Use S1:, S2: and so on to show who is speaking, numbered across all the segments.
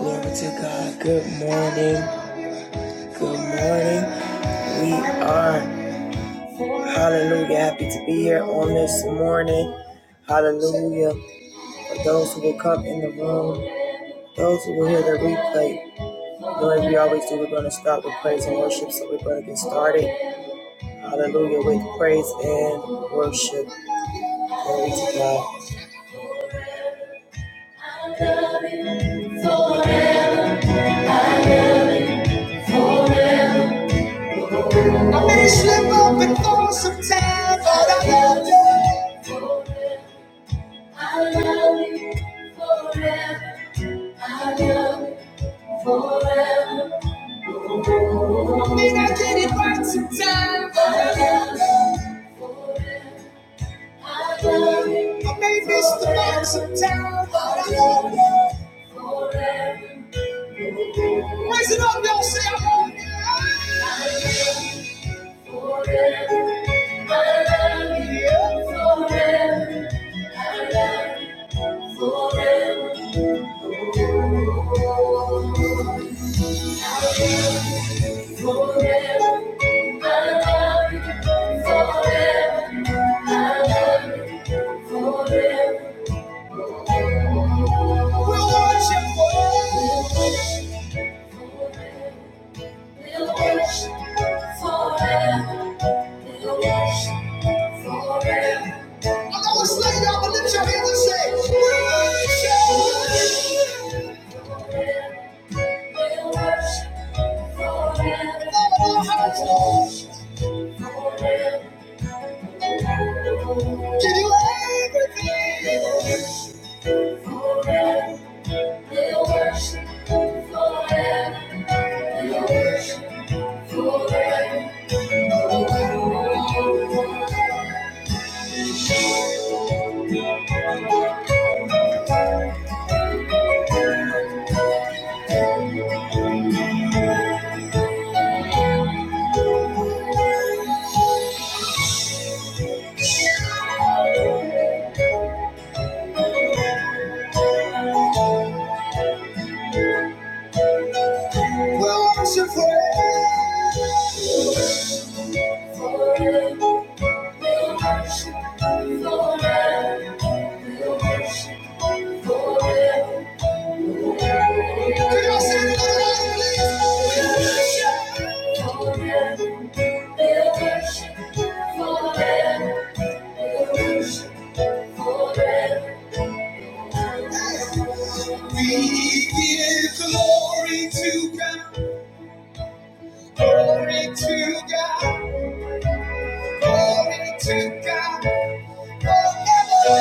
S1: Glory to God. Good morning. Good morning. We are, hallelujah, happy to be here on this morning. Hallelujah. For those who will come in the room, those who will hear the replay, Lord, as we always do, we're going to start with praise and worship. So we're going to get started. Hallelujah. With praise and worship. Glory to God. Forever. We Slip up and fall sometimes, but I love you. I love you forever. I love you forever. Think I did it right sometimes. I love you forever. I love you. I may miss the mark sometime, but I love you forever. Raise it up, y'all. Say I love you. I love you forever. I love you forever. I love you. forever, oh. I love you forever. I love you forever. We'll worship forever. We'll worship forever. We'll worship forever. We'll worship forever. I'm not explaining y'all, but lift your hands and say, Worship. We'll worship forever. All of our hearts, Lord. Forever. Give you everything. Forever, we'll worship forever. We'll worship forever. We'll worship forever. we'll worship forever. We'll worship forever. Could y'all say it another time, please? We give glory to God, glory to God, glory to God, forever.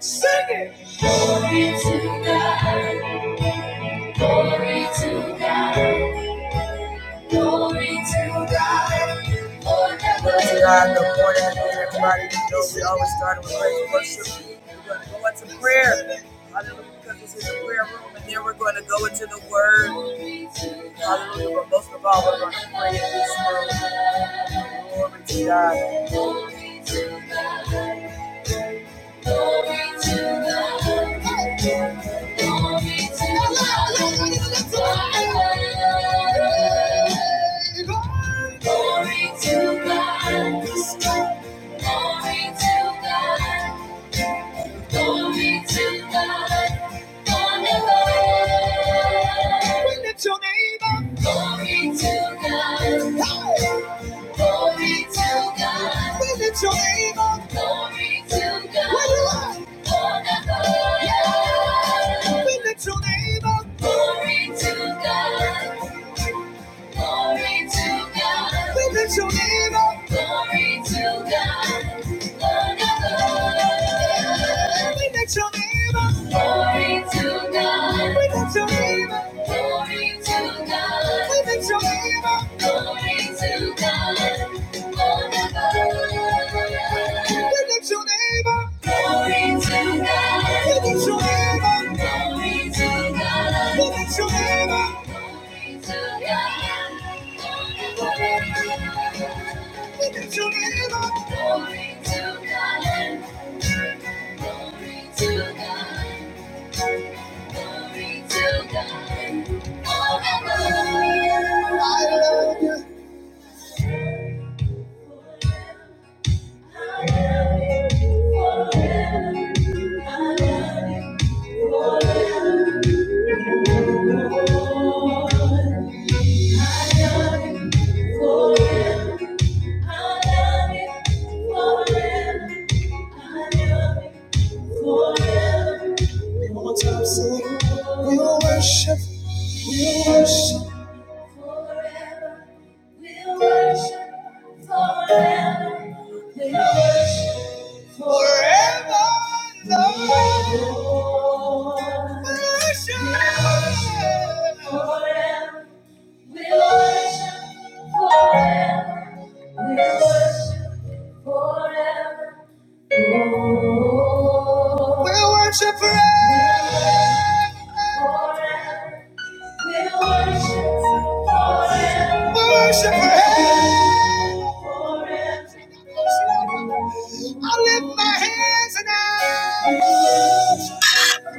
S1: Sing it. Glory to God, glory to God. Glory to God. Glory to God. Good morning, everybody. You know, we always start with praise and worship. We're going to go into prayer. Hallelujah, because this is a prayer room, and then we're going to go into the Word. Hallelujah, but most of all, we're going to pray in this room. Glory to God. Glory to God. Glory to God. Glory to God. Wonderful. We lift your name up. Glory to God. Hey. Glory to God. We lift your name up. Glory to God. Where you at? Wonderful. Yeah. We lift your name up. Glory to God. Glory to God. We lift your name up. Glory to God. Forever. We lift your name up. Glory to God. We lift your name up. Glory to God. We lift your name up. Glory to God. Forever. You lift your name Glory to God. You lift your name Glory to God. You lift your name Glory to God. You lift your name Glory to God. Glory to God. Glory to God. Forever. I love you. Forever. One more time, sing. We will worship, we will worship. Forever we'll worship, forever we'll worship, forever, Lord. Worship, forever we'll worship, forever we'll worship, forever, Lord. We'll worship forever, forever. We'll worship forever. Worship forever. I lift my hands and I. I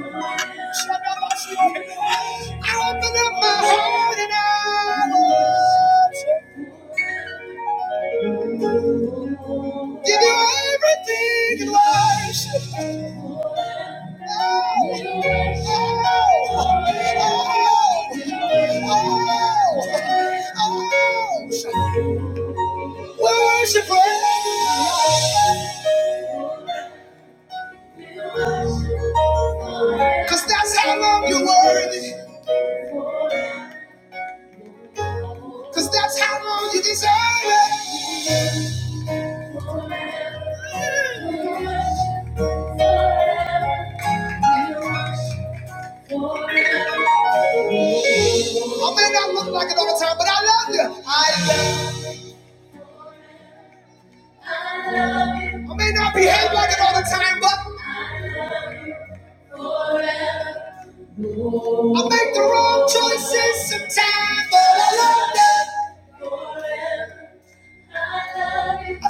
S1: open up my heart and I. Give you everything in life. Oh, oh, oh, oh, oh. Worship Him. Cause that's how long you're worthy. Cause that's how long you deserve it. I may not look like it all the time, but I love you. I love you. I may not behave like it all the time, but I make the wrong choices sometimes. But I love that. I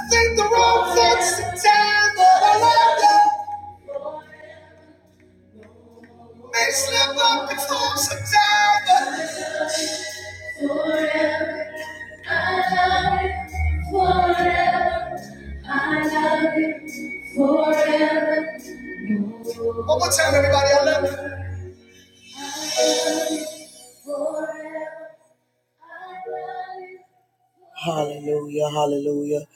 S1: think the wrong thoughts sometimes, but I love that. May slip up and fall sometimes, Forever, I love you. Forever, I love you. Forever. One more time, everybody. I love you. I love you. Forever, I love you. Hallelujah. Hallelujah.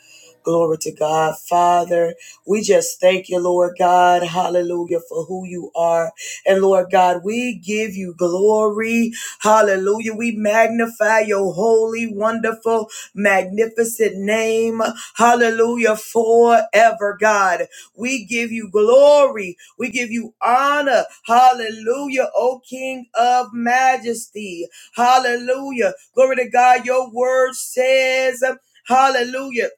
S1: Glory to God. Father, we just thank you, Lord God. Hallelujah for who you are. And Lord God, we give you glory. Hallelujah. We magnify your holy, wonderful, magnificent name. Hallelujah forever, God. We give you glory. We give you honor. Hallelujah, O King of majesty. Hallelujah. Glory to God. Your word says, um, hallelujah.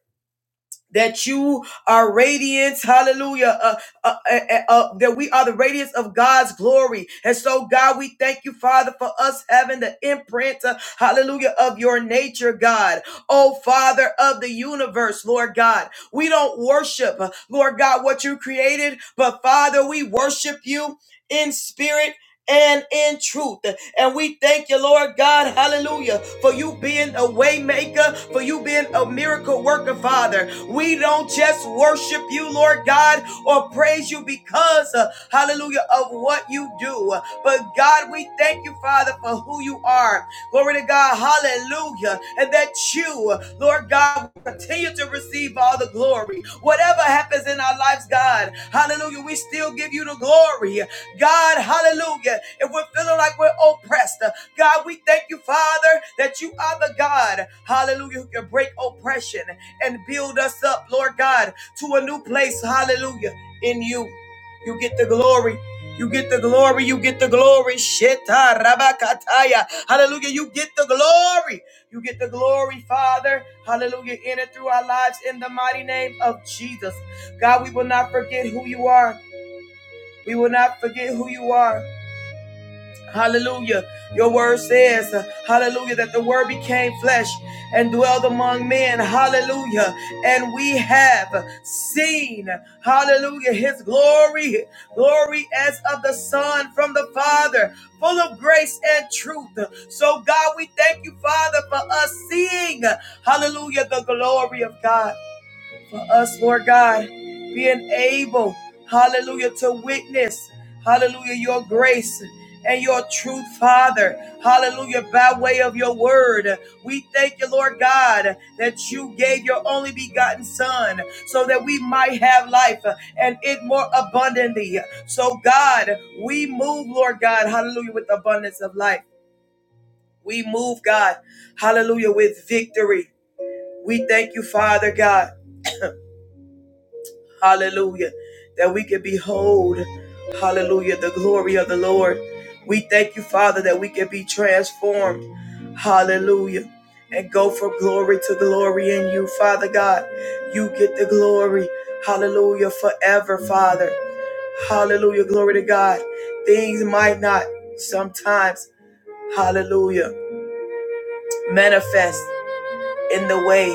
S1: That you are radiance, hallelujah, uh, uh, uh, uh, uh, that we are the radiance of God's glory. And so, God, we thank you, Father, for us having the imprint, uh, hallelujah, of your nature, God. Oh, Father of the universe, Lord God. We don't worship, uh, Lord God, what you created, but Father, we worship you in spirit and in truth. And we thank you, Lord God, hallelujah, for you being a waymaker, for you being a miracle worker, Father. We don't just worship you, Lord God, or praise you because, uh, hallelujah, of what you do. But God, we thank you, Father, for who you are. Glory to God, hallelujah. And that you, Lord God, continue to receive all the glory. Whatever happens in our lives, God, hallelujah, we still give you the glory. God, hallelujah. If we're feeling like we're oppressed, uh, God, we thank you, Father, that you are the God, hallelujah, who can break oppression and build us up, Lord God, to a new place, hallelujah, in you. You get the glory. You get the glory. You get the glory. Sheta rabakataya. Hallelujah. You get the glory. You get the glory, Father. Hallelujah. In and through our lives in the mighty name of Jesus. God, we will not forget who you are. We will not forget who you are. Hallelujah. Your word says, uh, hallelujah, that the word became flesh and dwelled among men. Hallelujah. And we have seen, hallelujah, his glory, glory as of the Son from the Father, full of grace and truth. So, God, we thank you, Father, for us seeing, hallelujah, the glory of God us, Lord God, being able, hallelujah, to witness, hallelujah, your grace and your truth, Father, hallelujah, by way of your word. We thank you, Lord God, that you gave your only begotten Son so that we might have life and it more abundantly. So, God, we move, Lord God, hallelujah, with abundance of life. We move, God, hallelujah, with victory. We thank you, Father God. Hallelujah. That we can behold, hallelujah, the glory of the Lord. We thank you, Father, that we can be transformed. Hallelujah. And go from glory to glory in you, Father God. You get the glory. Hallelujah. Forever, Father. Hallelujah. Glory to God. Things might not sometimes, hallelujah, manifest in the way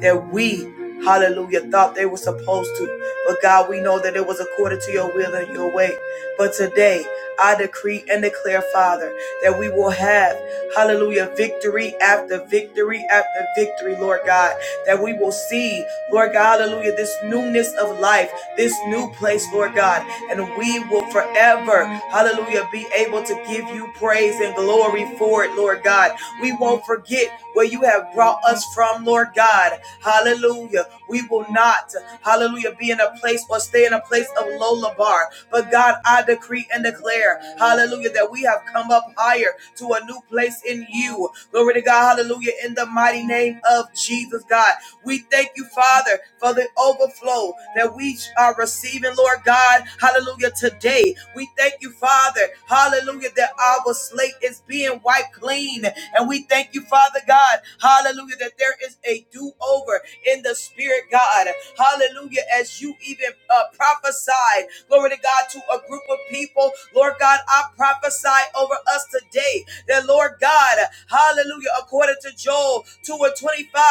S1: that we, hallelujah, thought they were supposed to. But God, we know that it was according to your will and your way. But today, I decree and declare, Father, that we will have, hallelujah, victory after victory after victory, Lord God. That we will see, Lord God, hallelujah, this newness of life, this new place, Lord God. And we will forever, hallelujah, be able to give you praise and glory for it, Lord God. We won't forget where you have brought us from, Lord God. Hallelujah. We will not, hallelujah, be in a place or stay in a place of low labar. But God, I decree and declare, hallelujah, that we have come up higher to a new place in you. Glory to God, hallelujah, in the mighty name of Jesus, God. We thank you, Father, for the overflow that we are receiving, Lord God, hallelujah, today. We thank you, Father, hallelujah, that our slate is being wiped clean and we thank you, Father God, hallelujah, that there is a do over in the spirit, God, hallelujah, as you even uh, prophesied, glory to God, to a group of people, Lord God, I prophesy over us today that, Lord God, hallelujah, according to Joel 2 and 25,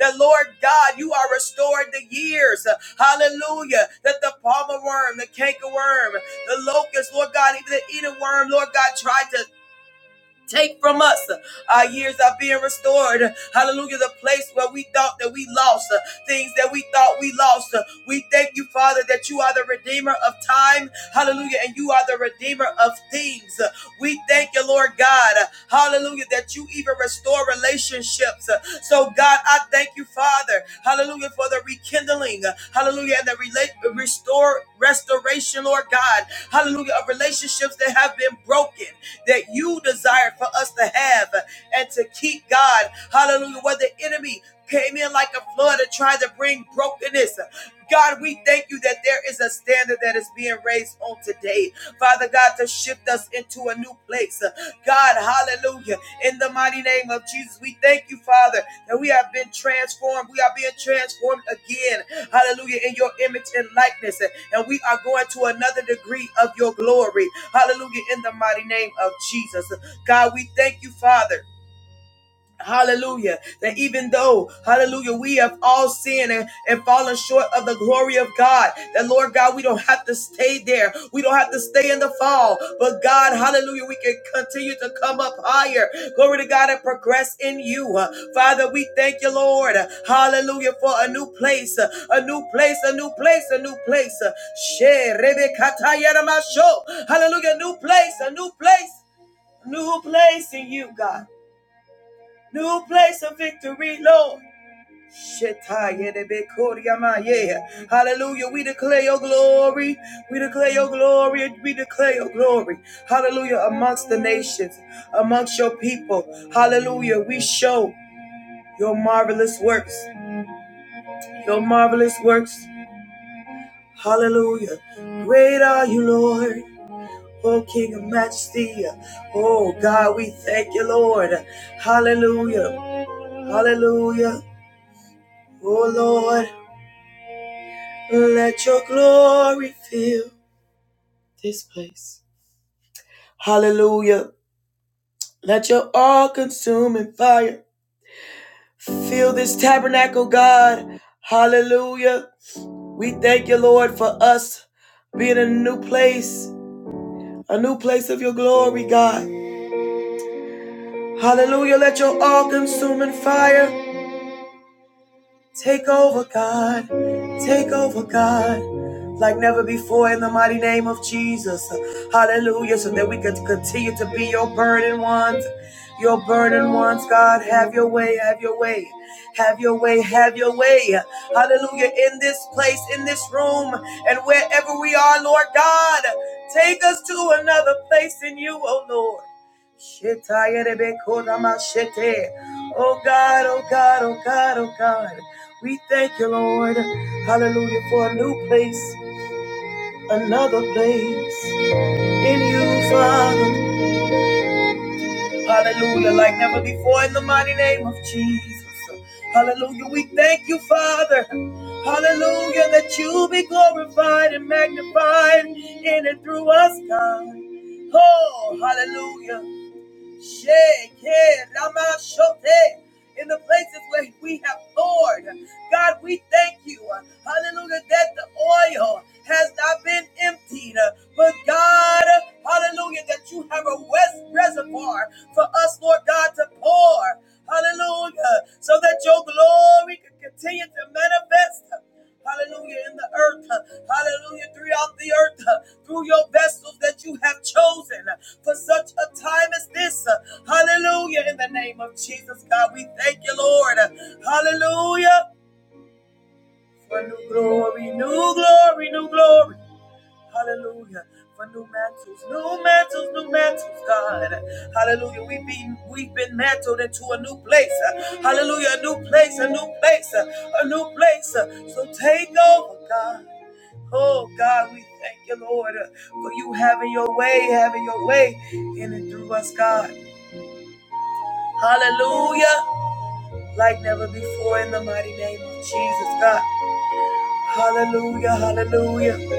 S1: that, Lord God, you are restoring the years, hallelujah, that the palmer worm, the canker worm, the locust, Lord God, even the eating worm, Lord God, tried to Take from us. Our years are being restored. Hallelujah. The place where we thought that we lost, uh, things that we thought we lost. Uh, We thank you, Father, that you are the redeemer of time. Hallelujah. And you are the redeemer of things. Uh, We thank you, Lord God. Uh, Hallelujah. That you even restore relationships. Uh, So, God, I thank you, Father. Hallelujah. For the rekindling. Uh, Hallelujah. And the relate, restore, restoration, Lord God. Hallelujah. Of relationships that have been broken that you desire for us to have and to keep, God. Hallelujah. Where the enemy came in like a flood and tried to bring brokenness. God, we thank you that there is a standard that is being raised on today. Father God, to shift us into a new place. God, hallelujah. In the mighty name of Jesus, we thank you, Father that we have been transformed. We are being transformed again. Hallelujah. In your image and likeness. And we are going to another degree of your glory. Hallelujah. In the mighty name of Jesus. God, we thank you, Father. Hallelujah. That even though, hallelujah, we have all sinned and, and fallen short of the glory of God, that Lord God, we don't have to stay there. We don't have to stay in the fall. But God, hallelujah, we can continue to come up higher. Glory to God and progress in you. Uh, Father, we thank you, Lord. Hallelujah, for a new place, uh, a new place, a new place, a new place. Uh, She rebe Hallelujah, new place, a new place, new place in you, God. New place of victory, Lord. Hallelujah. We declare your glory. We declare your glory. We declare your glory. Hallelujah. Amongst the nations, amongst your people. Hallelujah. We show your marvelous works. Your marvelous works. Hallelujah. Great are you, Lord. Oh, King of Majesty. Oh, God, we thank you, Lord. Hallelujah. Hallelujah. Oh, Lord. Let your glory fill this place. Hallelujah. Let your all consuming fire fill this tabernacle, God. Hallelujah. We thank you, Lord, for us being in a new place, a new place of your glory, God. Hallelujah. Let your all consuming fire Take over, God. Take over, God. Like never before in the mighty name of Jesus. Hallelujah. So that we could continue to be your burden ones. Your burden ones, God. Have your way. Have your way. Have your way. Have your way. Hallelujah. In this place, in this room, and wherever we are, Lord God, take us to another place in you, oh Lord. Oh God, oh God, oh God, oh God. We thank you, Lord. Hallelujah for a new place, another place in you, Father. Hallelujah, like never before in the mighty name of Jesus. Hallelujah, we thank you, Father. Hallelujah, that you be glorified and magnified in and through us, God. Oh, hallelujah. Sheke Ramashote. In the places where we have poured, God, we thank you. Hallelujah, that the oil has not been emptied. But God, hallelujah, that you have a west reservoir for us, Lord God, to pour. Hallelujah, so that your glory can continue to manifest hallelujah, in the earth, hallelujah, throughout the earth, through your vessels that you have chosen for such a time as this, hallelujah, in the name of Jesus, God, we thank you, Lord, hallelujah, for new glory, new glory, new glory, hallelujah. For new mantles, new mantles, new mantles, God. Hallelujah. We've been we've been mantled into a new place. Hallelujah. A new place, a new place, a new place. So take over, God. Oh God, we thank you, Lord, uh, for you having your way, having your way in and through us, God. Hallelujah. Like never before in the mighty name of Jesus, God. Hallelujah, hallelujah,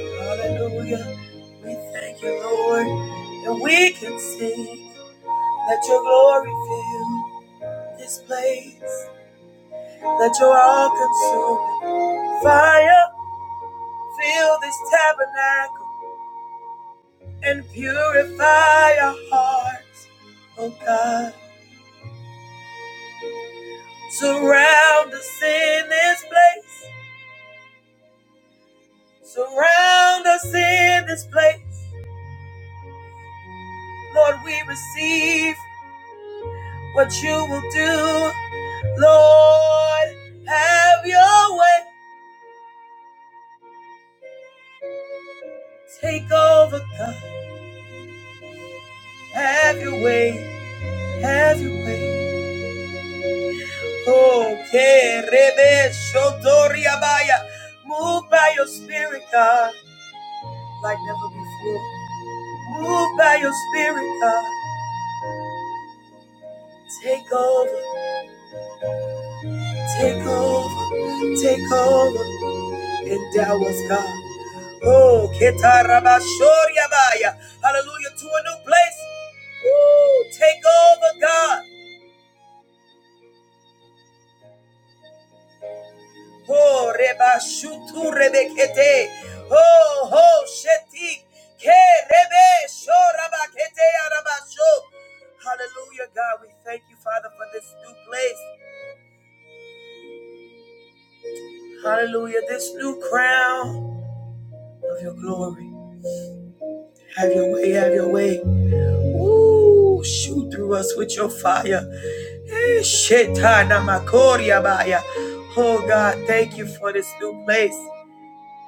S1: hallelujah. We thank you, Lord, and we can sing. Let your glory fill this place. Let your all consuming fire fill this tabernacle. and purify our hearts, oh God. Surround us in this place. Surround us in this place. Lord, we receive what you will do. Lord, have your way. Take over, God. Have your way. Have your way. Oh, que rebe shotori abaya. Move by your spirit, God, like never before. Move by your spirit, God. Take over, take over, take over. Endow us, God. Oh, ketarabashoriabaya. hallelujah, to a new place. Woo, take over, God. Oh, Rebashutu Rebekete. Oh, ho, shetik. Kerebe shorabakete arabasho. Hallelujah, God. We thank you, Father, for this new place. Hallelujah, this new crown. of your glory. Have your way, have your way. Ooh, shoot through us with your fire. Eh, shetana makoria baya. Oh God, thank you for this new place.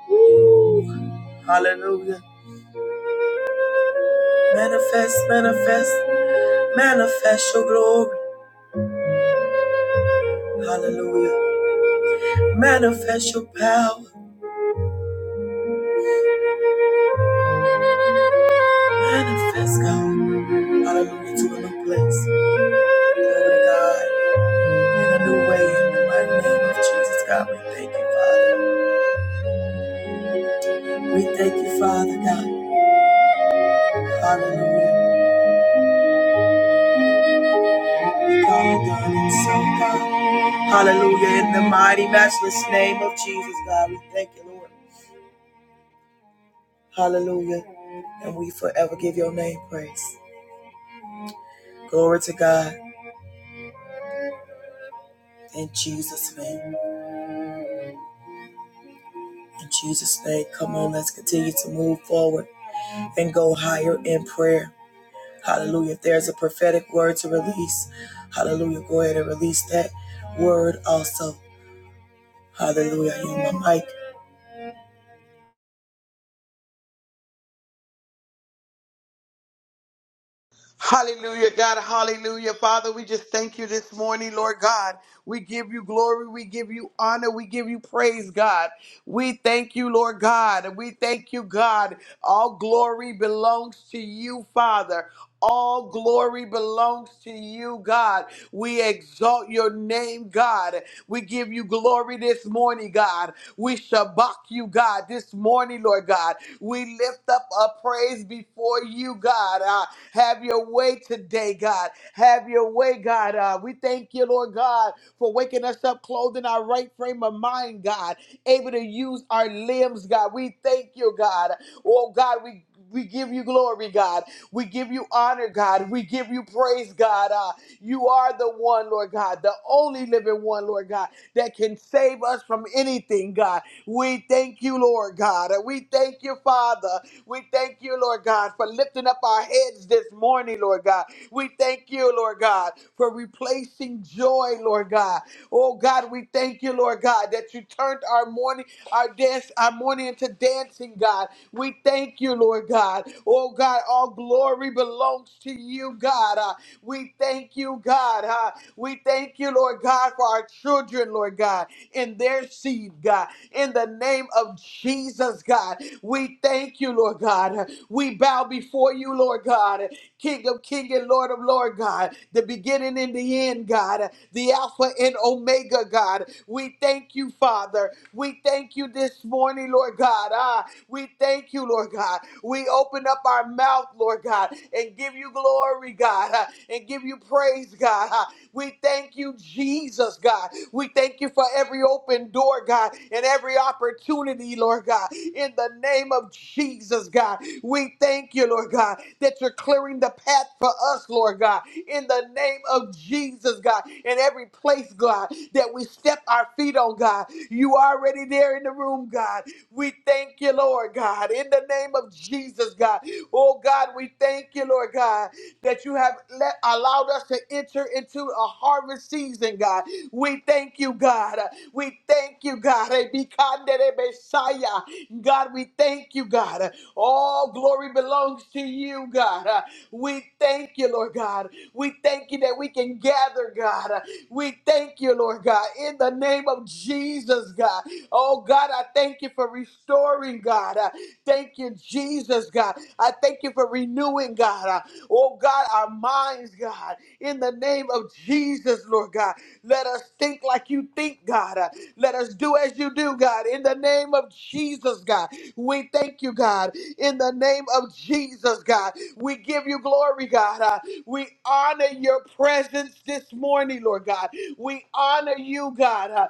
S1: Ooh, hallelujah. Manifest, manifest, manifest your glory. Hallelujah. Manifest your power. Manifest God. Hallelujah to a new place. Glory to God. In a new way, in the mighty name of Jesus, God, we thank you, Father. We thank you, Father God. Hallelujah. God, done and so God. Hallelujah. In the mighty, matchless name of Jesus, God, we thank you, Lord. Hallelujah. And we forever give your name praise. Glory to God. In Jesus' name. In Jesus' name. Come on, let's continue to move forward and go higher in prayer. Hallelujah. If there's a prophetic word to release, hallelujah. Go ahead and release that word also. Hallelujah. You my mic.
S2: Hallelujah, God. Hallelujah. Father, we just thank you this morning, Lord God. We give you glory. We give you honor. We give you praise, God. We thank you, Lord God. We thank you, God. All glory belongs to you, Father. All glory belongs to you, God. We exalt your name, God. We give you glory this morning, God. We shabak you, God, this morning, Lord God. We lift up a praise before you, God. Ah, have your way today, God. Have your way, God. Uh, we thank you, Lord God, for waking us up clothed in our right frame of mind, God, able to use our limbs, God. We thank you, God. Oh, God, we. We give you glory, God. We give you honor, God. We give you praise, God. Uh, you are the one, Lord God, the only living one, Lord God, that can save us from anything, God. We thank you, Lord God. Uh, We thank you, Father. We thank you, Lord God, for lifting up our heads this morning, Lord God. We thank you, Lord God, for replacing joy, Lord God. Oh God, we thank you, Lord God, that you turned our morning, our dance, our morning into dancing, God. We thank you, Lord God. Oh God, all glory belongs to you, God. Uh, we thank you, God. Uh, we thank you, Lord God, for our children, Lord God, and their seed, God. In the name of Jesus, God. We thank you, Lord God. We bow before you, Lord God, King of King and Lord of Lord God, the beginning and the end, God, the Alpha and Omega, God. We thank you, Father. We thank you this morning, Lord God. Ah, we thank you, Lord God. We open up our mouth, Lord God, and give you glory, God, ah, and give you praise, God. Ah, we thank you, Jesus, God. We thank you for every open door, God, and every opportunity, Lord God. In the name of Jesus, God, we thank you, Lord God, that you're clearing the path for us, Lord God. In the name of Jesus, God, in every place, God, that we step our feet on, God, you already there in the room, God. We thank you, Lord God, in the name of Jesus, God. Oh, God, we thank you, Lord God that you have let allowed us to enter into a harvest season, God. We thank you, God. We thank you, God. Ebikandere Messiah. God, we thank you, God. All glory belongs to you, God. We thank you, Lord God. We thank you that we can gather, God. We thank you, Lord God, in the name of Jesus, God. Oh, God, I thank you for restoring, God. Thank you, Jesus, God. I thank you for renewing, God. Oh God, our minds, God, in the name of Jesus, Lord God. Let us think like you think, God. Uh, Let us do as you do, God, in the name of Jesus, God. We thank you, God, in the name of Jesus, God. We give you glory, God. Uh, We honor your presence this morning, Lord God. We honor you, God. Uh,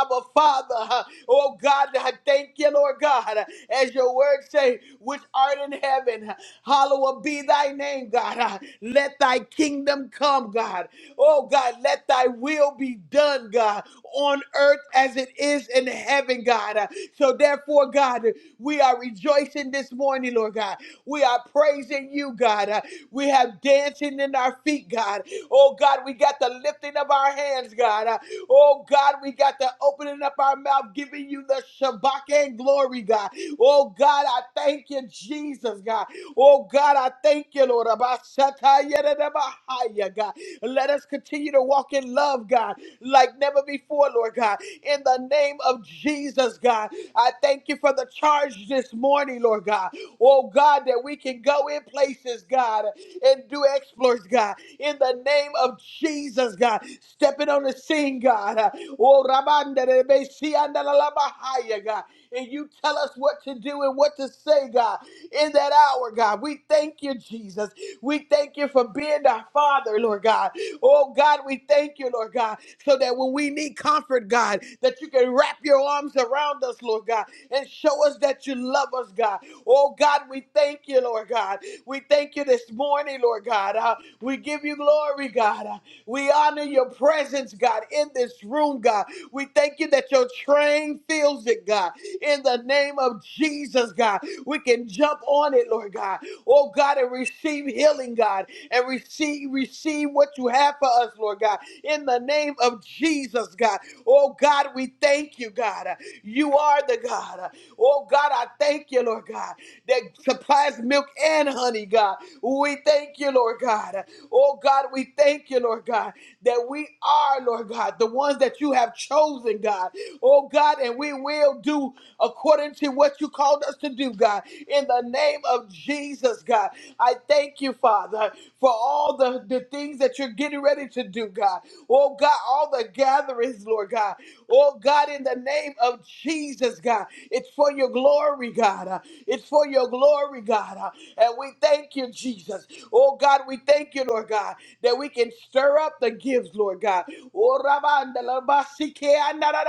S2: Abba, Father, uh, oh God, I thank you, Lord God, as your word say, which art in heaven. Hallowed be thy name, God. Ah, Let thy kingdom come, God. Oh, God, let thy will be done, God, on earth as it is in heaven, God. Ah, So, therefore, God, we are rejoicing this morning, Lord God. We are praising you, God. Ah, We have dancing in our feet, God. Oh, God, we got the lifting of our hands, God. Ah, Oh, God, we got the opening up our mouth, giving you the Shabbat and glory, God. Oh, God, I thank you, Jesus, God. Oh God, I thank you, Lord. Abashatayerabahaya, God. Let us continue to walk in love, God, like never before, Lord God. In the name of Jesus, God, I thank you for the charge this morning, Lord God. Oh God, that we can go in places, God, and do exploits, God. In the name of Jesus, God, stepping on the scene, God. Oh, Rabanda, de Besi and la Labahaya, God and you tell us what to do and what to say, God, in that hour, God. We thank you, Jesus. We thank you for being our Father, Lord God. Oh, God, we thank you, Lord God, so that when we need comfort, God, that you can wrap your arms around us, Lord God, and show us that that you love us, God. Oh, God, we thank you, Lord God. We thank you this morning, Lord God. Uh, we give you glory, God. Uh, we honor your presence, God, in this room, God. We thank you that your train fills it, God. In the name of Jesus, God, we can jump on it, Lord God. Oh, God, and receive healing, God, and receive receive what you have for us, Lord God. In the name of Jesus, God. Oh, God, we thank you, God. You are the God. Oh God, I thank you, Lord God, that supplies milk and honey, God. We thank you, Lord God. Oh God, we thank you, Lord God, that we are, Lord God, the ones that you have chosen, God oh God, and we will do according to what you called us to do, God. In the name of Jesus, God, I thank you, Father, for all the, the things that you're getting ready to do, God. Oh God, all the gatherings, Lord God. Oh God, in the name of Jesus, God, it's for your glory, God. Uh, It's for your glory, God. Uh, And we thank you, Jesus. Oh God, we thank you, Lord God that we can stir up the gifts, Lord God. Oh, Rabanda la basike anda da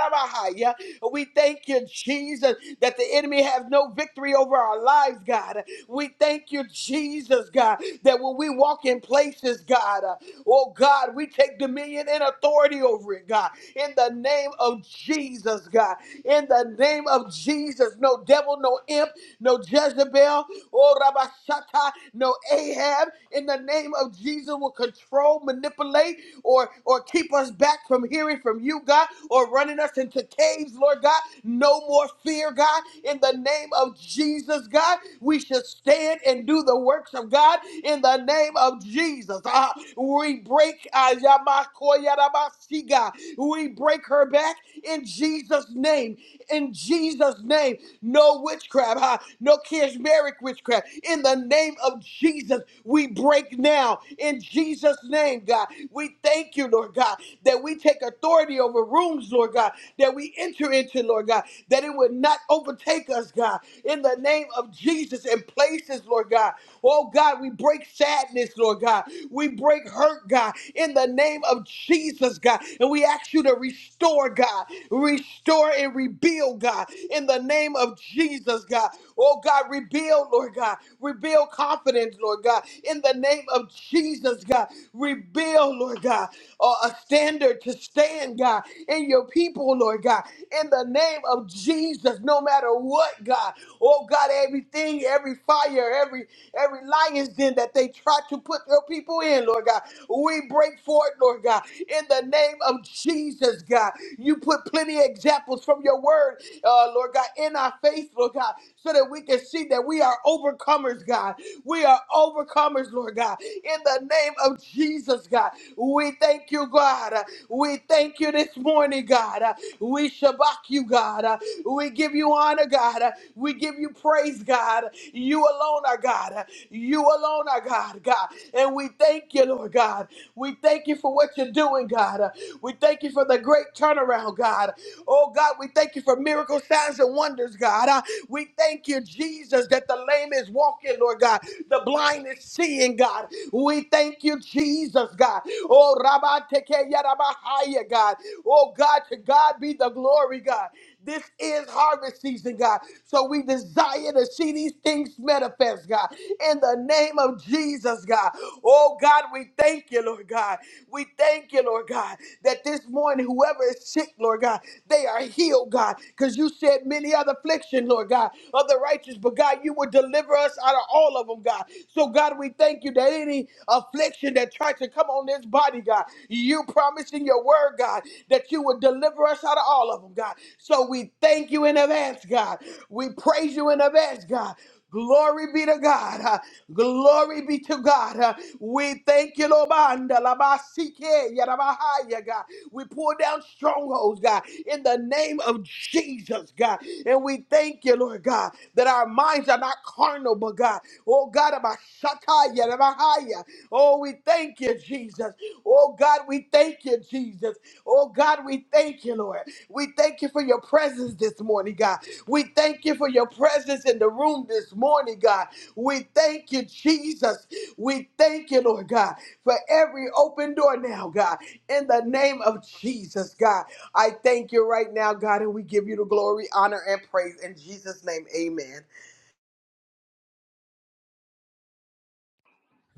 S2: We thank you, Jesus, that the enemy has no victory over our lives, God. We thank you, Jesus, God, that when we walk in places, God, uh, oh God, we take dominion and authority over it, God. In the name of Jesus, God. In the name of Jesus, no devil, no imp, no Jezebel, oh Rabashata, no Ahab, in the name of Jesus will control, manipulate, or or keep us back from hearing from you, God, or running us into caves, Lord God. No more fear, God. In the name of Jesus, God, we should stand and do the works of God in the name of Jesus. Ah, we break ah, Yamakoyarabasi, God. We break her back in Jesus' name. In Jesus' name no witchcraft, huh? no charismatic witchcraft. In the name of Jesus, we break now. In Jesus' name, God, we thank you, Lord God, that we take authority over rooms, Lord God, that we enter into, Lord God, that it would not overtake us, God, in the name of Jesus and places, Lord God. Oh God, we break sadness, Lord God. We break hurt, God, in the name of Jesus, God. And we ask you to restore, God. Restore and rebuild, God, in the name of Jesus, God. Oh God, rebuild, Lord God. Rebuild confidence, Lord God, in the name of Jesus, God. Rebuild, Lord God, a a standard to stand, God, in your people, Lord God, in the name of Jesus. Jesus, no matter what, God. Oh God, everything, every fire, every every lion's den that they try to put your people in, Lord God. We break forth, Lord God, in the name of Jesus, God. You put plenty of examples from your word, uh, Lord God, in our faith, Lord God so that we can see that we are overcomers, God. We are overcomers, Lord God. In the name of Jesus, God, we thank you, God. We thank you this morning, God. We shabak you, God. We give you honor, God. We give you praise, God. You alone are God. You alone are God, God. And we thank you, Lord God. We thank you for what you're doing, God. We thank you for the great turnaround, God. Oh, God, we thank you for miracle signs and wonders, God. Uh, We thank you, Jesus, that the lame is walking, Lord God. The blind is seeing, God. We thank you, Jesus, God. Oh, Rabba Teke Yarabahaya, God. Oh, God, to God be the glory, God. This is harvest season, God. So we desire to see these things manifest, God. In the name of Jesus, God. Oh, God, we thank you, Lord God. We thank you, Lord God, that this morning, whoever is sick, Lord God, they are healed, God. Because you said many other affliction, Lord God, of the righteous. But God, you will deliver us out of all of them, God. So, God, we we thank you that any affliction that tried to come on this body, God, you promised in your word, God, that you would deliver us out of all of them, God. So we thank you in advance, God. We praise you in advance, God. Glory be to God. huh? Glory be to God. huh? We thank you, Lord. Banda, la ba, si, ke, ya, da, ba, ha, ya, God. We pull down strongholds strongholds, God, in the name of Jesus, God. And we thank you, Lord God, that our minds are not carnal, but God, oh God, about Shataya, about Haya. oh, we thank you, Jesus. Oh God, we thank you, Jesus. Oh God, we thank you, Lord. We thank you for your presence this morning, God. We thank you for your presence in the room this morning, God. We thank you, Jesus. We thank you, Lord God, for every open door now, God, in the name of Jesus, God. I thank you right now, God, and we give you the glory, honor, and praise in Jesus' name. Amen.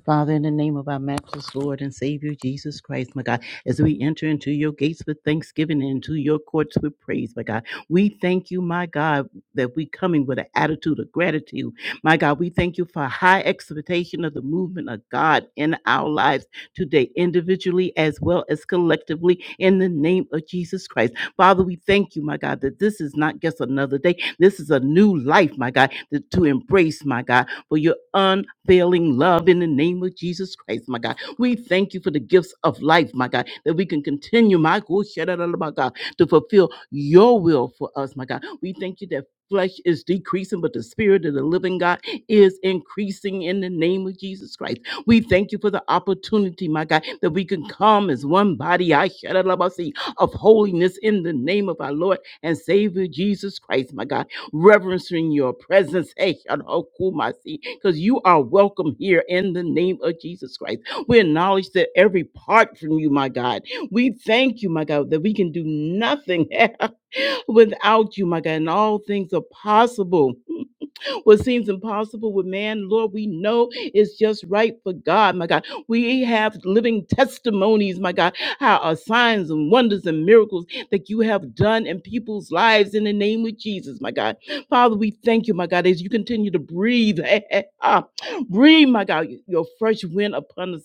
S3: Father, in the name of our matchless Lord and Savior Jesus Christ, my God, as we enter into your gates with thanksgiving and into your courts with praise, my God, we thank you, my God, that we coming with an attitude of gratitude. My God, we thank you for high expectation of the movement of God in our lives today, individually as well as collectively, in the name of Jesus Christ. Father, we thank you, my God, that this is not just another day. This is a new life, my God, that- to embrace, my God for your unfailing love in the name of Jesus Christ, my God. We thank you for the gifts of life, my God, that we can continue, my God, my God, to fulfill your will for us, my God. We thank you that flesh is decreasing, but the spirit of the living God is increasing in the name of Jesus Christ. We thank you for the opportunity, my God, that we can come as one body, I of holiness in the name of our Lord and Savior Jesus Christ, my God reverencing your presence. hey, Because you are welcome here in the name of Jesus Christ. We acknowledge that every part from you, my God. We thank you, my God, that we can do nothing without you, my God, and all things are possible what seems impossible with man, Lord, we know it's just right for God, my God. We have living testimonies, my God, how our signs and wonders and miracles that you have done in people's lives in the name of Jesus, my God. Father, we thank you, my God, as you continue to breathe, ah, breathe, my God, your fresh wind upon us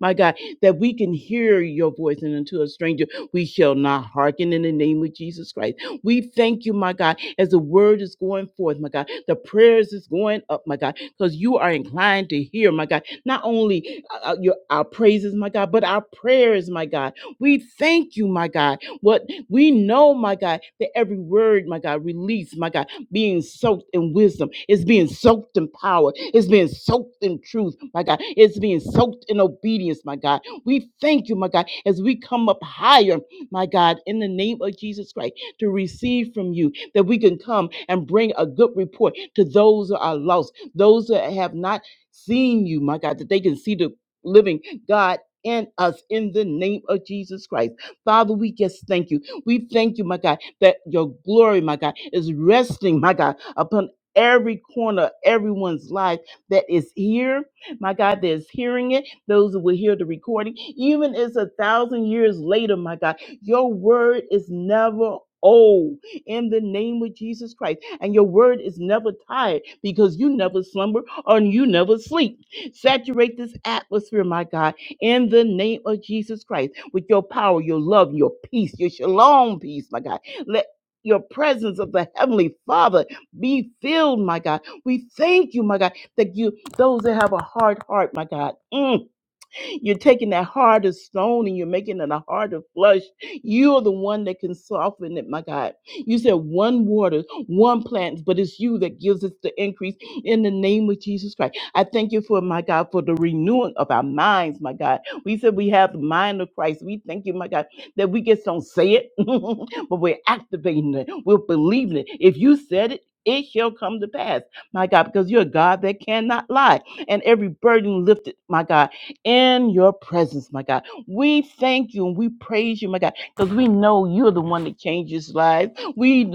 S3: my God, that we can hear your voice, and unto a stranger we shall not hearken in the name of Jesus Christ. We thank you, my God, as the word is going forth, my God, the prayers is going up, my God, because you are inclined to hear, my God, not only uh, uh, your, our praises, my God, but our prayers, my God. We thank you, my God, what we know, my God, that every word, my God, release, my God being soaked in wisdom. It's being soaked in power. It's being soaked in truth, my God. It's being soaked in obedience, my God. We thank you, my God, as we come up higher, my God, in the name of Jesus Christ to receive from you, that we can come and bring a good report to those that are lost, those that have not seen you, my God, that they can see the living God. in us in the name of Jesus Christ. Father, we just thank you. We thank you, my God, that your glory, my God, is resting, my God, upon every corner of everyone's life that is here, my God, that is hearing it, those who will hear the recording, even as a thousand years later, my God, your word is never old in the name of Jesus Christ. And your word is never tired because you never slumber or you never sleep. Saturate this atmosphere, my God, in the name of Jesus Christ with your power, your love, your peace, your shalom peace, my God. Let your presence of the Heavenly Father be filled, my God. We thank you, my God, that you, those that have a hard heart, my God. mm, you're taking that heart of stone and you're making it a heart of flesh. You're the one that can soften it, my God. You said one waters, one plants, but it's you that gives us the increase in the name of Jesus Christ. I thank you for, my God, for the renewing of our minds, my God. We said we have the mind of Christ. We thank you, my God, that we just don't say it, but we're activating it. We're believing it. If you said it, it shall come to pass, my God, because you're a God that cannot lie. And every burden lifted, my God in your presence, my God. We thank you and we praise you, my God, because we know you're the one that changes lives. We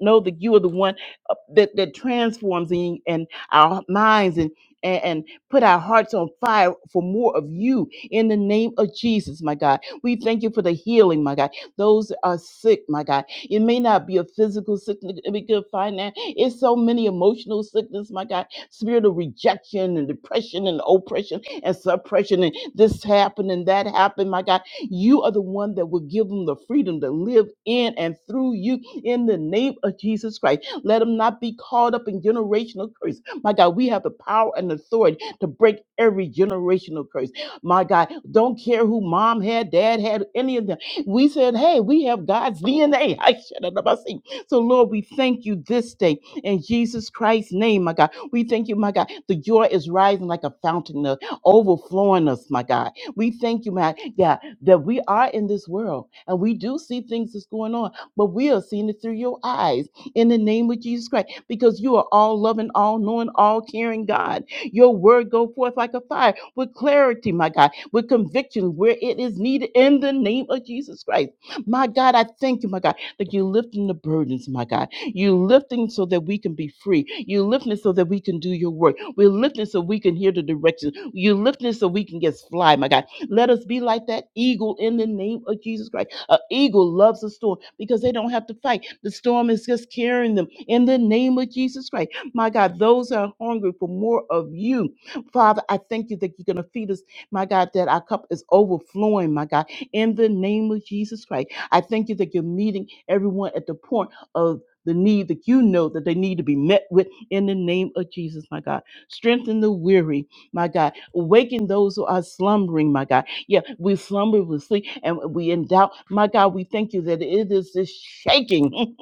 S3: know that you are the one uh, that, that transforms and, and our minds and, and and put our hearts on fire for more of you in the name of Jesus, my God. We thank you for the healing, my God. Those that are sick, my God. It may not be a physical sickness, it may be a finance. It's so many emotional sickness, my God. Spirit of rejection and depression and oppression and suppression and this happened and that happened, my God. You are the one that will give them the freedom to live in and through you in the name of Jesus Christ. Let them not be caught up in generational curse. My God, we have the power and authority to break every generational curse. My God, don't care who mom had, dad had, any of them. We said, hey, we have God's DNA. I shut up. I see. So, Lord, we thank you this day in Jesus Christ's name, my God. We thank you, my God. The joy is rising like a fountain overflowing us, my God. We thank you, my God, that we are in this world and we do see things that's going on, but we are seeing it through your eyes in the name of Jesus Christ because you are all loving, all knowing, all caring God. Your word go forth like a fire with clarity, my God, with conviction where it is needed in the name of Jesus Christ. My God, I thank you, my God, that you're lifting the burdens, my God. You're lifting so that we can be free. You're lifting so that we can do your work. We're lifting so we can hear the direction. You lifting us so we can just fly, my God. Let us be like that eagle in the name of Jesus Christ. An eagle loves a storm because they don't have to fight. The storm is just carrying them in the name of Jesus Christ. My God, those that are hungry for more of you, Father, I thank you that you're going to feed us, my God, that our cup is overflowing, my God, in the name of Jesus Christ. I thank you that you're meeting everyone at the point of the need that you know that they need to be met with in the name of Jesus, my God. Strengthen the weary, my God, waking those who are slumbering, my God. Yeah, we slumber, we sleep, and we in doubt. My God, we thank you that it is this shaking,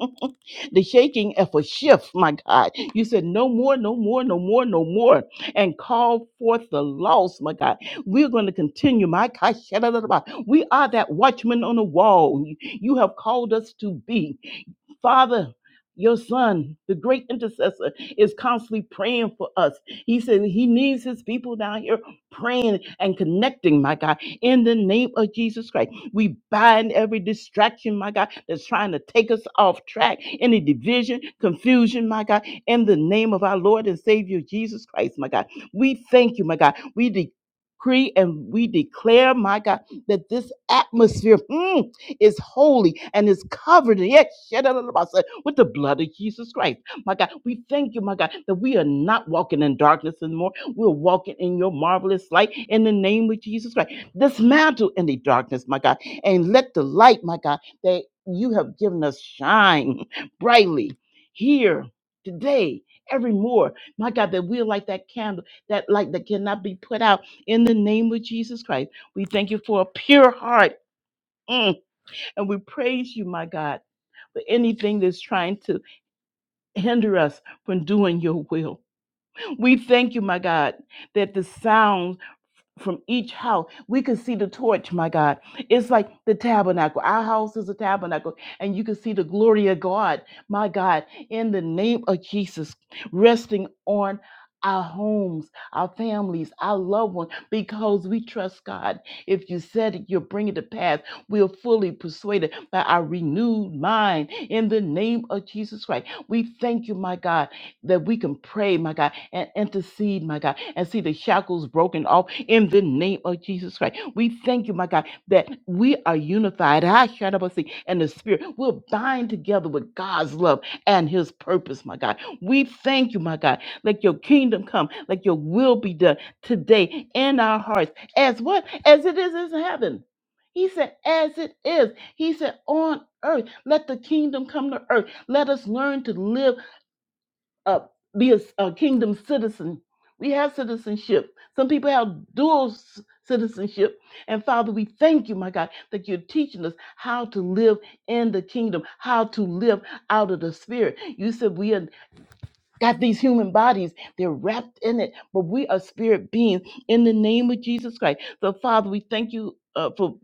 S3: the shaking of a shift, my God. You said, no more, no more, no more, no more, and call forth the lost, my God. We're going to continue, my God. We are that watchman on the wall you have called us to be. Father, your son, the great intercessor, is constantly praying for us. He said he needs his people down here praying and connecting, my God, in the name of Jesus Christ. We bind every distraction, my God, that's trying to take us off track, any division, confusion, my God, in the name of our Lord and Savior Jesus Christ, my God. We thank you, my God. We decree and we declare, my God, that this atmosphere, mm, is holy and is covered yet shed out of the body with the blood of Jesus Christ. My God, we thank you, my God, that we are not walking in darkness anymore. We're walking in your marvelous light in the name of Jesus Christ. Dismantle any darkness, my God, and let the light, my God, that you have given us shine brightly here today. Every more, my God, that we're like that candle, that light that cannot be put out in the name of Jesus Christ. We thank you for a pure heart. Mm. And we praise you, my God, for anything that's trying to hinder us from doing your will. We thank you, my God, that the sounds from each house we can see the torch my god it's like the tabernacle our house is a tabernacle and you can see the glory of god my god in the name of jesus resting on our homes, our families, our loved ones, because we trust God. If you said it, you'll bring it to pass. We're fully persuaded by our renewed mind in the name of Jesus Christ. We thank you, my God that we can pray, my God, and intercede, my God, and see the shackles broken off in the name of Jesus Christ. We thank you, my God, that we are unified. I shout up see, and the Spirit will bind together with God's love and His purpose, my God. We thank you, my God. Let your kingdom come, let your will be done today in our hearts, as what? As it is in heaven. He said, as it is. He said, on earth, let the kingdom come to earth. Let us learn to live uh, be a, s- a kingdom citizen. We have citizenship. Some people have dual c- citizenship. And Father, we thank you, my God, that you're teaching us how to live in the kingdom, how to live out of the spirit. You said we are got these human bodies. They're wrapped in it, but we are spirit beings in the name of Jesus Christ. So, Father, we thank you uh, for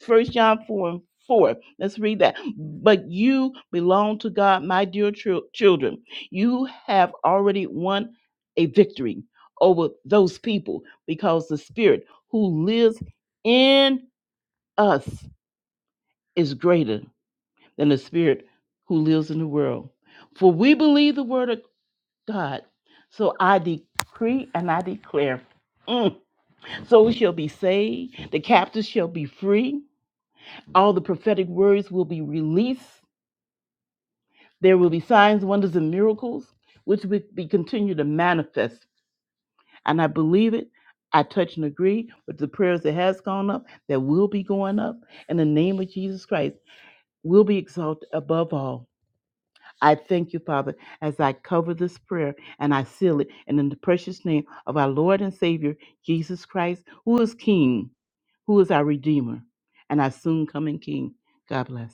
S3: First John 4 and 4. Let's read that. But you belong to God, my dear chil- children. You have already won a victory over those people because the spirit who lives in us is greater than the spirit who lives in the world. For we believe the word of God. So I decree and I declare. mm, souls shall be saved, the captives shall be free, all the prophetic words will be released. There will be signs, wonders, and miracles, which will be continued to manifest. And I believe it. I touch and agree with the prayers that has gone up, that will be going up, and the name of Jesus Christ will be exalted above all. I thank you, Father, as I cover this prayer and I seal it. And in the precious name of our Lord and Savior, Jesus Christ, who is King, who is our Redeemer, and our soon coming King. God bless.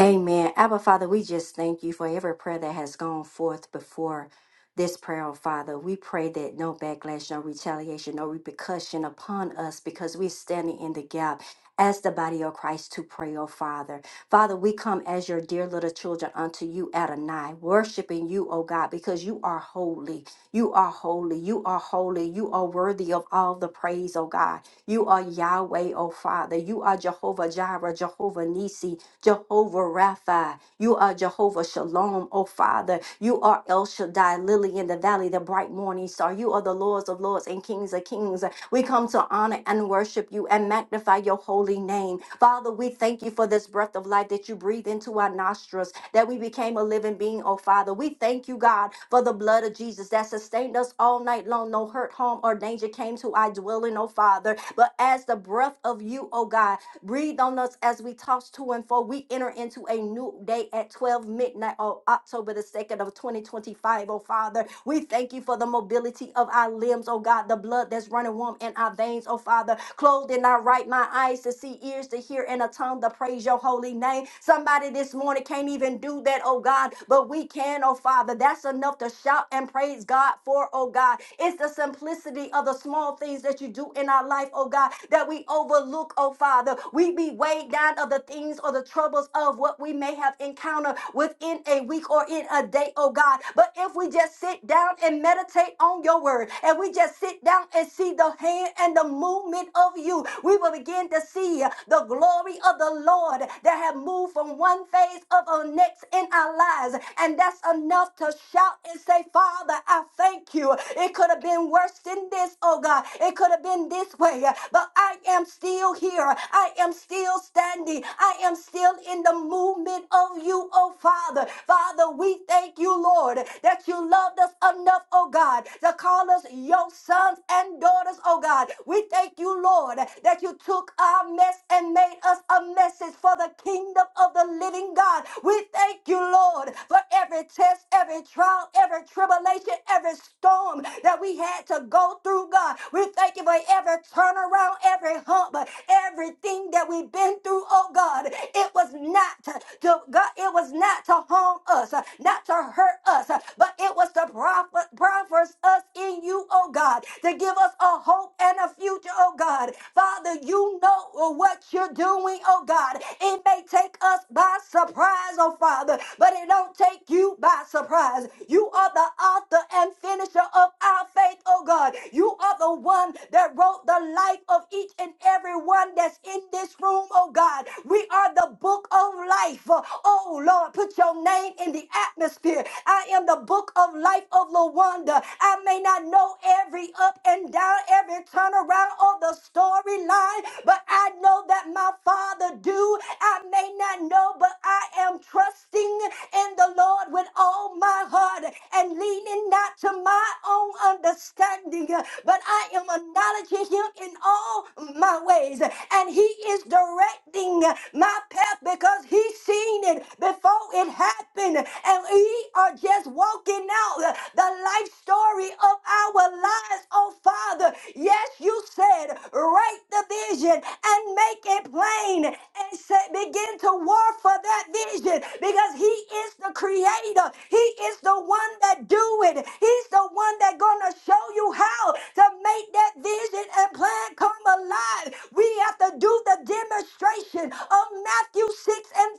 S4: Amen. Abba Father, we just thank you for every prayer that has gone forth before this prayer, oh Father. We pray that no backlash, no retaliation, no repercussion upon us because we're standing in the gap as the body of Christ to pray, oh Father. Father, we come as your dear little children unto you, Adonai, worshiping you, oh God, because you are holy. You are holy. You are holy. You are worthy of all the praise, oh God. You are Yahweh, oh Father. You are Jehovah Jireh, Jehovah Nisi, Jehovah Rapha. You are Jehovah Shalom, oh Father. You are El Shaddai, Lily in the Valley, the bright morning star. You are the Lords of Lords and Kings of Kings. We come to honor and worship you and magnify your holy name. Father, we thank you for this breath of life that you breathe into our nostrils, that we became a living being, oh Father. We thank you, God, for the blood of Jesus that sustained us all night long. No hurt, harm, or danger came to our dwelling, oh Father. But as the breath of you, oh God, breathe on us as we toss to and fro. We enter into a new day at 12 midnight midnight on October the 2nd of 2025, oh Father. We thank you for the mobility of our limbs, oh God, the blood that's running warm in our veins, oh Father. Clothed in our right mind, eyes to see, ears to hear, and a tongue to praise your holy name. Somebody this morning can't even do that, oh God, but we can, oh Father. That's enough to shout and praise God for, oh God. It's the simplicity of the small things that you do in our life, oh God, that we overlook, oh Father. We be weighed down of the things or the troubles of what we may may have encountered within a week or in a day, oh God. But if we just sit down and meditate on your word, and we just sit down and see the hand and the movement of you, we will begin to see the glory of the Lord that have moved from one phase of our next in our lives. And that's enough to shout and say, Father, I thank you. It could have been worse than this, oh God. It could have been this way, but I am still here. I am still standing. I am still in the movement of you, oh Father. Father, we thank you, Lord, that you loved us enough, oh God, to call us your sons and daughters, oh God. We thank you, Lord, that you took our mess and made us a message for the kingdom of the living God. We thank you, Lord, for every test, every trial, every tribulation, every storm that we had to go through, God. We thank you for every turnaround, every hump, everything that we we've been through, oh God, it was not to God, it was not to harm us, uh, not to hurt us, uh, but it was to profit profit us in you, oh God, to give us a hope and a future, oh God. Father, you know what you're doing, oh God. It may take us by surprise, oh Father, but it don't take you by surprise. You are the author and finisher of our faith, oh God. You are the one that wrote the life of each and every everyone that's in this room, oh God. We are the book of life. Oh Lord, put your name in the atmosphere. I am the book of life of Lawanda. I may not know every up and down, every turnaround of the storyline, but I know that my Father do. I may not know, but I am trusting in the Lord with all my heart and leaning not to my own understanding, but I am acknowledging Him in all my ways. And he is directing my path because he's seen it before it happened. And we are just walking out the life story of our lives, oh Father. Yes, you said, write the vision and make it plain and say, begin to war for that vision because he is the creator. He is the one that do it. He's the one that gonna show you how to make that vision and plan come alive, we have to do the demonstration of Matthew 6 and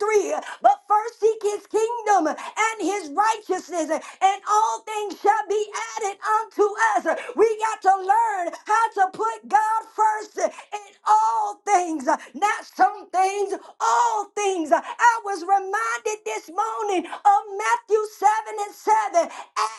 S4: 33. But first seek his kingdom and his righteousness, and all things shall be added unto us. We got to learn how to put God first in all things, not some things, all things. I was reminded this morning of Matthew 7 and 7.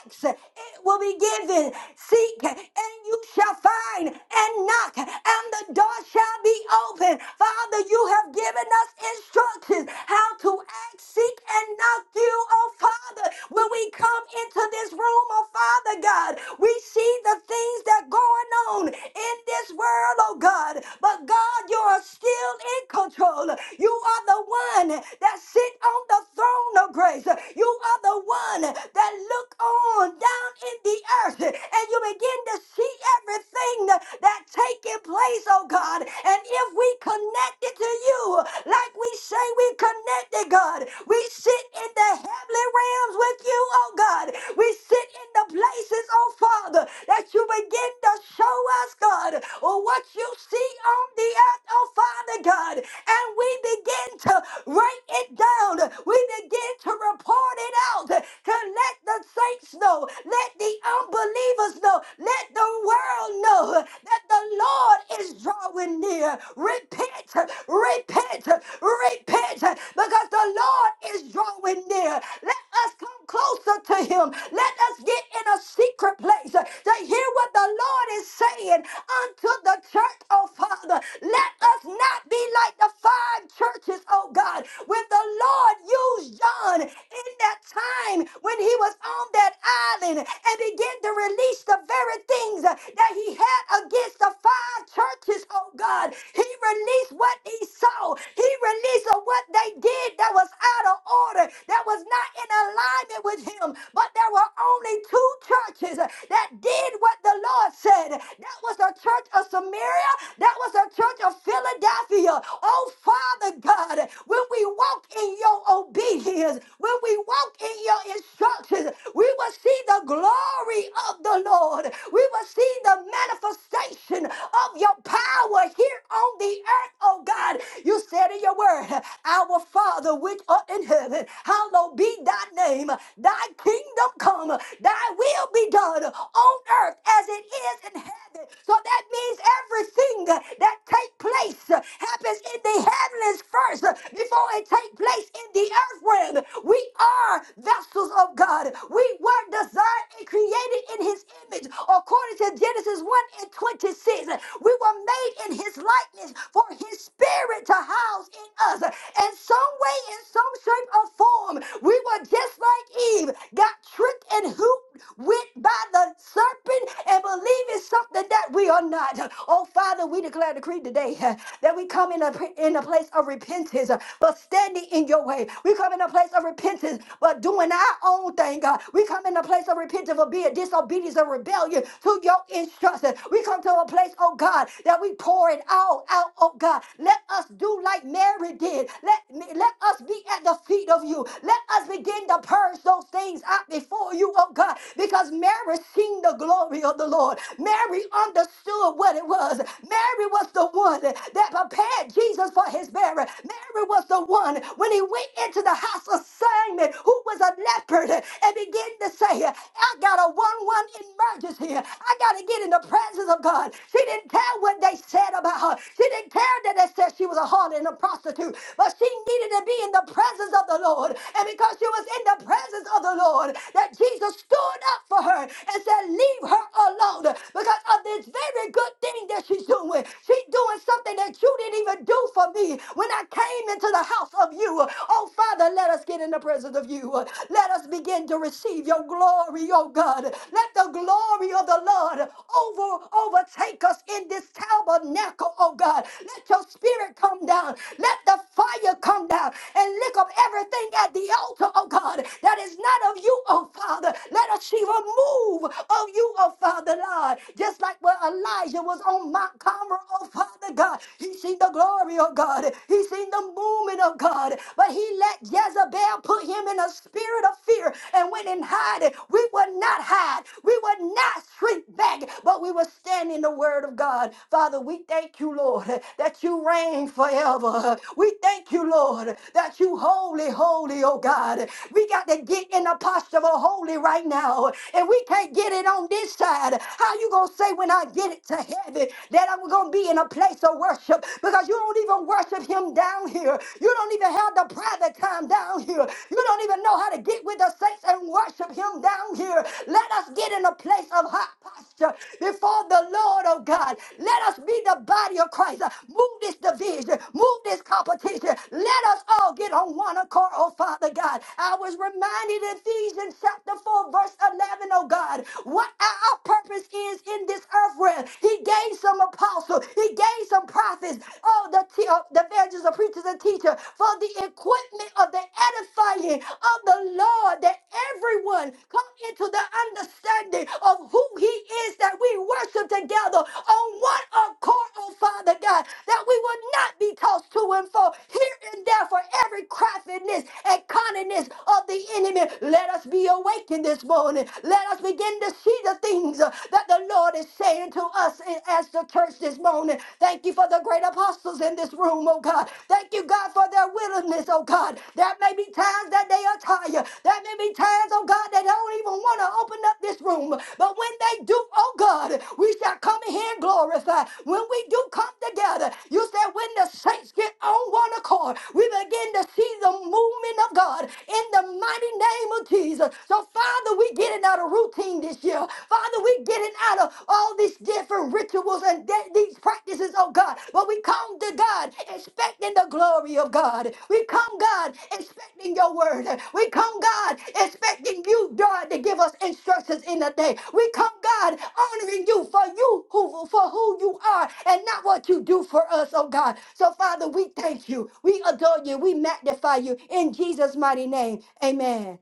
S4: Acts, it will be given envy. Seek and you shall find, and knock, and the door shall be open. Father, you have given us instructions how to act, seek, and knock you, oh Father. When we come into this room, oh Father God, we see the things that going on in this world, oh God. But God, you are still in control. You are the one that sit on the throne of grace. You are the one that look on on down in the earth and you begin to see everything that, that taking place, oh God. And if we connect it to you, like we say we connected, God, we sit in the heavenly realms with you, oh God. We sit in the places, oh Father, that you begin to show us, God, what you see on the earth, oh Father God. And we begin to write it down. We begin to report it out to let the saints know, let the unbelievers know, let the world know that the Lord is drawing near. Repent, repent, repent, because the Lord is drawing near. Let us come closer to Him. Let us get in a secret place to hear what the Lord is saying unto the church, oh Father. Let us not be like the five churches, oh God, when the Lord used John in that time when he was on that island and began to release the very things uh, that he had against the five churches, oh God. He released what he saw, he released of what they did that was out of order, that was not in alignment with him. But there were only two churches uh, that did what the Lord said. That was the church of Samaria, that was the church of Philadelphia. Oh, Father God, when we walk in your obedience, when we walk in your instructions, we will see the glory of the Lord. We will see the manifestation of your power here on the earth, oh God. You said in your word, Our Father which art in heaven, Hallowed be thy name. Thy kingdom come. Thy will be done on earth as it is in heaven. So that means everything that take place happens in the heavens first before it take place in the earth realm. We are vessels of God. We were designed and created in his his image, according to Genesis 1 and 26. We were made in his likeness for his spirit to house in us. In some way, in some shape or form, we were just like Eve, got tricked and hooped with by the serpent and believing something that we are not. Oh, Father, we declare the creed today uh, that we come in a, in a place of repentance, uh, but standing in your way. We come in a place of repentance, but doing our own thing. God. We come come in a place of repentance of being disobedience and rebellion to your instruction. We come to a place, oh God, that we pour it all out, oh God. Let us do like Mary did. Let, let us be at the feet of you. Let us begin to purge those things out before you, oh God, because Mary seen the glory of the Lord. Mary understood what it was. Mary was the one that prepared Jesus for his burial. Mary was the one when he went into the house of Simon who was a leopard and began to say, I got a 1 1 emergency. I got to get in the presence of God. She didn't care what they said about her. She didn't care that they said she was a harlot and a prostitute, but she needed to be in the presence of the Lord. And because she was in the presence of the Lord, that Jesus stood up for her and said, Leave her alone because of this very good thing that she's doing. She's doing something that you didn't even do for me when I came into the house of you. Oh, Father, let us get in the presence of you. Let us begin to receive your glory, oh God. Let the glory of the Lord over overtake us in this tabernacle, oh God. Let your spirit come down. Let the fire come down and lick up everything at the altar, oh God, that is not of you, oh Father. Let us see a move of you, oh Father, Lord. Just like when Elijah was on Mount Carmel, oh Father God, he seen the glory, oh God. God. He seen the movement of God. But he let Jezebel put him in a spirit of fear and went and hid. it. We would not hide. We would not shrink back, but we would stand in the word of God. Father, we thank you, Lord, that you reign forever. We thank you, Lord, that you holy, holy, oh God. We got to get in the posture of holy right now. And we can't get it on this side. How you gonna say when I get it to heaven that I'm gonna be in a place of place of worship because you don't even worship him down here. You don't even have the private time down here. You don't even know how to get with the saints and worship him down here. Let us get in a place of hot posture before the Lord of God. Let us be the body of Christ. Move this division, move this competition. Let us all get on one accord, oh Father God. I was reminded in Ephesians chapter 4, verse 11, oh God, what our purpose is in this earth realm. He he gave some apostles. He gave some prophets. Oh, the, te- uh, the evangelists, the preachers, and teachers for the equipment of the edifying of the Lord that everyone come into the understanding of who he is that we worship together on one accord, oh Father God, that we will not be tossed to and fro here and there for every craftiness and cunningness of the enemy. Let us be awakened this morning. Let us begin to see the things things uh, that the Lord is saying to us i- as the church this morning. Thank you for the great apostles in this room, oh God. Thank you, God, for their willingness, oh God. There may be times that they are tired. There may be times, oh God, they don't even want to open up this room. But when they do, oh God, we shall come in here and glorify. When we do come together, you said when the saints get on one accord, we begin to see the movement of God in the mighty name of Jesus. So, Father, we give getting out of routine this year. Father, we're getting out of all these different rituals and de- these practices, oh God. But we come to God expecting the glory of God. We come, God, expecting your word. We come, God, expecting you, God, to give us instructions in the day. We come, God, honoring you for you who for who you are and not what you do for us, oh God. So, Father, we thank you. We adore you. We magnify you in Jesus' mighty name. Amen.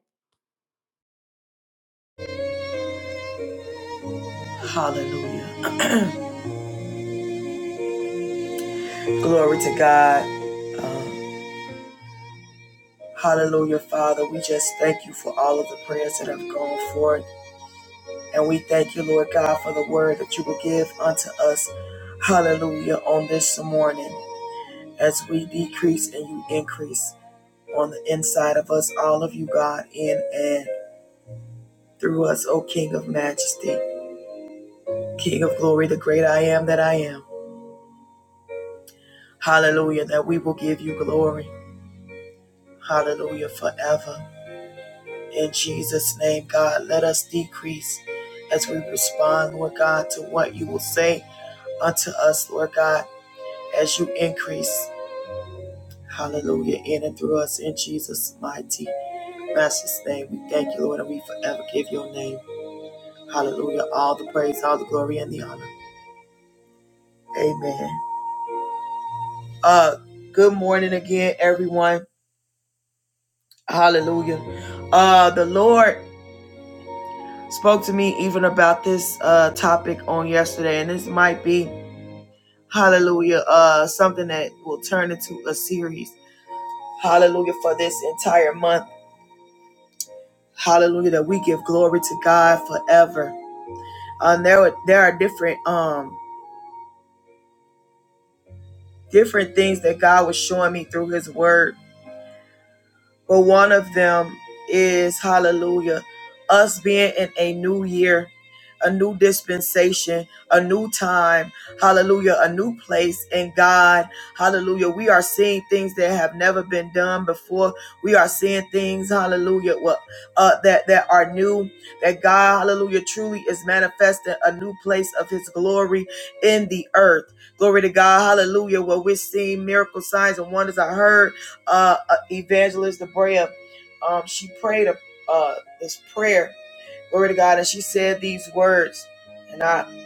S1: Hallelujah. Glory to God. Um, hallelujah, Father. We just thank you for all of the prayers that have gone forth. And we thank you, Lord God, for the word that you will give unto us. Hallelujah, on this morning. As we decrease and you increase on the inside of us, all of you, God, in and through us, O King of majesty, King of glory, the great I am that I am. Hallelujah, that we will give you glory. Hallelujah, forever. In Jesus' name, God, let us decrease as we respond, Lord God, to what you will say unto us, Lord God, as you increase. Hallelujah, in and through us, in Jesus' mighty, Master's name. We thank you, Lord, and we forever give your name. Hallelujah, all the praise, all the glory, and the honor. Amen. Uh, good morning again, everyone. Hallelujah. Uh, the Lord spoke to me even about this uh topic on yesterday, and this might be. hallelujah uh something that will turn into a series hallelujah for this entire month hallelujah that we give glory to god forever um there were, there are different um different things that god was showing me through his word but one of them is hallelujah us being in a new year a new dispensation a new time hallelujah a new place in god hallelujah we are seeing things that have never been done before we are seeing things hallelujah what uh that that are new that god hallelujah truly is manifesting a new place of his glory in the earth glory to god hallelujah where we're seeing miracle signs and wonders i heard uh, uh, evangelist Debrea, um, she prayed a, uh, this prayer, glory to God, and she said these words, and I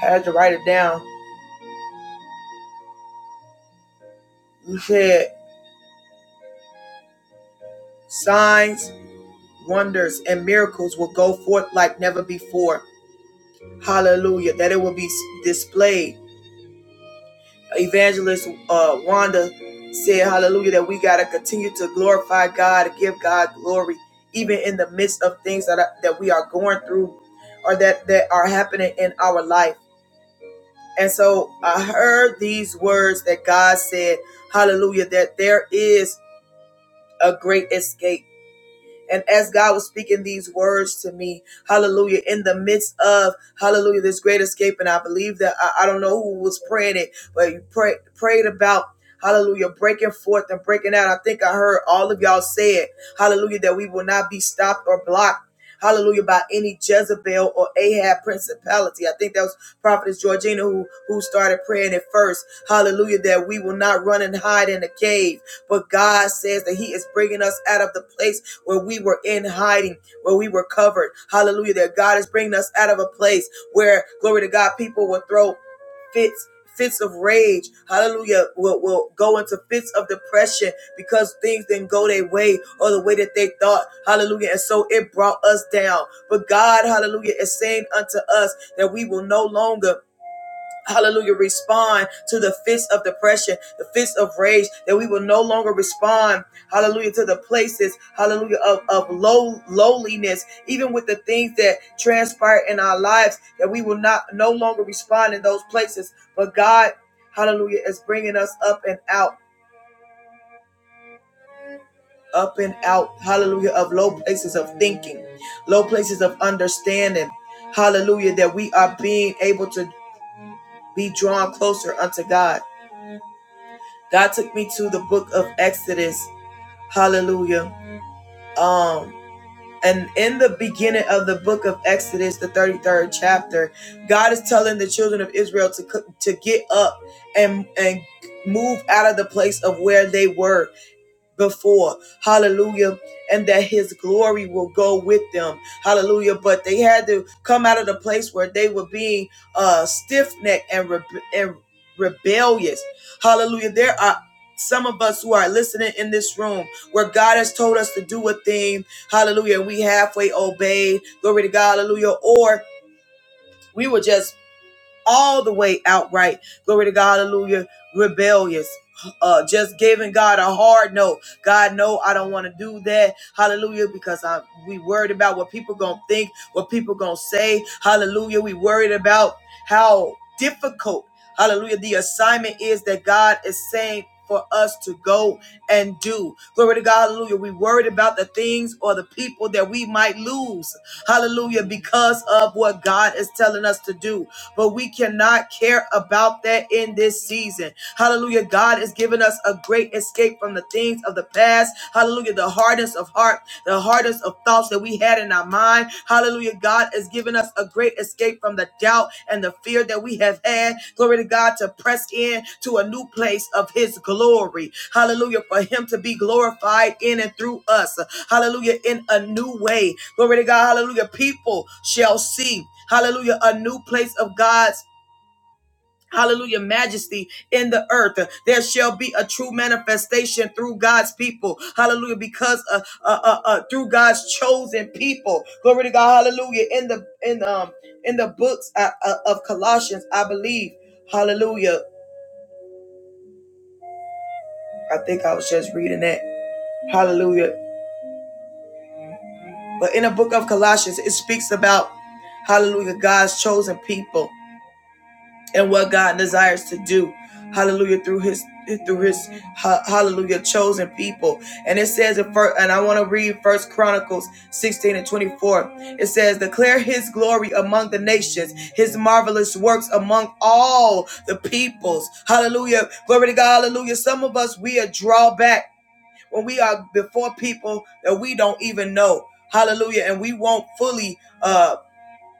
S1: had to write it down. She said, Signs, wonders, and miracles will go forth like never before. Hallelujah. That it will be displayed. Evangelist uh, Wanda said, Hallelujah, that we got to continue to glorify God, give God glory, even in the midst of things that, are, that we are going through or that, that are happening in our life. And so I heard these words that God said, hallelujah, that there is a great escape and as God was speaking these words to me, hallelujah, in the midst of, hallelujah, this great escape, and I believe that, I, I don't know who was praying it, but you pray, prayed about, hallelujah, breaking forth and breaking out. I think I heard all of y'all say it, hallelujah, that we will not be stopped or blocked. Hallelujah by any Jezebel or Ahab principality. I think that was Prophetess Georgina who, who started praying it first. Hallelujah that we will not run and hide in a cave, but God says that He is bringing us out of the place where we were in hiding, where we were covered. Hallelujah. That God is bringing us out of a place where, glory to God, people will throw fits. Fits of rage, hallelujah, will, will go into fits of depression because things didn't go their way or the way that they thought, hallelujah. And so it brought us down. But God, hallelujah, is saying unto us that we will no longer Hallelujah. Respond to the fist of depression, the fist of rage, that we will no longer respond. Hallelujah. To the places, hallelujah, of, of low lowliness, even with the things that transpire in our lives, that we will not no longer respond in those places. But God, hallelujah, is bringing us up and out, up and out, hallelujah, of low places of thinking, low places of understanding. Hallelujah, that we are being able to be drawn closer unto God. God took me to the book of Exodus. Hallelujah. Um, and in the beginning of the book of Exodus, the 33rd chapter, God is telling the children of Israel to co- to get up and and move out of the place of where they were before. Hallelujah. And that his glory will go with them. Hallelujah. But they had to come out of the place where they were being uh stiff necked and, rebe- and rebellious. Hallelujah. There are some of us who are listening in this room where God has told us to do a thing. Hallelujah. We halfway obeyed. Glory to God. Hallelujah. Or we were just all the way outright. Glory to God, hallelujah. Rebellious. Uh, just giving God a hard no. God, no, I don't want to do that. Hallelujah, because I we worried about what people gonna think, what people gonna say. Hallelujah, we worried about how difficult. Hallelujah, the assignment is that God is saying for us to go and do. Glory to God, hallelujah. We worried about the things or the people that we might lose, hallelujah, because of what God is telling us to do. But we cannot care about that in this season. Hallelujah. God is giving us a great escape from the things of the past. Hallelujah. The hardness of heart, the hardness of thoughts that we had heart and our mind. Hallelujah. God has given us a great escape from the doubt and the fear that we have had. Glory to God to press in to a new place of his glory. Hallelujah. For him to be glorified in and through us. Hallelujah. In a new way. Glory to God. Hallelujah. People shall see. Hallelujah. A new place of God's Hallelujah, majesty in the earth. There shall be a true manifestation through God's people. Hallelujah, because uh, uh, uh, uh, through God's chosen people. Glory to God. Hallelujah. In the in um in the books uh, uh, of Colossians, I believe. Hallelujah. I think I was just reading that. Hallelujah. But in the book of Colossians, it speaks about Hallelujah, God's chosen people. and what God desires to do. Hallelujah through his through his hallelujah chosen people. And it says in first and I want to read first Chronicles 16 and 24. It says, declare his glory among the nations, his marvelous works among all the peoples. Hallelujah. Glory to God. Hallelujah. Some of us we are draw back when we are before people that we don't even know. Hallelujah. And we won't fully uh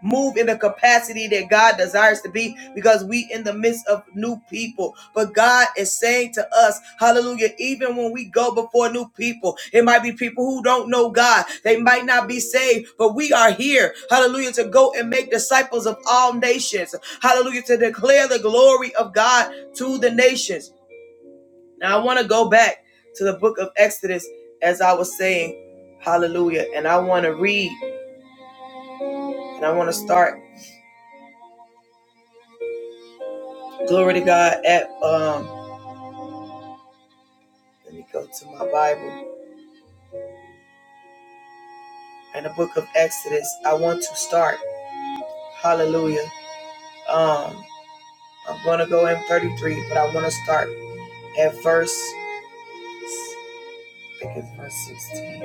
S1: move in the capacity that God desires to be because we in the midst of new people. But God is saying to us, hallelujah, even when we go before new people, it might be people who don't know God. They might not be saved, but we are here, hallelujah, to go and make disciples of all nations. Hallelujah, to declare the glory of God to the nations. Now I want to go back to the book of Exodus as I was saying, hallelujah, and I want to read and I want to start Glory to God. At um, let me go to my Bible and the book of Exodus. I want to start. Hallelujah. Um, I'm gonna go in 33, but I want to start at verse. I think it's verse 16.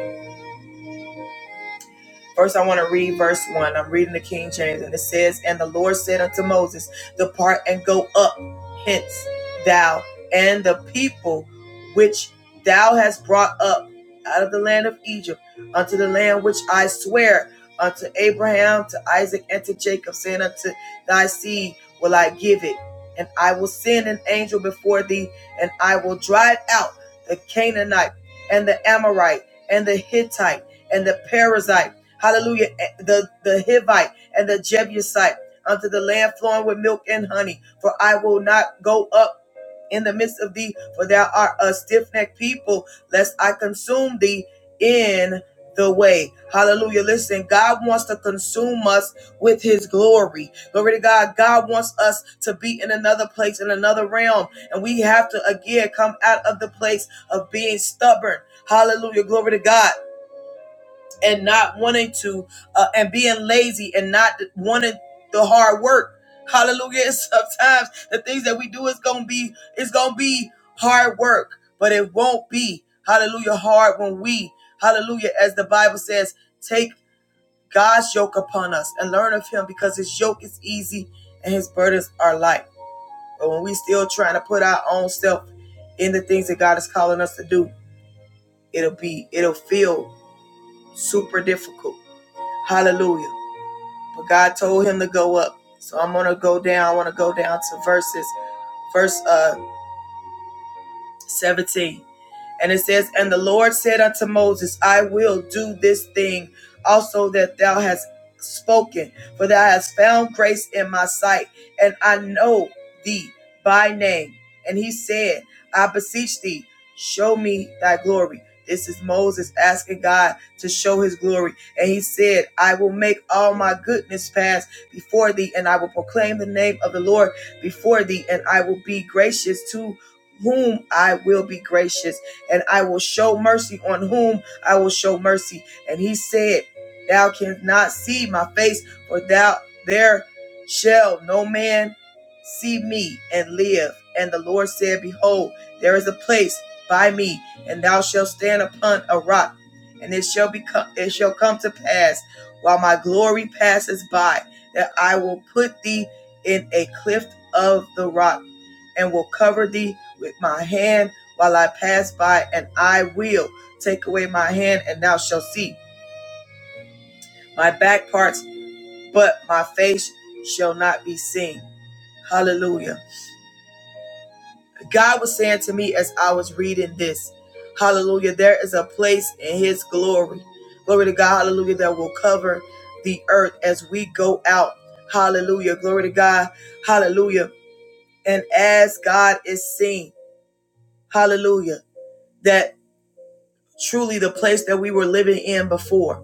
S1: First, I want to read verse 1. I'm reading the King James, and it says, And the Lord said unto Moses, Depart and go up hence, thou and the people which thou hast brought up out of the land of Egypt unto the land which I swear unto Abraham, to Isaac, and to Jacob, saying, Unto thy seed will I give it. And I will send an angel before thee, and I will drive out the Canaanite, and the Amorite, and the Hittite, and the Perizzite Hallelujah. Eh, The, the Hivite and the Jebusite unto the land flowing with milk and honey. For I will not go up in the midst of thee, for thou art a stiff necked people, lest I consume thee in the way. Hallelujah. Listen, God wants to consume us with his glory. Glory to God. God wants us to be in another place, in another realm. And we have to again come out of the place of being stubborn. Hallelujah. Glory to God and not wanting to uh, and being lazy and not wanting the hard work hallelujah And sometimes the things that we do is gonna be it's gonna be hard work but it won't be hallelujah hard when we hallelujah as the bible says take god's yoke upon us and learn of him because his yoke is easy and his burdens are light but when we still trying to put our own self in the things that god is calling us to do it'll be it'll feel super difficult hallelujah But God told him to go up. So I'm gonna go down. I wanna go down to verses verse uh 17. And it says, And the Lord said unto Moses, I will do this thing also that thou hast spoken, for thou hast found grace in my sight, and I know thee by name. And he said, I beseech thee, show me thy glory. This is Moses asking God to show his glory. And he said, I will make all my goodness pass before thee, and I will proclaim the name of the Lord before thee, and I will be gracious to whom I will be gracious and I will show mercy on whom I will show mercy. And he said, Thou canst not see my face, for thou there shall no man see me and live. And the Lord said, Behold, there is a place by me, and thou shalt stand upon a rock, and it shall become it shall come to pass while my glory passes by, that I will put thee in a cliff of the rock, and will cover thee with my hand while I pass by, and I will take away my hand, and thou shalt see my back parts, but my face shall not be seen. Hallelujah. God was saying to me as I was reading this, Hallelujah, there is a place in His glory. Glory to God, Hallelujah, that will cover the earth as we go out. Hallelujah, glory to God, Hallelujah. And as God is seen, Hallelujah, that truly the place that we were living in before.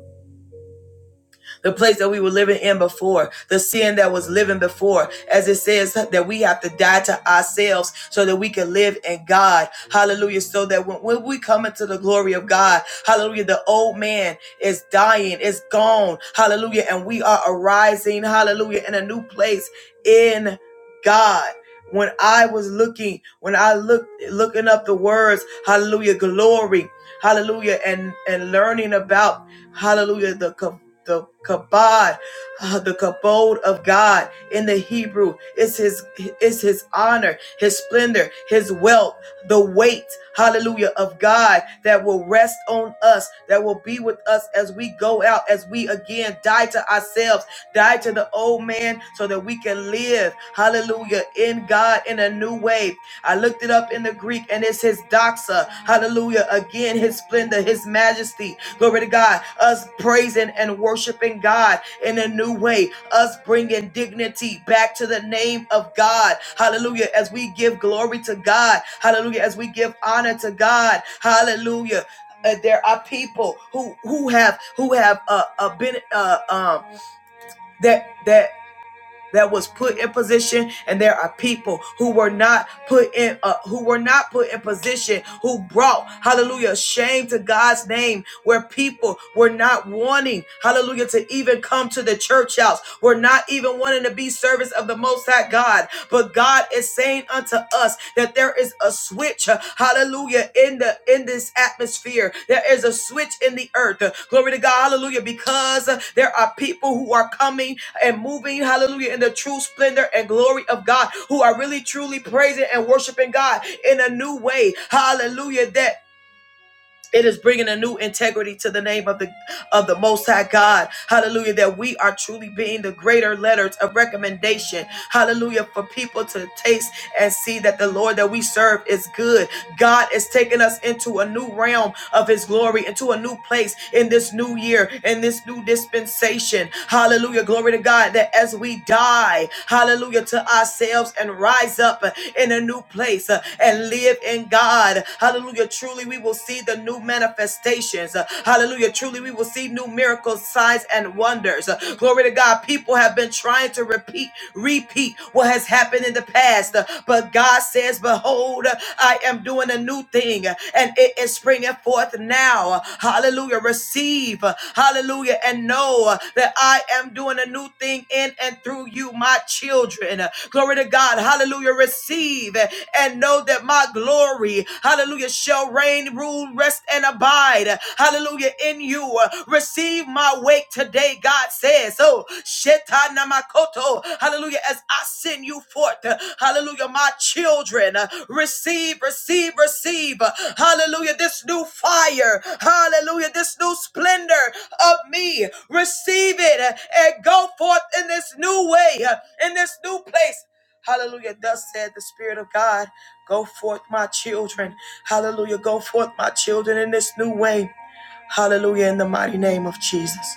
S1: the place that we were living in before, the sin that was living before. As it says that we have to die to ourselves so that we can live in God. Hallelujah. So that when, when we come into the glory of God, hallelujah, the old man is dying, is gone. Hallelujah. And we are arising, hallelujah, in a new place. In God. When I was looking, when I looked looking up the words, hallelujah, glory, hallelujah, and and learning about hallelujah, the the kabod, uh, the kabod of God in the Hebrew. is his is his honor, his splendor, his wealth, the weight, hallelujah, of God that will rest on us, that will be with us as we go out, as we again die to ourselves, die to the old man so that we can live, hallelujah, in God in a new way. I looked it up in the Greek and it's his doxa, hallelujah, again, his splendor, his majesty, glory to God, us praising and worshiping God in a new way, us bringing dignity back to the name of God, hallelujah, as we give glory to God, hallelujah, as we give honor to God, hallelujah. Uh, there are people who who have who have uh, uh been uh um that that that was put in position and there are people who were not put in uh, who were not put in position who brought hallelujah shame to God's name where people were not wanting hallelujah to even come to the church house were not even wanting to be service of the most high God but God is saying unto to us that there is a switch, uh, hallelujah, in the in this atmosphere. There is a switch in the earth. Uh, Glory to God, hallelujah, because uh, there are people who are coming and moving, hallelujah, in the true splendor and glory of God, who are really truly praising and worshiping God in a new way. Hallelujah. That it is bringing a new integrity to the name of the of the Most High God. Hallelujah! That we are truly being the greater letters of recommendation. Hallelujah! For people to taste and see that the Lord that we serve is good. God is taking us into a new realm of His glory, into a new place in this new year, in this new dispensation. Hallelujah! Glory to God. That as we die, hallelujah, to ourselves and rise up in a new place uh, and live in God. Hallelujah. Truly, we will see the new manifestations. Uh, Hallelujah. Truly, we will see new miracles, signs, and wonders. Uh, Glory to God. People have been trying to repeat, repeat what has happened in the past. Uh, But God says, Behold, I am doing a new thing, and it is springing forth now now. Hallelujah. Receive. Hallelujah. And know that I am doing a new thing in and through you, my children. Glory to God. Hallelujah. Receive and know that my glory, hallelujah, shall reign, rule, rest, and abide. Hallelujah. In you. Receive my wake today, God says. So, shetana makoto. Hallelujah. As I I send you forth. Hallelujah. My children, uh, receive, receive, receive. Hallelujah. This new fire. Hallelujah. This new splendor of me. Receive it uh, and go forth in this new way, uh, in this new place. Hallelujah. Thus said the Spirit of God, go forth, my children. Hallelujah. Go forth, my children, in this new way. Hallelujah. In the mighty name of Jesus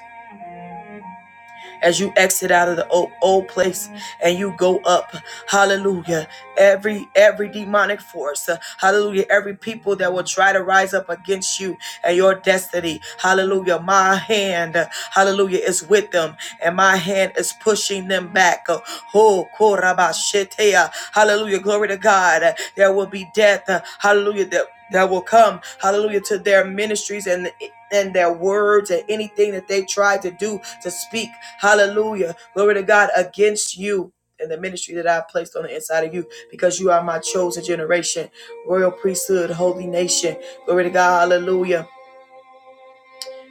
S1: as you exit out of the old, old place and you go up. Hallelujah. Every every demonic force, uh, hallelujah, every people that will try to rise up against you and your destiny. Hallelujah. My hand, uh, hallelujah, is with them and my hand is pushing them back. Uh, Oh, korabashetea. hallelujah. Glory to God. Uh, There will be death. uh, Hallelujah. That that will come, hallelujah, to their ministries and and their words and anything that they try to do to speak, hallelujah, glory to God, against you and the ministry that I placed on the inside of you because you are my chosen generation, royal priesthood, holy nation. Glory to God, hallelujah,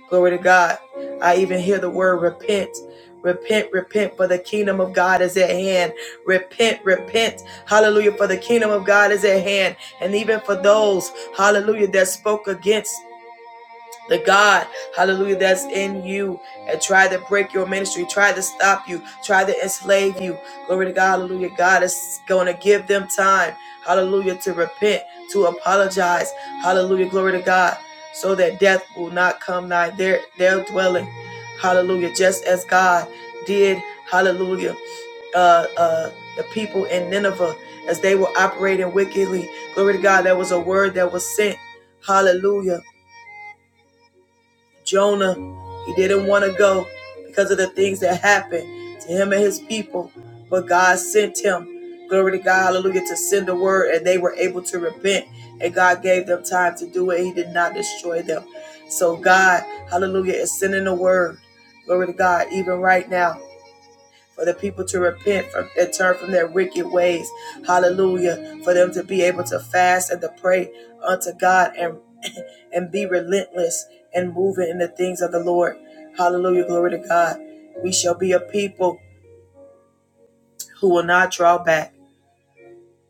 S1: glory to God. I even hear the word repent. Repent, repent, for the kingdom of God is at hand. Repent, repent. Hallelujah, for the kingdom of God is at hand. And even for those, hallelujah, that spoke against the God, hallelujah, that's in you and try to break your ministry, try to stop you, try to enslave you. Glory to God, hallelujah. God is going to give them time, hallelujah, to repent, to apologize, hallelujah, glory to God, so that death will not come nigh their, their dwelling, hallelujah, just as God did, hallelujah, uh, uh, the people in Nineveh as they were operating wickedly. Glory to God, there was a word that was sent, hallelujah Jonah, he didn't want to go because of the things that happened to him and his people. But God sent him, glory to God, hallelujah, to send the word, and they were able to repent. And God gave them time to do it. He did not destroy them. So God, hallelujah, is sending the word, glory to God, even right now. For the people to repent from and turn from their wicked ways. Hallelujah. For them to be able to fast and to pray unto God and and be relentless and moving in the things of the Lord. Hallelujah. Glory to God. We shall be a people who will not draw back,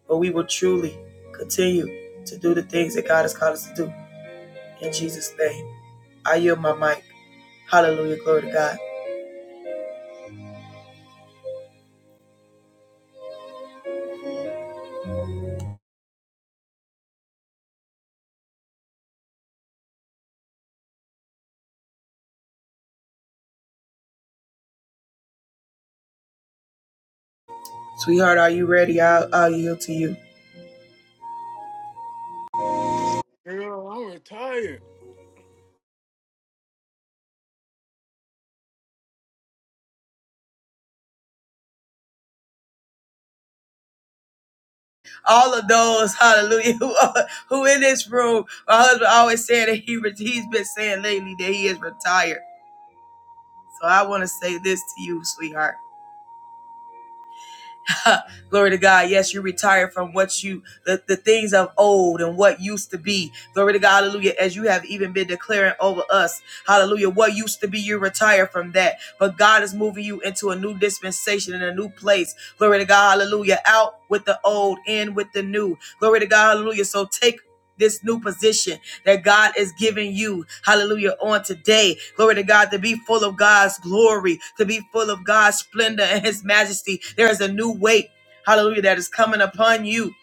S1: but we will truly continue to do the things that God has called us to do. In Jesus' name, I yield my mic. Hallelujah. Glory to God. Sweetheart, are you ready? I'll, I'll yield to you.
S5: Girl, I'm retired.
S1: All of those, hallelujah, who, are- who in this room, my husband always said that he, he's been saying lately that he is retired. So I want to say this to you, sweetheart. Glory to God. Yes, you retired from what you, the, the things of old and what used to be. Glory to God. Hallelujah. As you have even been declaring over us. Hallelujah. What used to be, you retire from that. But God is moving you into a new dispensation and a new place. Glory to God. Hallelujah. Out with the old, in with the new. Glory to God. Hallelujah. So take this new position that God is giving you, hallelujah, on today. Glory to God, to be full of God's glory, to be full of God's splendor and His majesty. There is a new weight, hallelujah, that is coming upon you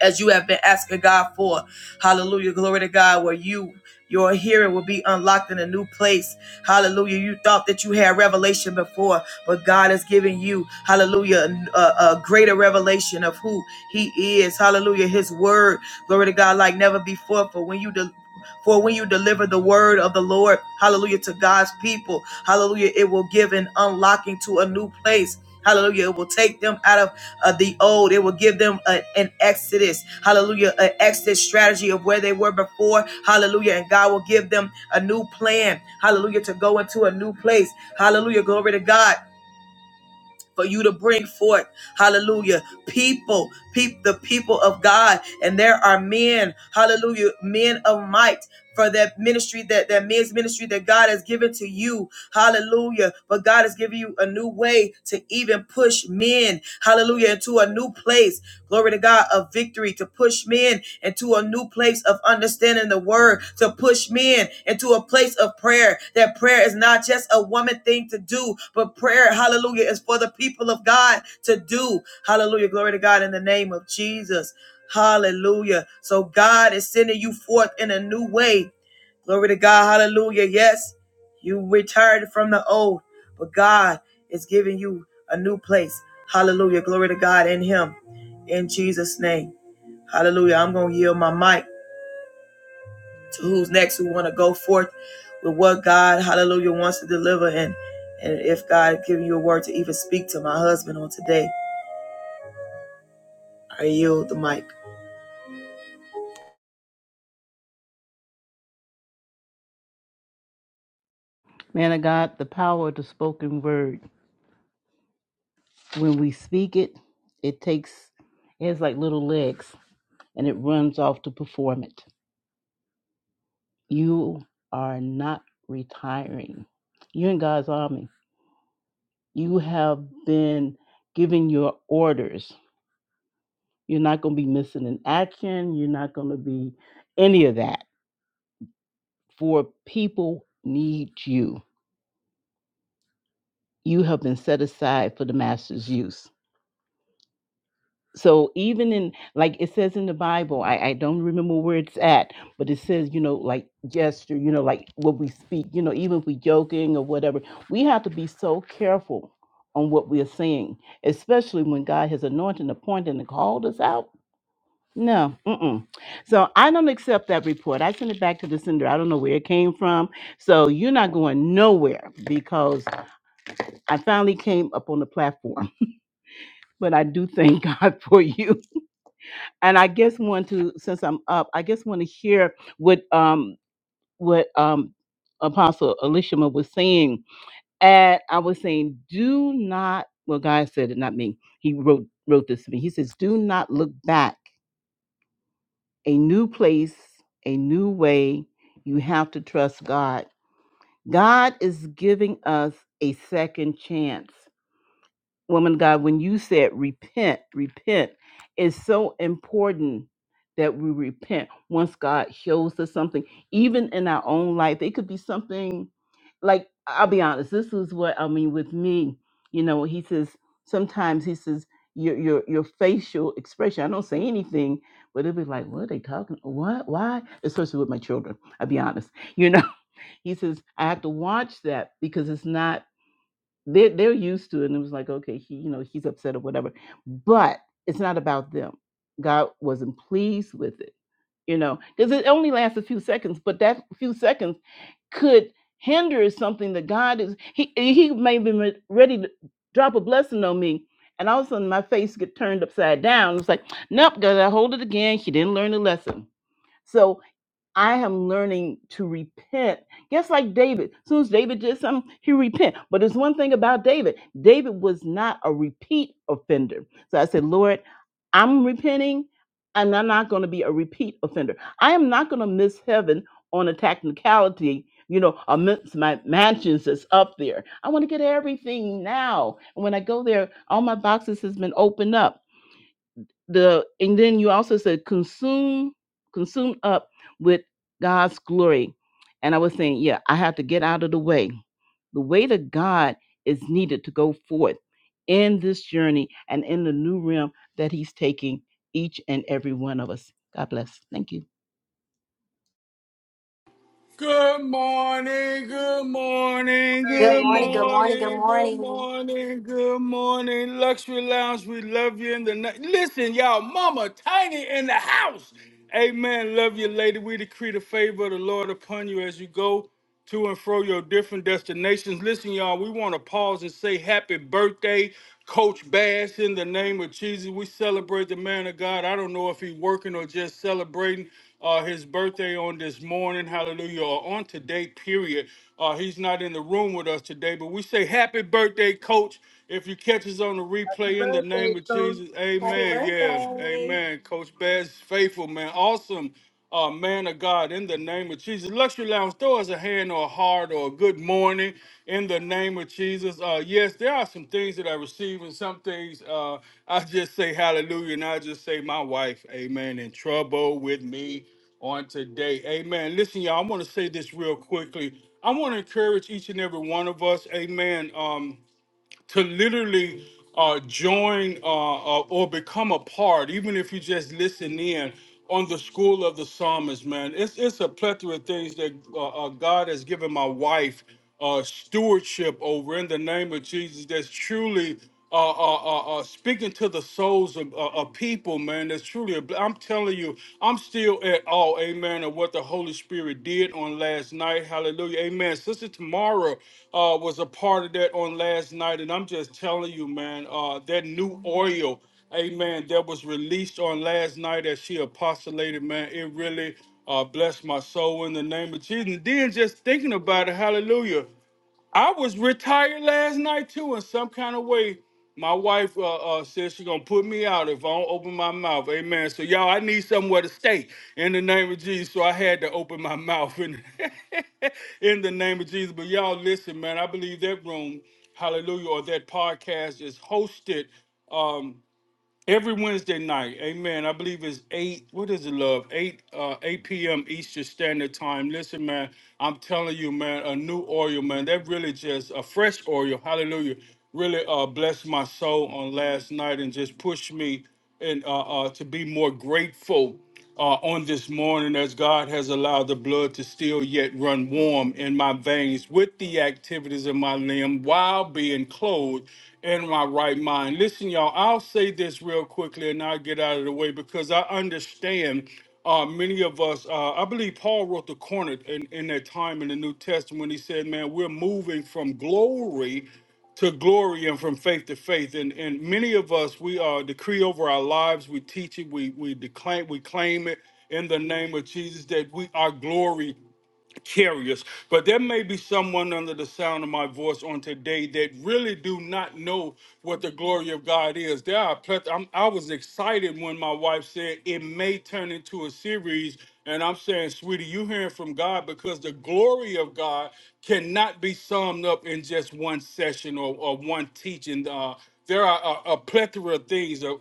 S1: as you have been asking God for. Hallelujah, glory to God, where you. Your hearing will be unlocked in a new place. Hallelujah. You thought that you had revelation before, but God is giving you, hallelujah, a, a greater revelation of who He is. Hallelujah. His word. Glory to God, like never before. For when you de- for when you deliver the word of the Lord, hallelujah, to God's people, hallelujah, it will give an unlocking to a new place. Hallelujah. It will take them out of uh, the old. It will give them a- an exodus. Hallelujah. An exit strategy of where they were before. Hallelujah. And God will give them a new plan. Hallelujah. To go into a new place. Hallelujah. Glory to God for you to bring forth, hallelujah, people, peep the people of God. And there are men, hallelujah, men of might for that ministry, that, that men's ministry that God has given to you. Hallelujah. But God has given you a new way to even push men, hallelujah, into a new place. Glory to God, of victory, to push men into a new place of understanding the word, to push men into a place of prayer. That prayer is not just a woman thing to do, but prayer, hallelujah, is for the people of God to do. Hallelujah. Glory to God in the name of Jesus. Hallelujah. So God is sending you forth in a new way. Glory to God. Hallelujah. Yes, you retired from the old, but God is giving you a new place. Hallelujah. Glory to God in Him. In Jesus' name. Hallelujah. I'm going to yield my mic to who's next who want to go forth with what God, hallelujah, wants to deliver. And, and if God give you a word to even speak to my husband on today, I yield the mic.
S3: Man of God, the power of the spoken word. When we speak it, it takes, it has like little legs and it runs off to perform it. You are not retiring. You're in God's army. You have been giving your orders You're not going to be missing an action. You're not going to be any of that. For people need you. You have been set aside for the master's use. So even in like it says in the Bible, I, I don't remember where it's at, but it says, you know, like gesture, you know, like what we speak, you know, even if we joking or whatever, we have to be so careful on what we are saying, especially when God has anointed, appointed, and called us out No, mm-mm. So I don't accept that report. I send it back to the sender. I don't know where it came from. So you're not going nowhere because I finally came up on the platform. But I do thank God for you. And I guess want to, since I'm up, I guess want to hear what um what um Apostle Elishama was saying. And I was saying, do not. Well, God said it, not me. He wrote wrote this to me. He says, do not look back a new place, a new way. You have to trust God. God is giving us a second chance woman of God, when you said repent, repent, it's so important that we repent once God shows us something, even in our own life. It could be something like, I'll be honest, this is what I mean with me. You know, he says, sometimes he says, your, your your facial expression. I don't say anything, but it'll be like, what are they talking? What? Why? Especially with my children. I'll be honest. You know, he says, I have to watch that because it's not they are they're used to it and it was like, okay, he, you know, he's upset or whatever. But it's not about them. God wasn't pleased with it, you know, because it only lasts a few seconds, but that few seconds could hinder something that God is he he may be re- ready to drop a blessing on me. And all of a sudden my face get turned upside down. It's like, nope, gotta hold it again. She didn't learn the lesson. so. I am learning to repent. Just like David. As soon as David did something, he repent. But there's one thing about David. David was not a repeat offender. So I said, Lord, I'm repenting and I'm not going to be a repeat offender. I am not going to miss heaven on a technicality, you know, I miss my mansions that's up there. I want to get everything now. And when I go there, all my boxes has been opened up the and then you also said consume consumed up with god's glory and i was saying yeah i have to get out of the way the weight of god is needed to go forth in this journey and in the new realm that he's taking each and every one of us god bless thank you
S5: Good morning, good morning,
S4: Good
S5: good
S4: morning,
S1: Ready.
S4: good morning, good
S5: morning, good
S4: morning.
S5: morning, good morning. Luxury Lounge, we love you in the night. Listen, y'all, Mama Tiny in the house. Amen. Love you, lady. We decree the favor of the Lord upon you as you go. to and fro your different destinations. Listen, y'all, we want to pause and say happy birthday, Coach Bass, in the name of Jesus. We celebrate the man of God. I don't know if he's working or just celebrating uh, his birthday on this morning, hallelujah, or on today, period. Uh, he's not in the room with us today, but we say happy birthday, Coach. If you catch us on the replay in the name of Jesus,
S4: Happy
S5: amen. Yeah,
S4: birthday.
S5: amen. Coach Bass, faithful, man. Awesome uh, man of God, in the name of Jesus. Luxury Lounge, throw us a hand or a heart or a good morning in the name of Jesus. Uh, yes, there are some things that I receive, and some things uh, I just say hallelujah, and I just say, my wife, amen, in trouble with me on today. Amen. Listen, y'all, I want to say this real quickly. I want to encourage each and every one of us, amen. Um, to literally uh, join uh, uh, or become a part, even if you just listen in on the school of the psalmist, man. It's it's a plethora of things that uh, uh, God has given my wife uh, stewardship over in the name of Jesus. That's truly uh, uh, uh, uh, speaking to the souls of, uh, of people, man. That's truly, a, bl- I'm telling you, I'm still at all, amen, of what the Holy Spirit did on last night. Hallelujah, amen. Sister Tamara uh, was a part of that on last night, and I'm just telling you, man, uh, that new oil, amen, that was released on last night as she apostolated, man, it really uh, blessed my soul in the name of Jesus. And then just thinking about it, hallelujah. I was retired last night too. In some kind of way, my wife uh, uh, says she's gonna put me out if I don't open my mouth. Amen. So y'all, I need somewhere to stay in the name of Jesus. So I had to open my mouth in, in the name of Jesus. But y'all, listen, man. I believe that room, Hallelujah, or that podcast is hosted. Um, Every Wednesday night, amen. I believe it's eight. What is it, love? Eight, uh, eight p.m. Eastern Standard Time. Listen, man, I'm telling you, man, a new oil, man. That really just a fresh oil. Hallelujah. Really, uh, blessed my soul on last night and just pushed me and uh, uh to be more grateful uh, on this morning as God has allowed the blood to still yet run warm in my veins with the activities of my limb while being clothed in my right mind. Listen, y'all, I'll say this real quickly and I'll get out of the way because I understand. Uh, many of us, uh, I believe Paul wrote the corner in, in that time in the New Testament. He said, Man, we're moving from glory to glory and from faith to faith. And and many of us we uh decree over our lives, we teach it, we we declaim, we claim it in the name of Jesus that we our glory carriers. But there may be someone under the sound of my voice on today that really do not know what the glory of God is. There are pleth- I'm, I was excited when my wife said it may turn into a series. And I'm saying, sweetie, you hearing from God because the glory of God cannot be summed up in just one session or, or one teaching. Uh, there are a, a plethora of things, a, a, a,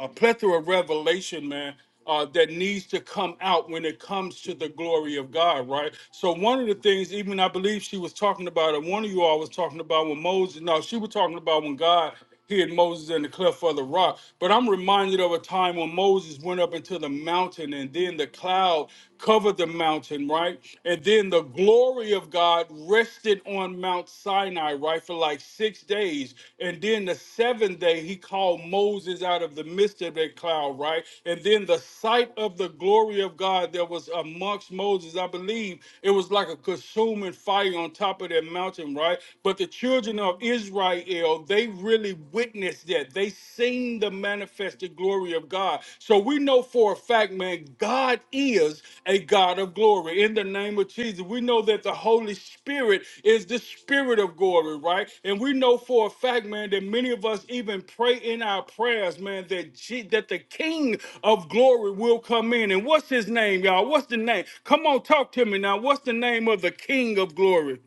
S5: a a plethora of revelation, man, uh, that needs to come out when it comes to the glory of God, right? So one of the things, even I believe she was talking about, or one of you all was talking about when Moses, no, she was talking about when God hid Moses in the cleft of the rock. But I'm reminded of a time when Moses went up into the mountain and then the cloud covered the mountain, right? And then the glory of God rested on Mount Sinai, right, for like six days. And then the seventh day, he called Moses out of the midst of that cloud, right? And then the sight of the glory of God that was amongst Moses, I believe it was like a consuming fire on top of that mountain, right? But the children of Israel, they really witnessed that. They seen the manifested glory of God. So we know for a fact, man, God is a God of glory. In the name of Jesus, we know that the Holy Spirit is the Spirit of glory, right? And we know for a fact, man, that many of us even pray in our prayers, man, that Je- that the King of glory will come in. And what's his name, y'all? What's the name? Come on, talk to me now. What's the name of the King of glory?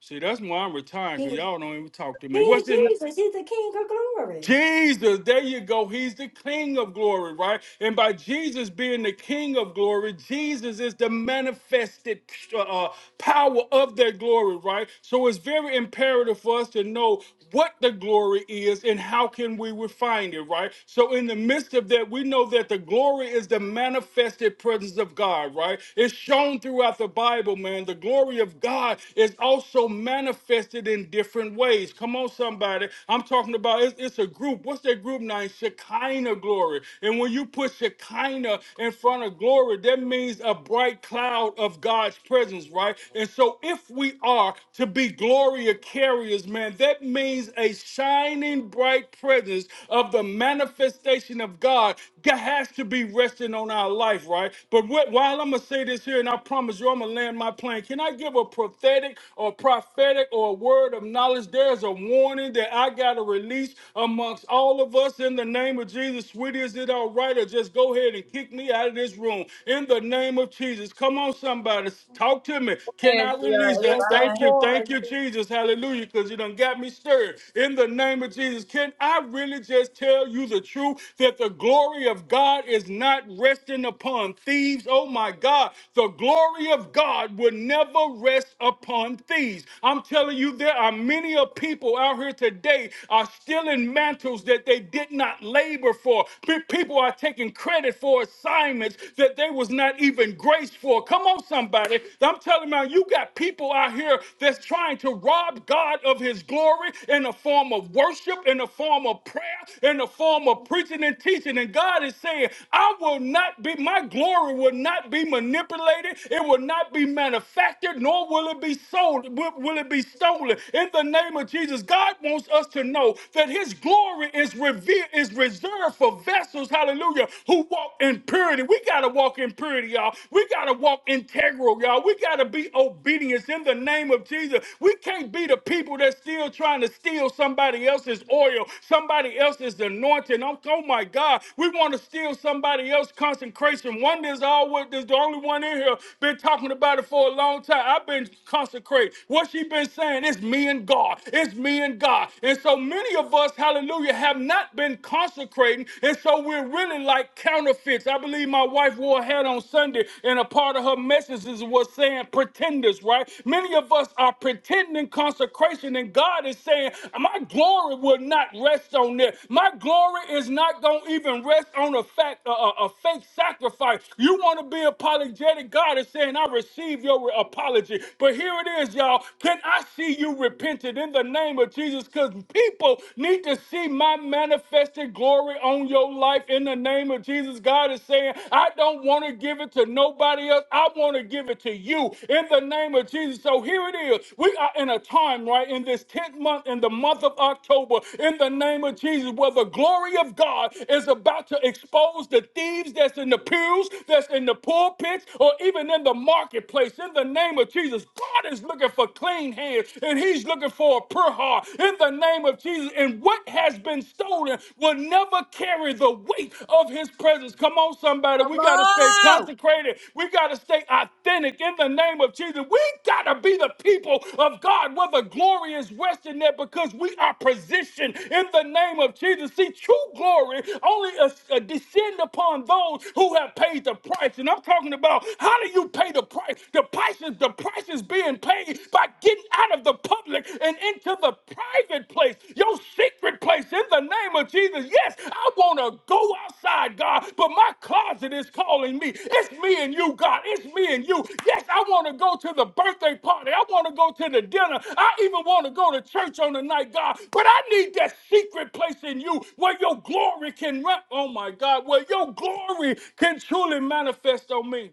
S5: See, that's why I'm retiring, because
S4: He's
S5: y'all don't even talk to me.
S4: See,
S5: What's his?
S4: Jesus, he's the King of glory.
S5: Jesus, there you go. He's the King of glory, right? And by Jesus being the King of glory, Jesus is the manifested uh, power of that glory, right? So it's very imperative for us to know what the glory is and how can we refine it, right? So in the midst of that, we know that the glory is the manifested presence of God, right? It's shown throughout the Bible, man. The glory of God is also manifested in different ways. Come on, somebody. I'm talking talking about it's, it's a group. What's that group name? Shekinah glory. And when you put Shekinah in front of glory, that means a bright cloud of God's presence, right? And so if we are to be glory carriers, man, that means a shining bright presence of the manifestation of God that has to be resting on our life, right? But what, while I'm going to say this here, and I promise you I'm going to land my plane, can I give a prophetic or prophetic or a word of knowledge? There's a warning morning that I got to release amongst all of us in the name of Jesus. Sweetie, is it all right? Or just go ahead and kick me out of this room in the name of Jesus. Come on, somebody. Talk to me. Can I release that?
S4: yes, go
S5: Thank you. Thank
S4: forward.
S5: you, Jesus. Hallelujah. Because you done got me stirred in the name of Jesus. Can I really just tell you the truth that the glory of God is not resting upon thieves? Oh my God. The glory of God would never rest upon thieves. I'm telling you, there are many many of people out here today are stealing mantles that they did not labor for. Pe- People are taking credit for assignments that they was not even graced for. Come on, somebody. I'm telling you, you got people out here that's trying to rob God of his glory in the form of worship, in the form of prayer, in the form of preaching and teaching. And God is saying, I will not be, my glory will not be manipulated. It will not be manufactured, nor will it be sold. Will, will it be stolen in the name of Jesus. God wants us to know that his glory is revealed, is reserved for vessels, hallelujah, who walk in purity. We gotta walk in purity, y'all. We gotta walk integral, y'all. We gotta be obedient in the name of Jesus. We can't be the people that's still trying to steal somebody else's oil, somebody else's anointing. Oh, oh my God, we want to steal somebody else's consecration. One is all what is the only one in here been talking about it for a long time. I've been consecrated. What she been saying? It's me and God. It's me and God. And so many of us, hallelujah, have not been consecrating. And so we're really like counterfeits. I believe my wife wore a hat on Sunday, and a part of her messages was saying pretenders, right? Many of us are pretending consecration, and God is saying, My glory will not rest on that. My glory is not going to even rest on a fact, a, a a fake sacrifice. You want to be apologetic? God is saying, I receive your apology. But here it is, y'all. Can I see you repented in the name of Jesus? Because people need to see my manifested glory on your life in the name of Jesus. God is saying, I don't want to give it to nobody else. I want to give it to you in the name of Jesus. So here it is. We are in a time, right, in this 10th month, in the month of October, in the name of Jesus, where the glory of God is about to expose the thieves that's in the pews, that's in the pulpits, or even in the marketplace In in the name of Jesus, God is looking for clean hands and He's looking for a pure heart in the name of Jesus. And what has been stolen will never carry the weight of His presence. Come on, somebody. We got to stay consecrated. We got to stay authentic in the name of Jesus. We got to be the people of God where the glory is resting there because we are positioned in the name of Jesus. See, true glory only uh, uh, descend upon those who have paid the price. And I'm talking about how do you pay? pay the price. The price is the price is being paid by getting out of the public and into the private place, your secret place in the name of Jesus. Yes, I want to go outside, God, but my closet is calling me. It's me and you, God. It's me and you. Yes, I want to go to the birthday party. I want to go to the dinner. I even want to go to church on the night, God. But I need that secret place in you where your glory can run. Oh my God, where your glory can truly manifest on me.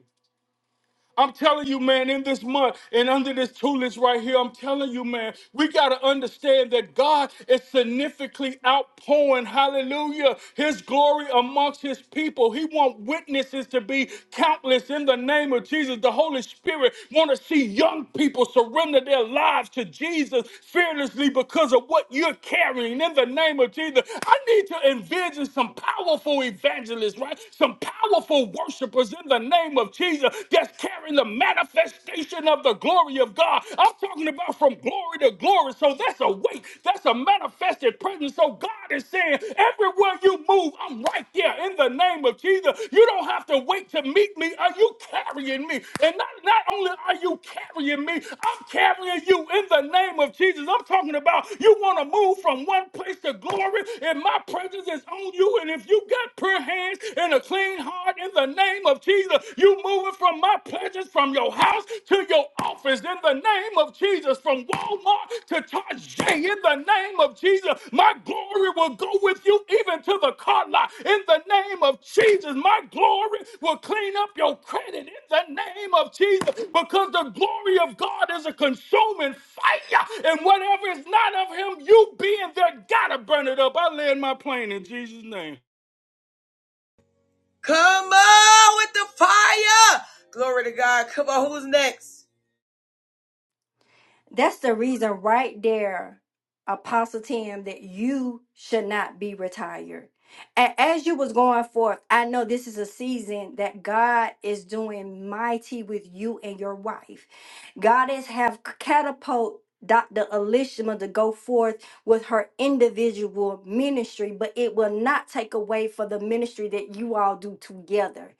S5: I'm telling you, man, in this month and under this two list right here, I'm telling you, man, we got to understand that God is significantly outpouring, hallelujah, his glory amongst his people. He wants witnesses to be countless in the name of Jesus. The Holy Spirit want to see young people surrender their lives to Jesus fearlessly because of what you're carrying in the name of Jesus. I need to envision some powerful evangelists, right? Some powerful worshipers in in the name of Jesus that's carrying the manifestation of the glory of God. I'm talking about from glory to glory. So that's a weight, that's a manifested presence. So God is saying, everywhere you move, I'm right there in the name of Jesus. You don't have to wait to meet me. Are you carrying me? And not, not only are you carrying me, I'm carrying you in the name of Jesus. I'm talking about you want to move from one place to glory, and my presence is on you. And if you got prayer hands, and a clean heart in the name of Jesus. You moving from my pleasures, from your house to your office in the name of Jesus, from Walmart to Tarjay in the name of Jesus. My glory will go with you even to the car lot in the name of Jesus. My glory will clean up your credit in the name of Jesus because the glory of God is a consuming fire. And whatever is not of him, you being there, gotta burn it up. I land my plane in Jesus' name.
S1: Come on with the fire. Glory to God. Come on. Who's next?
S4: That's the reason right there, Apostle Tim, that you should not be retired. And as you was going forth, I know this is a season that God is doing mighty with you and your wife. God has have catapult Dr. Elishma to go forth with her individual ministry, but it will not take away for the ministry that you all do together.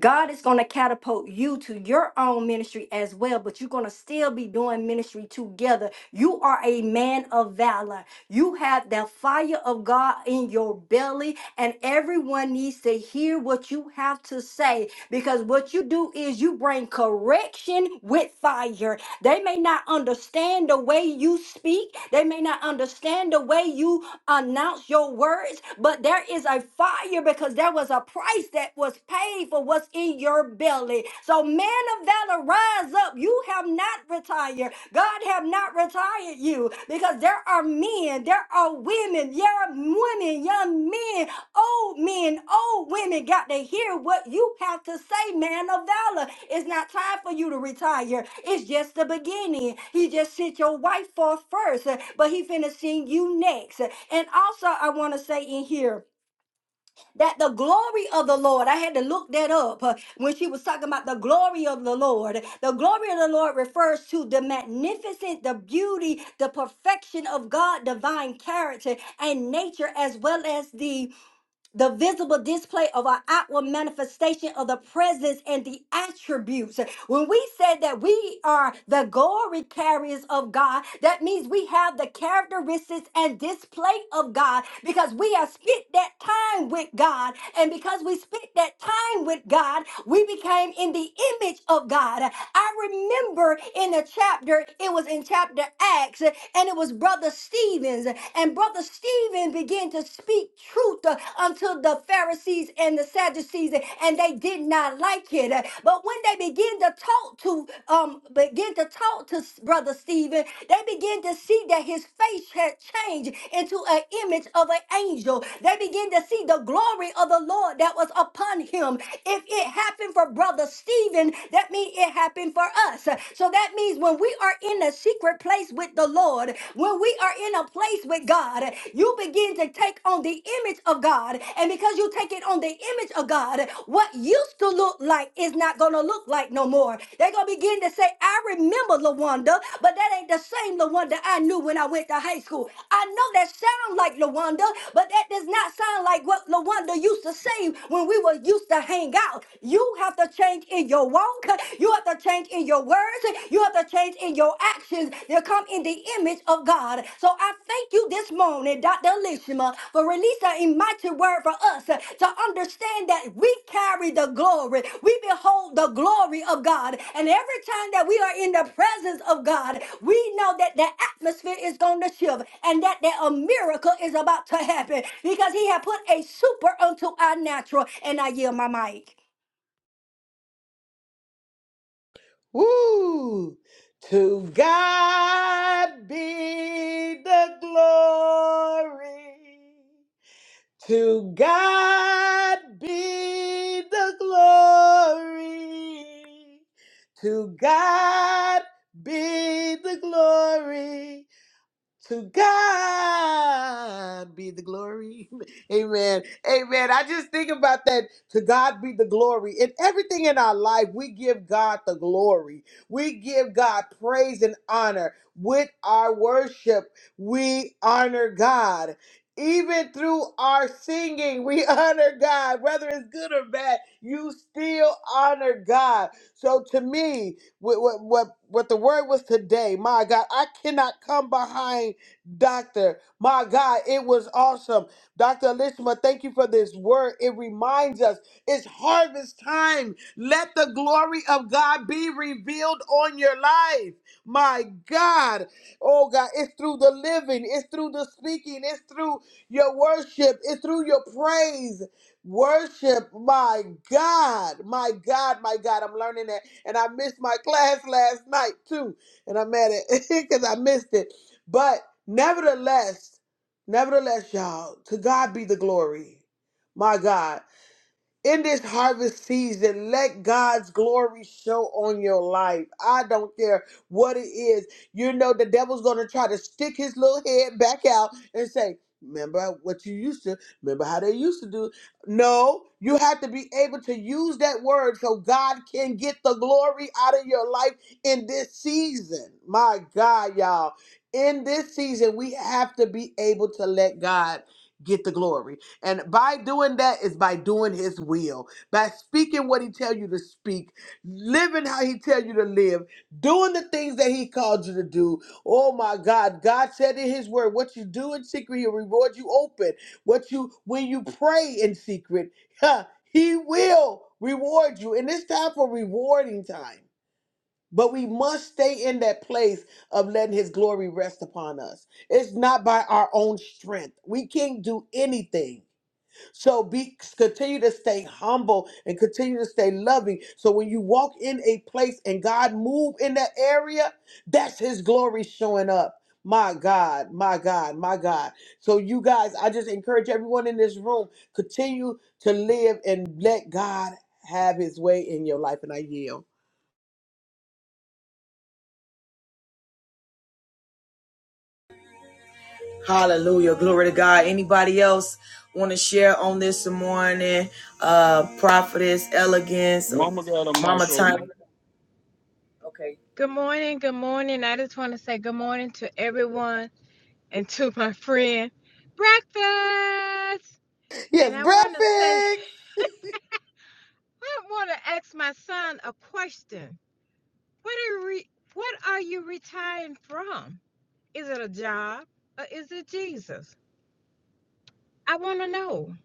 S4: God is going to catapult you to your own ministry as well, but you're going to still be doing ministry together. You are a man of valor. You have the fire of God in your belly, and everyone needs to hear what you have to say because what you do is you bring correction with fire. They may not understand the way you speak, they may not understand the way you announce your words, but there is a fire because there was a price that was paid for what's in your belly. So, man of valor, rise up. You have not retired. God have not retired you because there are men, there are women, there are women, young men, old men, old women got to hear what you have to say, man of valor. It's not time for you to retire. It's just the beginning. He just sent your wife forth first, uh, but he finna send you next. And also, I want to say in here that the glory of the Lord, I had to look that up uh, when she was talking about the glory of the Lord. The glory of the Lord refers to the magnificent, the beauty, the perfection of God, divine character and nature, as well as the the visible display of our outward manifestation of the presence and the attributes. When we say that we are the glory carriers of God, that means we have the characteristics and display of God because we have spent that time with God. And because we spent that time with God, we became in the image of God. I remember in a chapter, it was in chapter Acts, and it was Brother Stevens. And Brother Stephen began to speak truth uh, unto the Pharisees and the Sadducees, and they did not like it. But when they began to talk to um begin to talk to S- Brother Stephen, they began to see that his face had changed into an image of an angel. They began to see the glory of the Lord that was upon him. If it happened for Brother Stephen, happened, that means it happened for us. So that means when we are in a secret place with the Lord, when we are in a place with God, you begin to take on the image of God. And because you take it on the image of God, what used to look like is not going to look like no more. They're going to begin to say, I remember LaWanda, but that ain't the same LaWanda I knew when I went to high school. I know that sound like LaWanda, but that does not sound like what LaWanda used to say when we were used to hang out. You have to have to change in your walk. You have to change in your words. You have to change in your actions. They'll come in the image of God. So I thank you this morning, Dr. Lishima, for releasing a mighty word for us to understand that we carry the glory. We behold the glory of God. And every time that we are in the presence of God, we know that the atmosphere is going to shift and that there a miracle is about to happen because he had put a super unto our natural. And I yield my mic.
S2: Woo! To God be the glory. To God be the glory. To God be the glory. To God be the glory. Amen. Amen. I just think about that. To God be the glory. In everything in our life, we give God the glory. We give God praise and honor. With our worship, we honor God. Even through our singing, we honor God. Whether it's good or bad, you still honor God. So to me, what, what, what, what the word was today. My God, I cannot come behind Doctor. My God, it was awesome. Dr. Elishma, thank you for this word. It reminds us it's harvest time. Let the glory of God be revealed on your life. My God. Oh God, it's through the living, it's through the speaking, it's through your worship, it's through your praise. Worship, my God, my God, my God. I'm learning that and I missed my class last night too, and I'm mad at because I missed it. But nevertheless, nevertheless, y'all, to God be the glory. My God in this harvest season, let God's glory show on your life. I don't care what it is. You know, the devil's going to try to stick his little head back out and say, Remember what you used to, remember how they used to do. No, you have to be able to use that word so God can get the glory out of your life in this season. My God, y'all. In this season, we have to be able to let God get the glory. And by doing that is by doing his will. By speaking what he tell you to speak, living how he tell you to live, doing the things that he called you to do. Oh my God, God said in his word, what you do in secret, he'll reward you open. What you when you pray in secret, huh, he will reward you. And it's time for rewarding time. But we must stay in that place of letting his glory rest upon us. It's not by our own strength. We can't do anything so be continue to stay humble and continue to stay loving. So when you walk in a place and God move in that area, that's his glory showing up. My God, my God, my God. So you guys, I just encourage everyone in this room, continue to live and let God have his way in your life. And I yield.
S1: Hallelujah. Glory to God. Anybody else want to share on this morning? Uh, prophetess, elegance, or
S5: Mama got a
S1: mama
S5: mic
S1: time.
S5: open.
S1: Okay.
S6: Good morning. Good morning. I just want to say good morning to everyone and to my friend. Breakfast!
S2: Yes,
S6: And I want to say,
S2: breakfast.
S6: I want to ask my son a question. What are, re- what are you retiring from? Is it a job or is it Jesus? I want to know.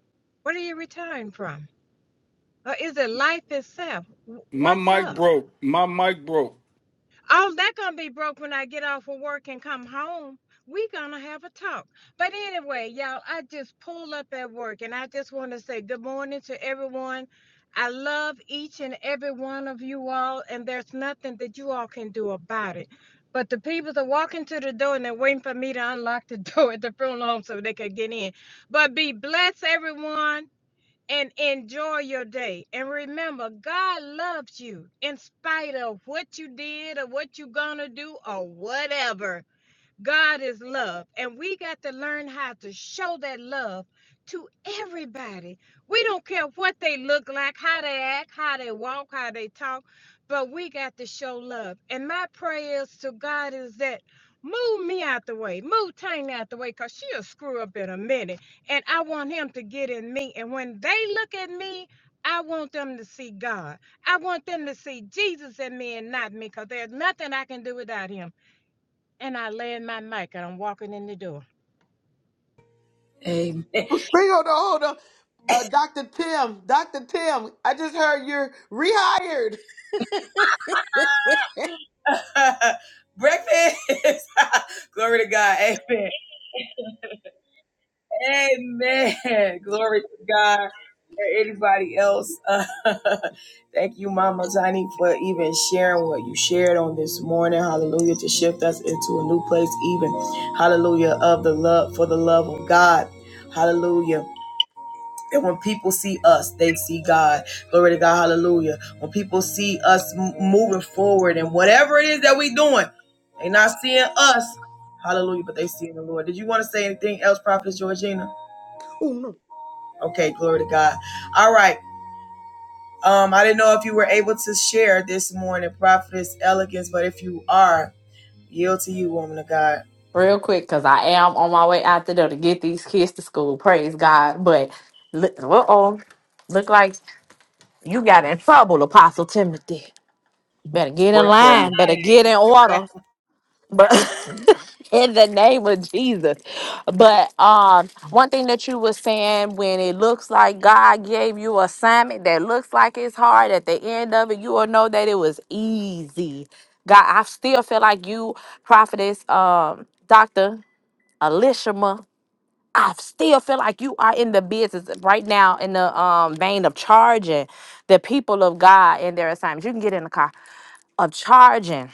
S6: What are you retiring from? Or is it life itself?
S5: My
S6: What's
S5: mic
S6: up?
S5: broke. My mic broke.
S6: I'm not gonna be broke when I get off of work and come home. We gonna have a talk. But anyway, y'all, I just pulled up at work and I just want to say good morning to everyone. I love each and every one of you all, and there's nothing that you all can do about it. But the people that walk into the door and they're waiting for me to unlock the door at the front home so they can get in. But be blessed, everyone and enjoy your day. And remember, God loves you in spite of what you did or what you're going to do or whatever. God is love, and we got to learn how to show that love to everybody. We don't care what they look like, how they act, how they walk, how they talk, but we got to show love. And my prayers to God is that move me out the way, move Tanya out the way, because she'll screw up in a minute. And I want him to get in me. And when they look at me, I want them to see God. I want them to see Jesus in me and not me, because there's nothing I can do without him. And I land my mic and I'm walking in the door.
S1: Hey,
S2: Bring on the hold on. Uh, Dr. Tim, Dr. Tim, I just heard you're rehired.
S1: Breakfast. Glory to God. Amen. Amen. Glory to God. Or anybody else. Uh, thank you, Mama Tiny, for even sharing what you shared on this morning. Hallelujah. To shift us into a new place, even. Hallelujah. Of the love, for the love of God. Hallelujah. That when people see us, they see God. Glory to God. Hallelujah. When people see us m- moving forward and whatever it is that we doing, they not seeing us. Hallelujah. But they seeing the Lord. Did you want to say anything else, Prophet Georgina? Okay. Glory to God. All right. Um, I didn't know if you were able to share this morning, Prophetess Elegance, but if you are, yield to you, woman of God.
S7: real quick because I am on my way out the door to get these kids to school. Praise God. But look, uh-oh, look like you got in trouble, Apostle Timothy. Better get in
S5: Pray for me.
S7: line.
S1: I
S7: Better
S1: ain't
S7: get
S1: get
S7: in
S1: your back.
S7: order. But in the name of Jesus. But um, one thing that you were saying when it looks like God gave you an assignment that looks like it's hard, at the end of it, you will know that it was easy. God, I still feel like you, prophetess, um, doctor. Elishama, I still feel like you are in the business right now in the um vein of charging the people of God in their assignments. You can get in the car of charging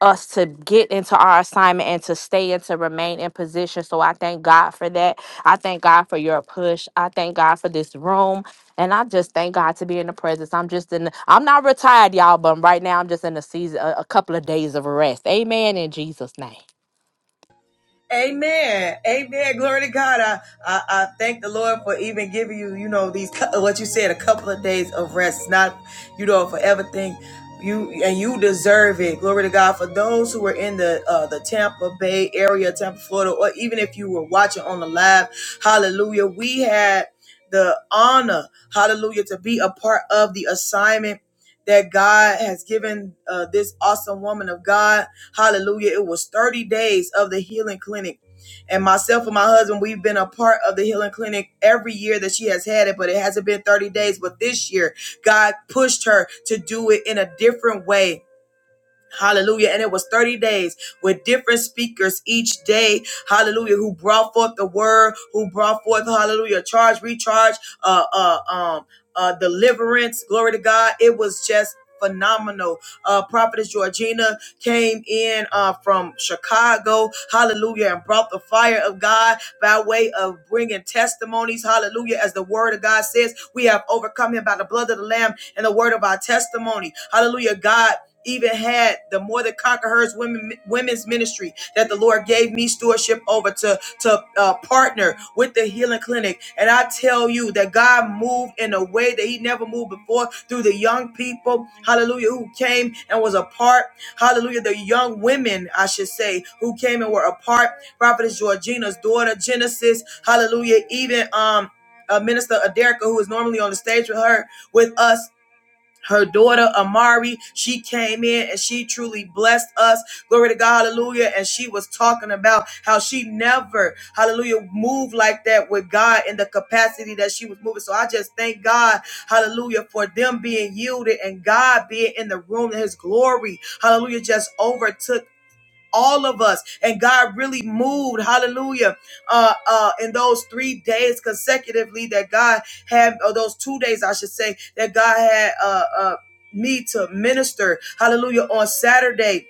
S7: us to get into our assignment and to stay and to remain in position. So I thank God for that. I thank God for your push. I thank God for this room. And I just thank God to be in the presence. I'm just in, the, I'm not retired, y'all, but right now I'm just in a season, a, a couple of days of rest. Amen in Jesus' name.
S1: Amen. Amen. Glory to God. I, I, I thank the Lord for even giving you, you know, these, what you said, a couple of days of rest, not, you know, for everything you, and you deserve it. Glory to God. For those who were in the, uh, the Tampa Bay area, Tampa, Florida, or even if you were watching on the live, hallelujah, we had the honor, hallelujah, to be a part of the assignment that God has given, uh, this awesome woman of God. Hallelujah. It was 30 days of the healing clinic. And myself and my husband, we've been a part of the healing clinic every year that she has had it, but it hasn't been 30 days. But this year, God pushed her to do it in a different way Hallelujah. And it was 30 days with different speakers each day. Hallelujah. Who brought forth the word, who brought forth, hallelujah, charge, recharge, uh, uh, um, uh, deliverance. Glory to God. It was just phenomenal. Uh, Prophetess Georgina came in, uh, from Chicago. Hallelujah. And brought the fire of God by way of bringing testimonies. Hallelujah. As the word of God says, we have overcome him by the blood of the lamb and the word of our testimony. Hallelujah. God even had the more than conquerors women women's ministry that the Lord gave me stewardship over to to uh, partner with the healing clinic. And I tell you that God moved in a way that He never moved before through the young people, Hallelujah, who came and was a part, Hallelujah, the young women I should say who came and were a part. Prophetess Georgina's daughter, Genesis, Hallelujah, even um. Uh, Minister Aderica, who is normally on the stage with her, with us, her daughter Amari, she came in and she truly blessed us. Glory to God, hallelujah. And she was talking about how she never, hallelujah, moved like that with God in the capacity that she was moving. So I just thank God, hallelujah, for them being yielded and God being in the room and his glory, hallelujah, just overtook all of us. And God really moved, hallelujah, uh, uh, in those three days consecutively that God had, or those two days, I should say, that God had uh, uh, me to minister, hallelujah, on Saturday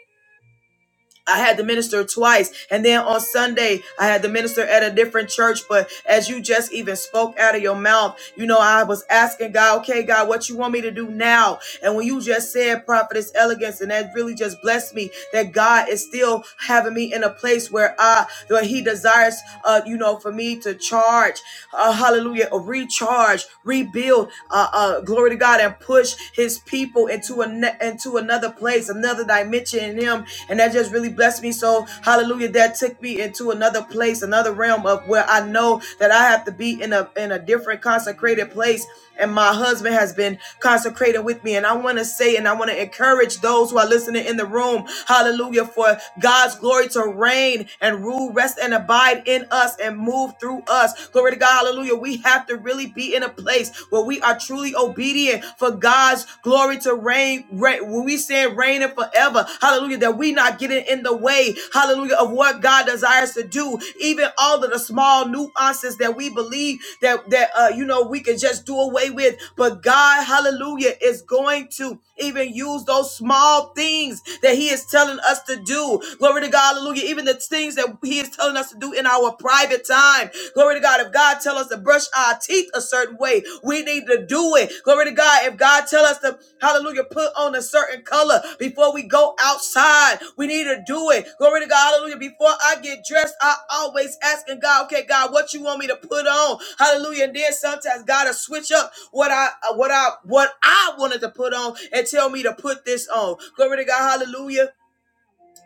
S1: I had the minister twice. And then on Sunday, I had the minister at a different church. But as you just even spoke out of your mouth, you know, I was asking God, okay, God, what you want me to do now? And when you just said prophetess elegance, and that really just blessed me that God is still having me in a place where I, where he desires, uh, you know, for me to charge, uh, hallelujah, uh, recharge, rebuild, uh, uh, glory to God and push his people people into an, into another place, another dimension in Him, and that just really blessed me. So Hallelujah, that took me into another place, another realm of where I know that I have to be in a in a different consecrated place. And my husband has been consecrated with me. And I want to say and I want to encourage those who are listening in the room, hallelujah, for God's glory to reign and rule, rest, and abide in us and move through us. Glory to God, hallelujah. We have to really be be in a place where we are truly obedient for God's glory to reign, reign where we stand reigning forever. Hallelujah. That we not getting in the way, hallelujah, of what God desires to do. Even all of the small nuances that we believe that that uh you know we can just do away with. But God, hallelujah, is going to even use those small things that He is telling us to do. Glory to God, hallelujah. Even the things that He is telling us to do do in our private time. Glory to God. If God tell us to brush our teeth a certain way, we need to do it. Glory to God. If God tell us to, hallelujah, put on a certain color before we go outside, we need to do it. Glory to God. Hallelujah. Before I get dressed, I always asking God, okay, God, what you want me to put on? Hallelujah. And then sometimes God will switch up what I what I what I wanted to put on and tell me to put this on. Glory to God. Hallelujah.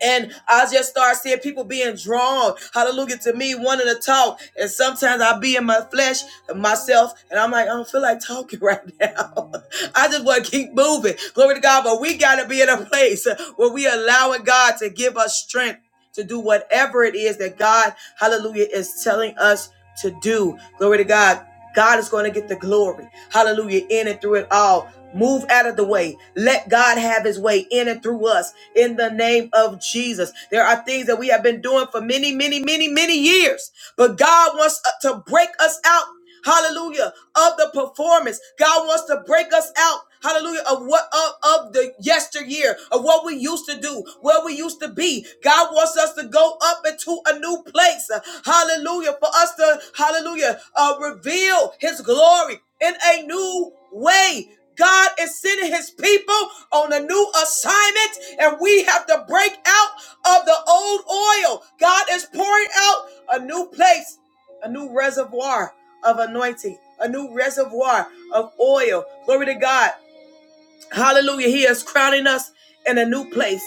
S1: And I just start seeing people being drawn, hallelujah, to me wanting to talk. And sometimes I be in my flesh, myself, and I'm like, I don't feel like talking right now. I just want to keep moving. Glory to God. But we got to be in a place where we allowing God to give us strength to do whatever it is that God, hallelujah, is telling us to do. Glory to God. God is going to get the glory. Hallelujah. In and through it all. Move out of the way. Let God have his way in and through us in the name of Jesus. There are things that we have been doing for many, many, many, many years, but God wants uh, to break us out hallelujah, of the performance. God wants to break us out, hallelujah, of what of, of the yesteryear, of what we used to do, where we used to be. God wants us to go up into a new place, hallelujah, for us to, hallelujah, uh, reveal his glory in a new way. God is sending his people on a new assignment, and we have to break out of the old oil. God is pouring out a new place a new reservoir of anointing, a new reservoir of oil. Glory to God. Hallelujah. He is crowning us in a new place.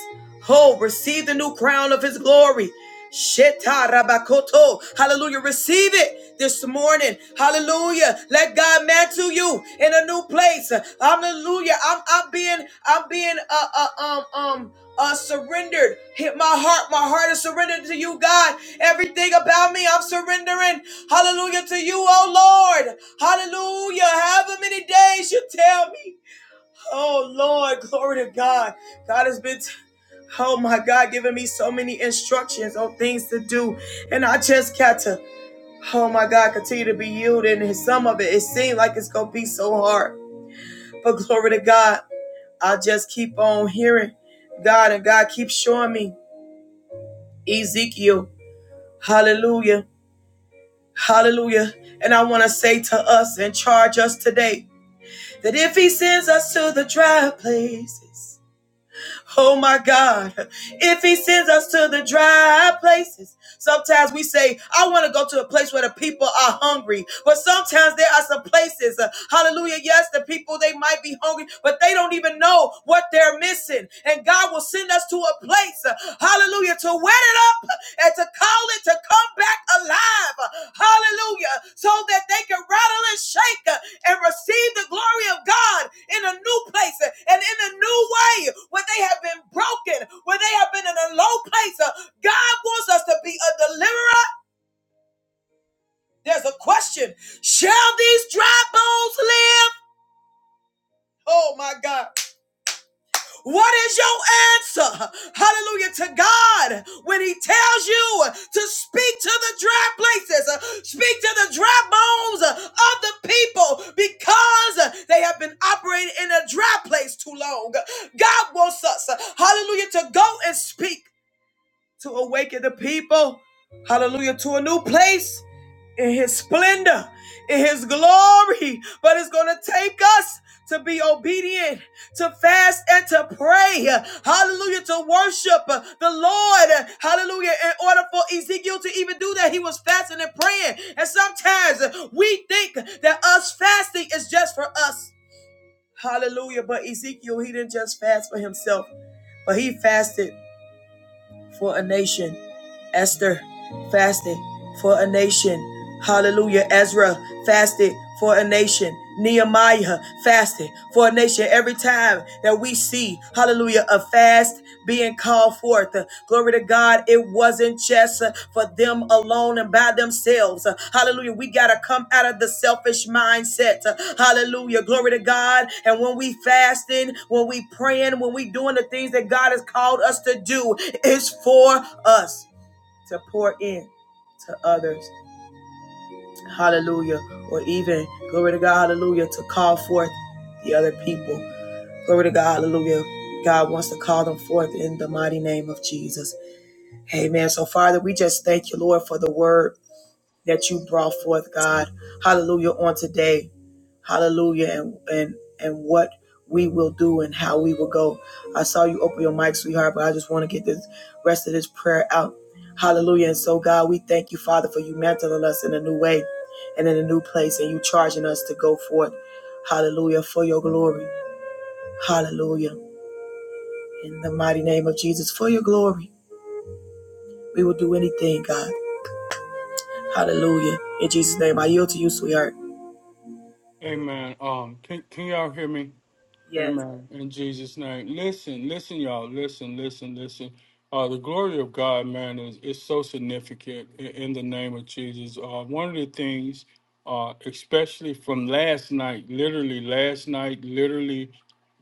S1: Oh, receive the new crown of his glory. Sheta rabakoto. Hallelujah. Receive it this morning. Hallelujah. Let God mantle you in a new place. Hallelujah. I'm, I'm being, I'm being, uh, uh, um, um, uh, surrendered. Hit my heart. My heart is surrendered to you, God. Everything about me, I'm surrendering. Hallelujah to you, oh Lord. Hallelujah. However many days you tell me. Oh Lord, glory to God. God has been, t- oh my God, giving me so many instructions on things to do. And I just got to, oh my God, continue to be yielding. And some of it, it seemed like it's going to be so hard. But glory to God, I just keep on hearing God and God keeps showing me Ezekiel. Hallelujah. Hallelujah. And I want to say to us and charge us today that if he sends us to the dry places, Oh my God. If he sends us to the dry places, sometimes we say, I want to go to a place where the people are hungry. But sometimes there are some places, uh, hallelujah, yes, the people, they might be hungry, but they don't even know what they're missing. And God will send us to a place, uh, hallelujah, to wet it up and to call it to come back alive. Hallelujah. So that they can rattle and shake and receive the glory of God in a new place and in a new way where they have been broken, where they have been in a low place. God wants us to be a deliverer. There's a question Shall these dry bones live? Oh my God. What is your answer? Hallelujah to God when He tells you to speak to the dry places, uh, speak to the dry bones uh, of the people because uh, they have been operating in a dry place too long. God wants us, uh, hallelujah, to go and speak to awaken the people, hallelujah, to a new place in his splendor, in his glory. But it's going to take us to be obedient, to fast and to pray. Hallelujah. To worship the Lord. Hallelujah. In order for Ezekiel to even do that, he was fasting and praying. And sometimes we think that us fasting is just for us. Hallelujah. But Ezekiel, he didn't just fast for himself, but he fasted for a nation. Esther fasted for a nation. Hallelujah. Ezra fasted for a nation. Nehemiah fasted for a nation. Every time that we see, hallelujah, a fast being called forth, uh, glory to God, it wasn't just uh, for them alone and by themselves. Uh, Hallelujah. We got to come out of the selfish mindset. Uh, Hallelujah. Glory to God. And when we fasting, when we praying, when we doing the things that God has called us to do, it's for us to pour in to others. Hallelujah. Or even, glory to God, hallelujah, to call forth the other people. Glory to God, hallelujah. God wants to call them forth in the mighty name of Jesus. Amen. So, Father, we just thank you, Lord, for the word that you brought forth, God. Hallelujah, on today. Hallelujah. And, and, and what we will do and how we will go. I saw you open your mic, sweetheart, but I just want to get this rest of this prayer out. Hallelujah. And so, God, we thank you, Father, for you mantling us in a new way and in a new place and you charging us to go forth. Hallelujah. For your glory. Hallelujah. In the mighty name of Jesus, for your glory, we will do anything, God. Hallelujah. In Jesus' name, I yield to you, sweetheart.
S5: Amen. Um, can can y'all hear me?
S1: Yes.
S5: Amen. In Jesus' name. Listen, listen, y'all. Listen, listen, listen. Uh, the glory of God, man, is is so significant in, in the name of Jesus. Uh, one of the things, uh, especially from last night, literally last night, literally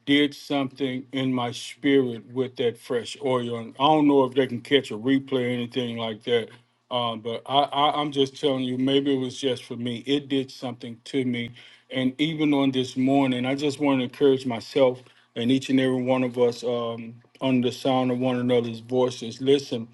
S5: did something in my spirit with that fresh oil. And I don't know if they can catch a replay or anything like that. Um, but I, I, I'm just telling you, maybe it was just for me. It did something to me. And even on this morning, I just want to encourage myself and each and every one of us um, under the sound of one another's voices. Listen,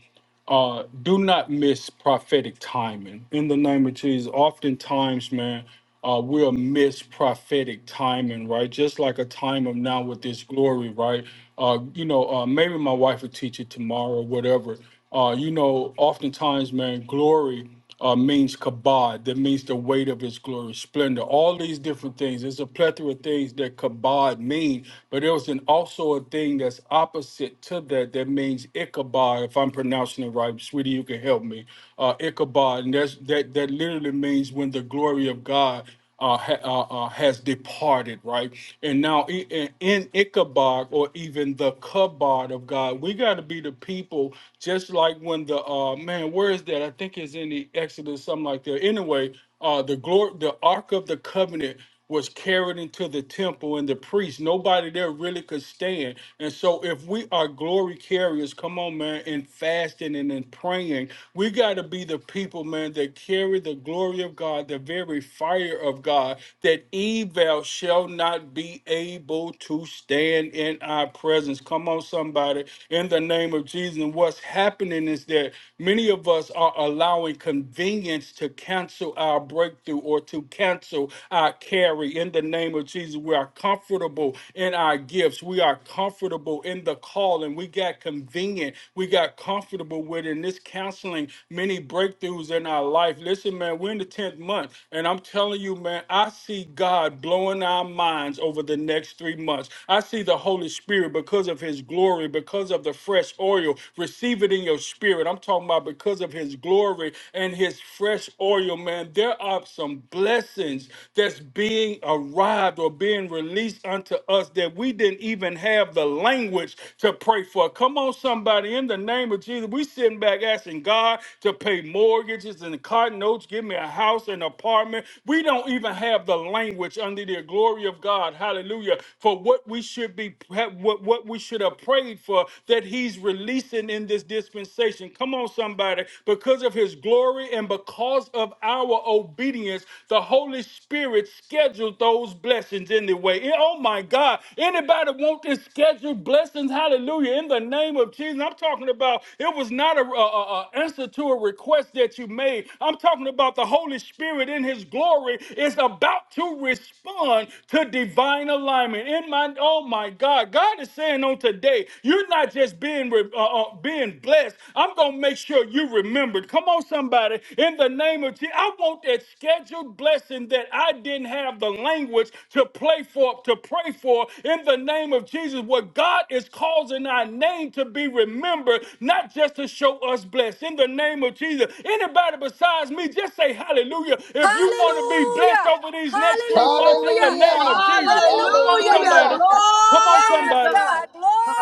S5: uh do not miss prophetic timing in the name of jesus oftentimes man uh we'll miss prophetic timing right just like a time of now with this glory right uh you know uh maybe my wife will teach it tomorrow whatever uh you know oftentimes man glory uh, means kabod, that means the weight of his glory, splendor, all these different things. There's a plethora of things that kabod mean, but there's an also a thing that's opposite to that that means Ichabod, if I'm pronouncing it right. Sweetie, you can help me. Uh, Ichabod, and that's that that literally means when the glory of God uh, ha, uh, uh, has departed, right? And now in, in Ichabod or even the Kabod of God, we got to be the people, just like when the uh, man, where is that? I think it's in the Exodus, something like that. Anyway, uh, the glory, the Ark of the Covenant was carried into the temple and the priest nobody there really could stand and so if we are glory carriers come on man in fasting and in praying we got to be the people man that carry the glory of god the very fire of god that evil shall not be able to stand in our presence come on somebody in the name of jesus and what's happening is that many of us are allowing convenience to cancel our breakthrough breakthrough or to cancel our carry in the name of Jesus. We are comfortable in our gifts. We are comfortable in the calling. We got convenient. We got comfortable with in this counseling many breakthroughs in our life. Listen, man, we're in the 10th month, and I'm telling you, man, I see God blowing our minds over the next three months. I see the Holy Spirit because of his glory, because of the fresh oil. Receive it in your spirit. I'm talking about because of his glory and and his fresh oil, man, there are some blessings that's being arrived or being released unto us that we didn't even have the language to pray for. Come on, somebody, in the name of Jesus, we sitting back asking God to pay mortgages and car notes, give me a house and apartment. We don't even have the language under the glory of God, hallelujah, for what we should be, what, what we should have prayed for that he's releasing in this dispensation. Come Come on, somebody. Because of his glory and because of our obedience, the Holy Spirit scheduled those blessings anyway. Eh, Oh my God. Anybody want this scheduled blessings? Hallelujah. In the name of Jesus. I'm talking about it was not a, a, a a answer to a request that you made. I'm talking about the Holy Spirit in his glory is about to respond to divine alignment. In my oh my God. God is saying on today, you're not just being being uh, uh, being blessed. I'm gonna make sure you remembered. Come on, somebody. In the name of Jesus, I want that scheduled blessing that I didn't have the language to play for, to pray for. In the name of Jesus, what God is causing our name to be remembered, not just to show us blessed. In the name of Jesus, anybody besides me, just say Hallelujah. If you want to be blessed
S4: Hallelujah!
S5: over these next three months, in the
S4: Hallelujah!
S5: name of
S2: Hallelujah.
S5: Jesus, come on,
S4: Hallelujah,
S1: Hallelujah,
S5: somebody.
S2: Hallelujah.
S4: God!
S5: Come on,
S1: glory
S4: Yes,
S1: to
S5: somebody.
S1: God.
S4: God!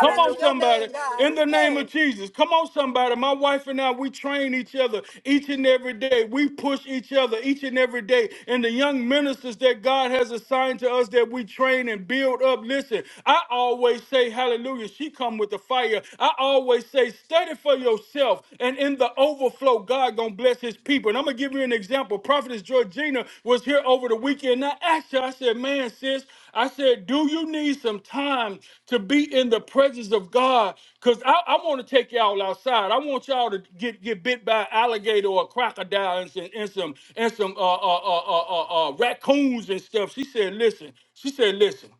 S5: Come
S4: to
S5: on,
S4: your
S5: somebody.
S4: name, God!
S5: In the name of Jesus. Come on, somebody. My wife and I, we train each other each and every day. We push each other each and every day. And the young ministers that God has assigned to us that we train and build up. Listen, I always say, hallelujah, she come with the fire. I always say, study for yourself. And in the overflow, God going to bless his people. And I'm going to give you an example. Prophetess Georgina was here over the weekend. And I asked her, I said, man, sis, I said, Do you need some time to be in the presence of God? Because I, I want to take y'all outside. I want y'all to get, get bit by an alligator or a crocodile and some and some, and some uh, uh, uh, uh, uh, uh, raccoons and stuff. She said, Listen, she said, Listen.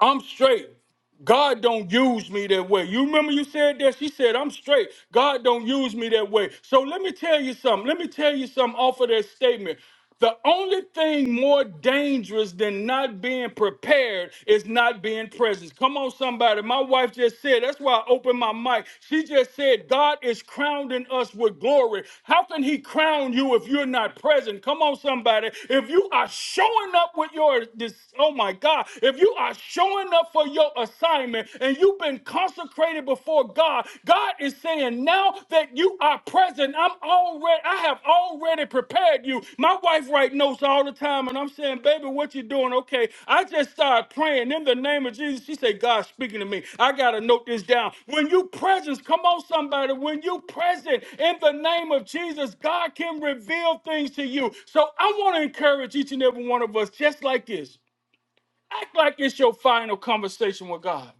S5: I'm straight. God don't use me that way. You remember you said that? She said, I'm straight. God don't use me that way. So let me tell you something. Let me tell you something off of that statement. The only thing more dangerous than not being prepared is not being present. Come on, somebody. My wife just said, that's why I opened my mic. She just said, God is crowning us with glory. How can He crown you if you're not present? Come on, somebody. If you are showing up with your, this, oh my God, if you are are showing up for your assignment and you've been consecrated before God, God is saying, now that you are present, I'm already, I have already prepared you. My wife writes notes all the time, and I'm saying, baby, what you doing? Okay. I just started praying in the name of Jesus. She said, God speaking to me. I gotta note this down. When you presence, come on, somebody. When you present in the name of Jesus, God can reveal things to you. So I want to encourage each and every one of us, just like this. Act like it's your final conversation with God.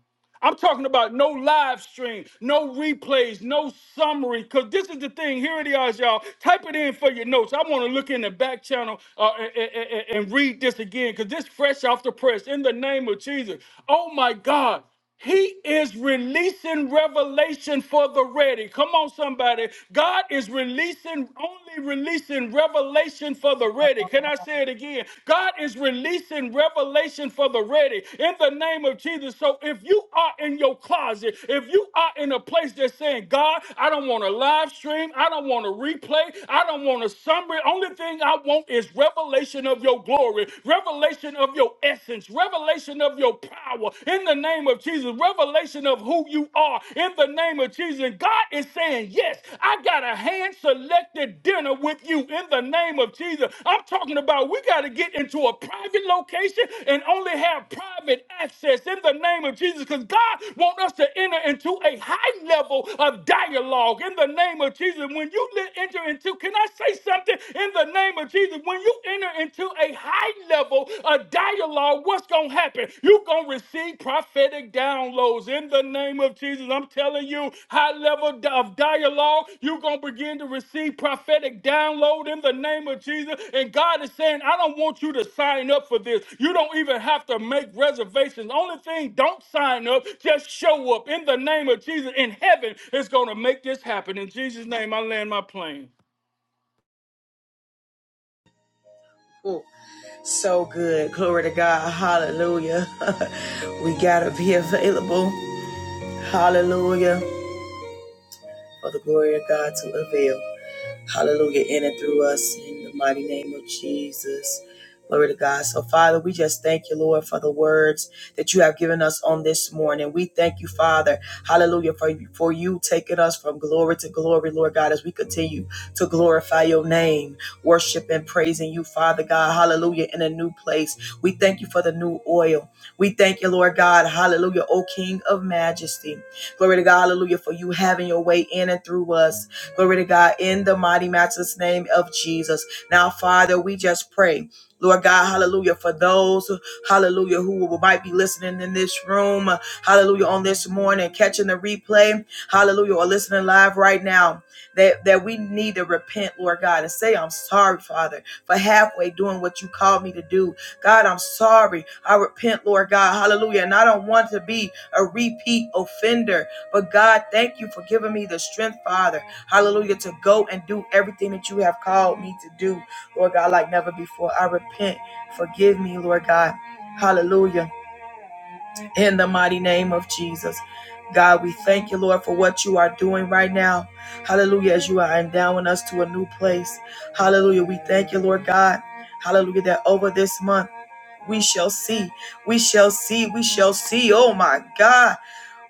S5: I'm talking about no live stream, no replays, no summary, because this is the thing. Here it is, y'all. Type it in for your notes. I want to look in the back channel uh, and, and and read this again, because this fresh off the press. In the name of Jesus. Oh my God. He is releasing revelation for the ready. Come on, somebody. God is releasing, only releasing revelation for the ready. Can can I say it again? God is releasing revelation for the ready in the name of Jesus. So if you are in your closet, if you are in a place that's saying, God, I don't want to live stream, I don't want to replay, I don't want to summary. Only thing I want is revelation of your glory, revelation of your essence, revelation of your power in the name of Jesus, revelation of who you are in the name of Jesus. And God is saying, Yes, I got a hand selected dinner with you in the name of Jesus. I'm talking about we got to get into a private location and only have private access in the name of Jesus because God wants us to enter into a high level of dialogue in the name of Jesus. When you li- enter into, can I say something in the name of Jesus? When you enter into a high level of dialogue, What's going to happen? You're going to receive prophetic downloads in the name of Jesus. I'm telling you, high level of dialogue, you're going to begin to receive prophetic download in the name of Jesus. And God is saying, I don't want you to sign up for this. You don't even have to make reservations. Only thing, don't sign up. Just show up in the name of Jesus. And heaven is going to make this happen. In Jesus' name, I land my plane.
S1: Ooh, So good. Glory to God. Hallelujah. we got to be available. Hallelujah. For the glory of God to avail. Hallelujah. In and through us in the mighty name of Jesus. Glory to God. So, Father, we just thank you, Lord, for the words that you have given us on this morning. We thank you, Father. Hallelujah. For, for you taking us from glory to glory, Lord God, as we continue to glorify your name, worship and praising you, Father God. Hallelujah. In a new place. We thank you for the new oil. We thank you, Lord God. Hallelujah. O King of majesty. Glory to God. Hallelujah. For you having your way in and through us. Glory to God in the mighty matchless name of Jesus. Now, Father, we just pray. Lord God, hallelujah, for those, hallelujah, who might be listening in this room, hallelujah, on this morning, catching the replay, hallelujah, or listening live right now, that, that we need to repent, Lord God, and say, I'm sorry, Father, for halfway doing what you called me to do. God, I'm sorry. I repent, Lord God, hallelujah, and I don't want to be a repeat offender, but God, thank you for giving me the strength, Father. Hallelujah. To go and do everything that you have called me to do, Lord God, like never before. I repent. Forgive me, Lord God. Hallelujah. In the mighty name of Jesus. God, we thank you, Lord, for what you are doing right now. Hallelujah. As you are endowing us to a new place. Hallelujah. We thank you, Lord God. Hallelujah. That over this month, we shall see. We shall see. We shall see. Oh my God.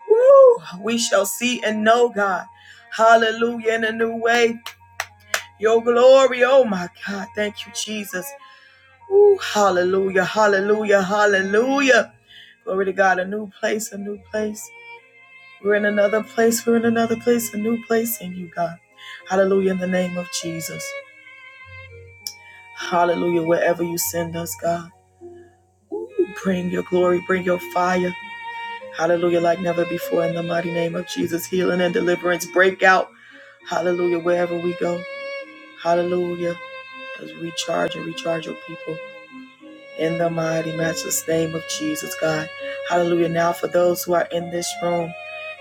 S1: Woo. We shall see and know God. Hallelujah. In a new way. Your glory, oh my God. Thank you, Jesus. Ooh, hallelujah, hallelujah, hallelujah. Glory to God. A new place, a new place. We're in another place. We're in another place, a new place in you, God. Hallelujah, in the name of Jesus. Hallelujah, wherever you send us, God. Bring your glory, bring your fire. Hallelujah, like never before, in the mighty name of Jesus. Healing and deliverance, break out. Hallelujah, wherever we go. Hallelujah. As we recharge and recharge your people. in the mighty, matchless name of Jesus, God. Hallelujah. Now, for those who are in this room,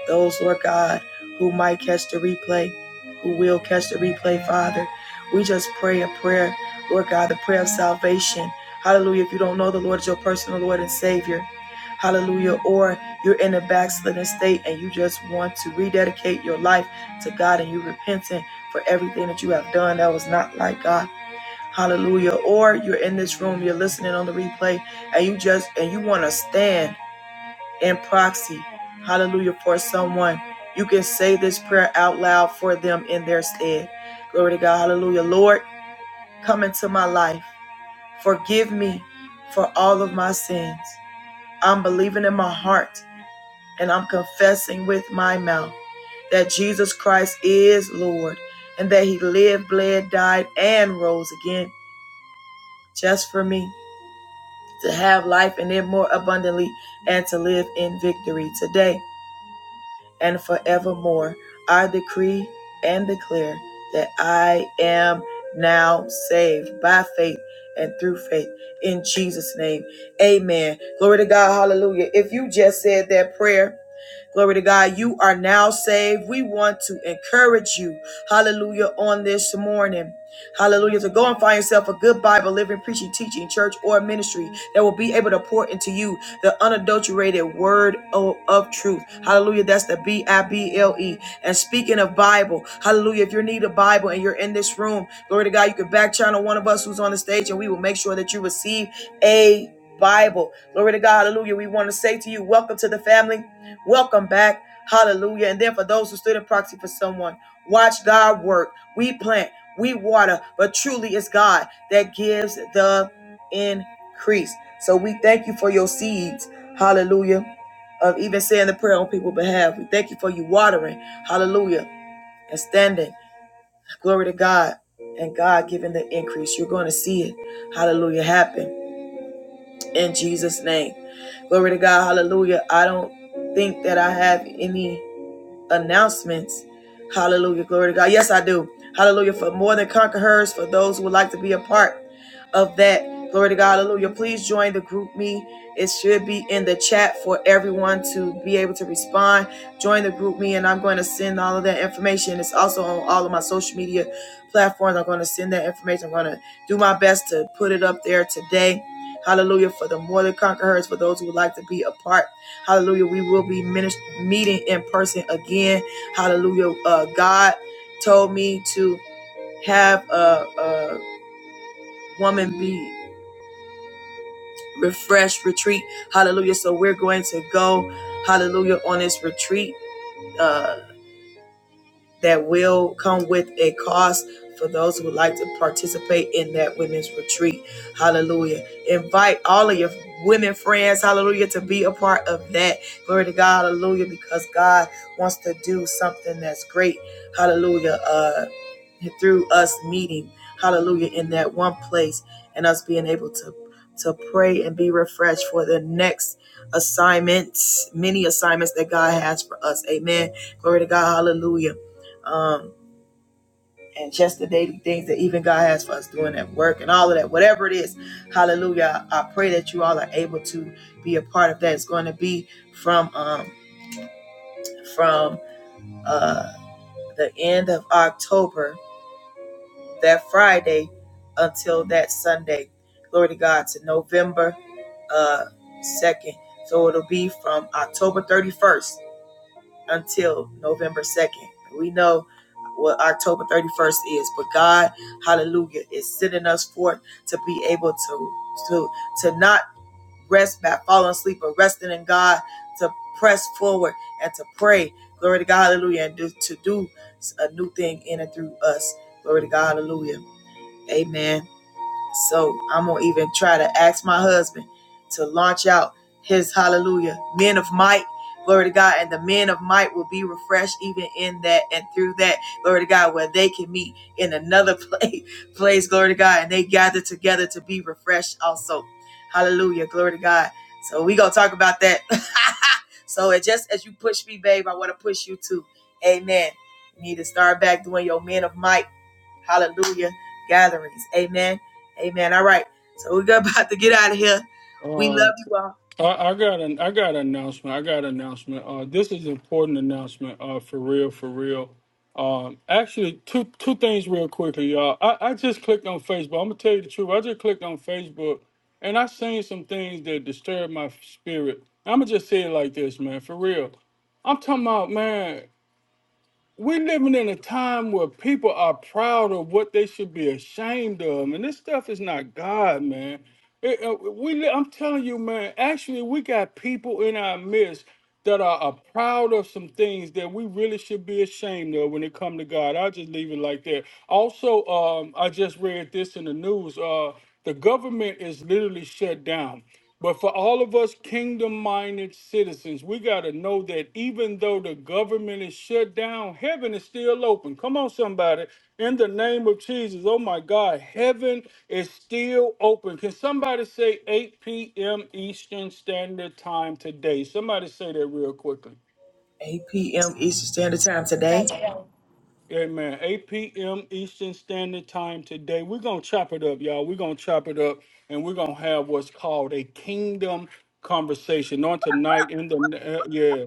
S1: those, Lord God, who might catch the replay, who will catch the replay, Father, we just pray a prayer, Lord God, the prayer of salvation. Hallelujah. If you don't know the Lord as your personal Lord and Savior, Hallelujah. Or you're in a backslidden state and you just want to rededicate your life to God and you're repentant for everything that you have done that was not like God. Hallelujah. Or you're in this room, you're listening on the replay, and you just and you want to stand in proxy. Hallelujah for someone. You can say this prayer out loud for them in their stead. Glory to God. Hallelujah. Lord, come into my life. Forgive me for all of my sins. I'm believing in my heart and I'm confessing with my mouth that Jesus Christ is Lord and that he lived, bled, died, and rose again just for me. to have life in it more abundantly, and to live in victory today and forevermore. I decree and declare that I am now saved by faith and through faith in Jesus' name. Amen. Glory to God. Hallelujah. If you just said that prayer, Glory to God. You are now saved. We want to encourage you. Hallelujah. On this morning. Hallelujah. So go and find yourself a good Bible, living, preaching, teaching, church, or ministry that will be able to pour into you the unadulterated word o- of truth. Hallelujah. That's the B I B L E. And speaking of Bible, hallelujah. If you need a Bible and you're in this room, glory to God, you can back channel one of us who's on the stage and we will make sure that you receive a Bible. Glory to God. Hallelujah. We want to say to you, welcome to the family. Welcome back. Hallelujah. And then for those who stood in proxy for someone, watch thy work. We plant, we water, but truly it's God that gives the increase. So we thank you for your seeds. Hallelujah. Of even saying the prayer on people's behalf. We thank you for you watering. Hallelujah. And standing. Glory to God. And God giving the increase. You're going to see it. Hallelujah. Happen in Jesus' name. Glory to God. Hallelujah. I don't think that I have any announcements. Hallelujah. Glory to God. Yes, I do. Hallelujah. For more than conquerors, for those who would like to be a part of that. Glory to God. Hallelujah. Please join the group me. It should be in the chat for everyone to be able to respond. Join the group me, and I'm going to send all of that information. It's also on all of my social media platforms. I'm going to send that information. I'm going to do my best to put it up there today. Hallelujah. For the more than conquerors, for those who would like to be a part Hallelujah. We will be minister- meeting in person again. Hallelujah. Uh, God told me to have a, a woman be refreshed retreat. Hallelujah. So we're going to go, hallelujah, on this retreat. Uh, that will come with a cost for those who would like to participate in that women's retreat. Hallelujah. Invite all of your women friends, hallelujah, to be a part of that. Glory to God, hallelujah, because God wants to do something that's great. Hallelujah. Uh through us meeting, hallelujah, in that one place and us being able to to pray and be refreshed for the next assignments, many assignments that God has for us. Amen. Glory to God. Hallelujah um, and just the daily things that even God has for us doing at work and all of that, whatever it is. Hallelujah. I I pray that you all are able to be a part of that. It's going to be from um, from uh, the end of October, that Friday, until that Sunday. Glory to God to November uh, 2nd. So it'll be from October 31st until November 2nd. We know what October 31st is, but God, hallelujah, is sending us forth to be able to to to not rest by falling asleep, but resting in God to press forward and to pray. Glory to God, hallelujah, and do, to do a new thing in and through us. Glory to God, hallelujah. Amen. So I'm gonna even try to ask my husband to launch out his hallelujah, men of might. Glory to God, and the men of might will be refreshed even in that and through that. Glory to God, where they can meet in another place, place. Glory to God, and they gather together to be refreshed also. Hallelujah, glory to God. So we gonna talk about that. so it just as you push me, babe, I want to push you too. Amen. You need to start back doing your men of might Hallelujah. Gatherings. Amen. Amen. All right. So we're about to get out of here. We love
S5: Uh,
S1: you all.
S5: I, I got an I got an announcement. I got an announcement. Uh, this is an important announcement. Uh, for real, for real. Um, actually, two two things real quickly, y'all. I, I just clicked on Facebook. I'm gonna tell you the truth. I just clicked on Facebook, and I seen some things that disturbed my spirit. I'm gonna just say it like this, man. For real, I'm talking about man we're living in a time where people are proud of what they should be ashamed of, and this stuff is not God, man. It- uh, we, li- I'm telling you, man. Actually, we got people in our midst that are, are proud of some things that we really should be ashamed of when it come to God. I'll just leave it like that. Also, um, I just read this in the news. Uh, the government is literally shut down. But for all of us kingdom minded citizens, we got to know that even though the government is shut down, heaven is still open. Come on, somebody. In the name of Jesus, oh my God, heaven is still open. Can somebody say 8 p.m. Eastern Standard Time today? Somebody say that real quickly.
S1: 8 p.m. Eastern Standard Time today.
S4: Yes!
S5: Amen. 8 p.m. Eastern Standard Time today. We're going to chop it up, y'all. We're going to chop it up and we're going to have what's called a kingdom conversation on tonight in the, uh, yeah,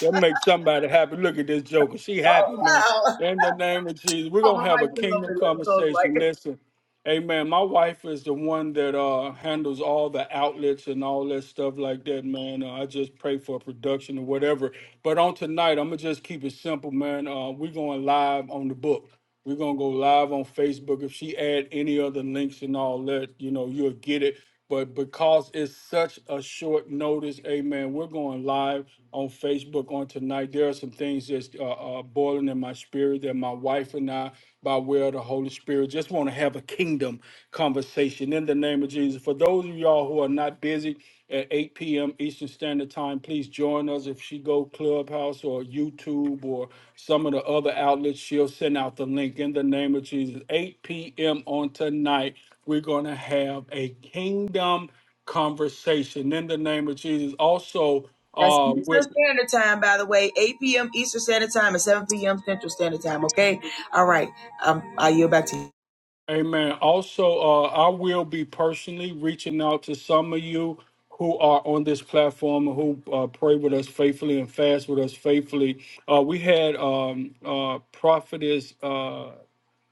S5: that makes somebody happy. Look at this joker. She happy, man.
S1: Oh, wow.
S5: In the name of Jesus, we're
S1: Oh, my
S5: going to have a
S1: mic's still
S5: kingdom
S1: open. Let's go.
S5: conversation.
S1: Like,
S5: Listen. Amen. My wife is the one that uh, handles all the outlets and all that stuff like that, man. Uh, I just pray for production or whatever. But on tonight, I'm gonna just keep it simple, man. Uh, we're going live on the book. We're gonna go live on Facebook. If she add any other links and all that, you know, you'll get it. But because it's such a short notice, amen, we're going live on Facebook on tonight. There are some things that's uh, uh, boiling in my spirit that my wife and I by way of the Holy Spirit. Just want to have a kingdom conversation in the name of Jesus. For those of y'all who are not busy at 8 p.m. Eastern Standard Time, please join us. If she go Clubhouse or YouTube or some of the other outlets, she'll send out the link in the name of Jesus. 8 p.m. on tonight, we're going to have a kingdom conversation in the name of Jesus. Also,
S1: that's
S5: uh, we're,
S1: Eastern Standard Time, by the way. 8 p.m. Eastern Standard Time and 7 p.m. Central Standard Time, okay? All right. Um, I yield back to you.
S5: Amen. Also, uh, I will be personally reaching out to some of you who are on this platform and who uh, pray with us faithfully and fast with us faithfully. Uh, we had um, uh, prophetess. Uh,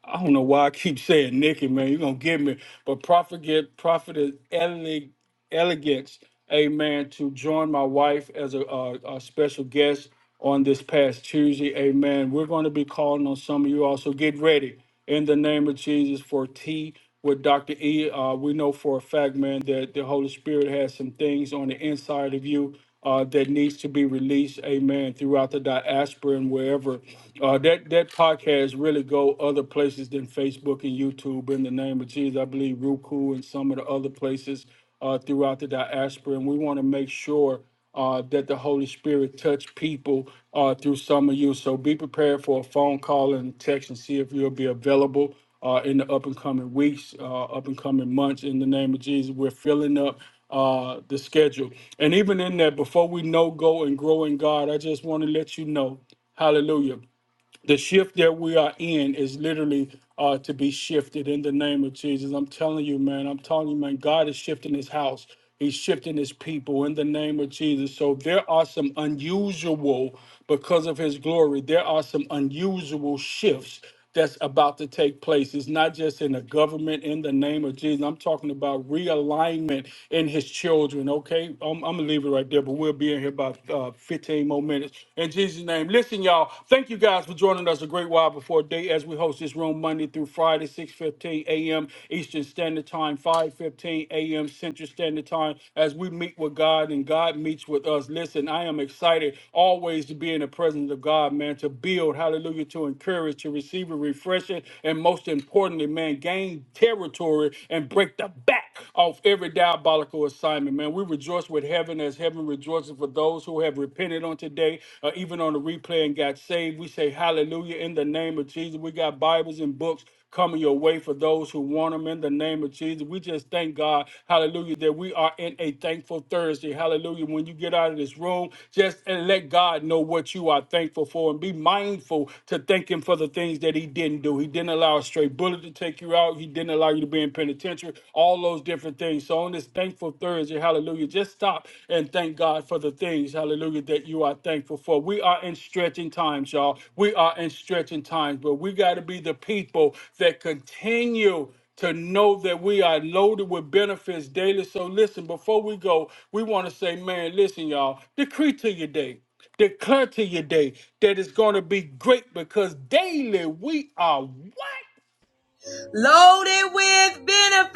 S5: I don't know why I keep saying Nikki, man. You're gonna get me, but prophet, get prophetess Ellie elegance, amen, to join my wife as a, uh a special guest on this past Tuesday, amen. We're going to be calling on some of you also. Get ready in the name of Jesus for tea with Dr. E. Uh, we know for a fact, man, that the Holy Spirit has some things on the inside of you uh, that needs to be released, amen, throughout the diaspora and wherever. Uh, that that podcast really go other places than Facebook and YouTube in the name of Jesus. I believe Roku and some of the other places uh, throughout the diaspora, and we want to make sure uh, that the Holy Spirit touch people uh, through some of you. So be prepared for a phone call and text and see if you'll be available uh, in the up and coming weeks, uh, up and coming months. In the name of Jesus, we're filling up uh, the schedule. And even in that, before we know, go and grow in God, I just want to let you know, hallelujah the shift that we are in is literally uh, to be shifted in the name of Jesus. I'm telling you, man. I'm telling you, man. God is shifting His house. He's shifting His people in the name of Jesus. So there are some unusual, because of His glory, there are some unusual shifts that's about to take place. It's not just in the government in the name of Jesus. I'm talking about realignment in his children, okay? I'm, I'm going to leave it right there, but we'll be in here about uh, 15 more minutes. In Jesus' name, listen, y'all, thank you guys for joining us a great while before day as we host this room Monday through Friday, 6.15 a.m. Eastern Standard Time, 5.15 a.m. Central Standard Time as we meet with God. God and God meets with us. Listen, I am excited always to be in the presence of God, man, to build, hallelujah, to encourage, to receive a refreshing, and most importantly, man, gain territory and break the back off every diabolical assignment, man. We rejoice with heaven as heaven rejoices for those who have repented on today, uh, even on the replay and got saved. We say hallelujah in the name of Jesus. We got Bibles and books coming your way for those who want them in the name of Jesus. We just thank God, hallelujah, that we are in a thankful Thursday. Hallelujah. When you get out of this room, just and let God know what you are thankful for and be mindful to thank Him for the things that He didn't do. He didn't allow a stray bullet to take you out, He didn't allow you to be in penitentiary, all those different things. So on this thankful Thursday, hallelujah, just stop and thank God. God, for the things, hallelujah, that you are thankful for. We are in stretching times, y'all. We are in stretching times, but we got to be the people that continue to know that we are loaded with benefits daily. So listen, before we go, we want to say, man, listen, y'all, decree to your day. Declare to your day that it's going to be great because daily we are what?
S1: Loaded with benefits.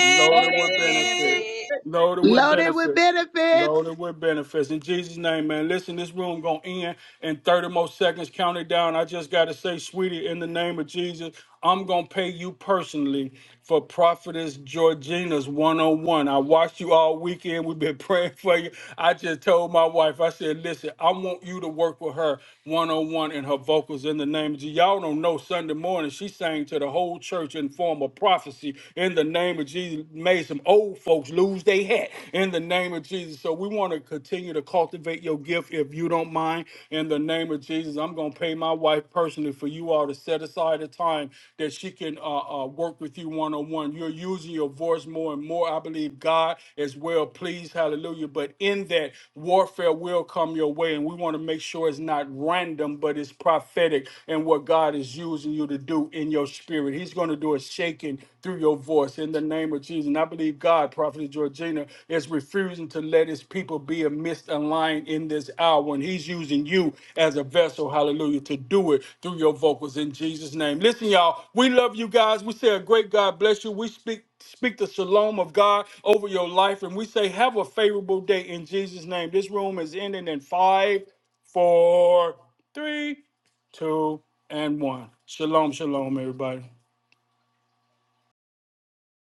S5: Loaded
S7: Loaded
S5: with
S7: with
S5: benefit.
S7: benefits.
S5: Loaded with
S2: Loaded with
S5: benefit.
S2: benefits.
S5: Loaded with benefits. In Jesus' name, man. Listen, this room gonna end in 30 more seconds. Count it down. I just gotta say, sweetie, in the name of Jesus, I'm gonna pay you personally for Prophetess Georgina's 101. I watched you all weekend. We've been praying for you. I just told my wife, I said, listen, I want you to work with her 101 and her vocals in the name of Jesus. Y'all don't know Sunday morning. She sang to the whole church in form of prophecy in the name name of Jesus, made some old folks lose their hat in the name of Jesus. So we want to continue to cultivate your gift if you don't mind. In the name of Jesus, I'm going to pay my wife personally for you all to set aside a time that she can uh, uh, work with you one on one. You're using your voice more and more. I believe God is well pleased. Hallelujah. But in that, warfare will come your way. And we want to make sure it's not random, but it's prophetic and what God is using you to do in your spirit. He's going to do a shaking through your voice in the name of Jesus. And I believe God, Prophet Georgina, is refusing to let his people be a misaligned in this hour. And he's using you as a vessel, hallelujah, to do it through your vocals in Jesus' name. Listen, y'all, we love you guys. We say a great God bless you. We speak speak the shalom of God over your life. And we say, have a favorable day in Jesus' name. This room is ending in five, four, three, two, and one. Shalom, shalom, everybody.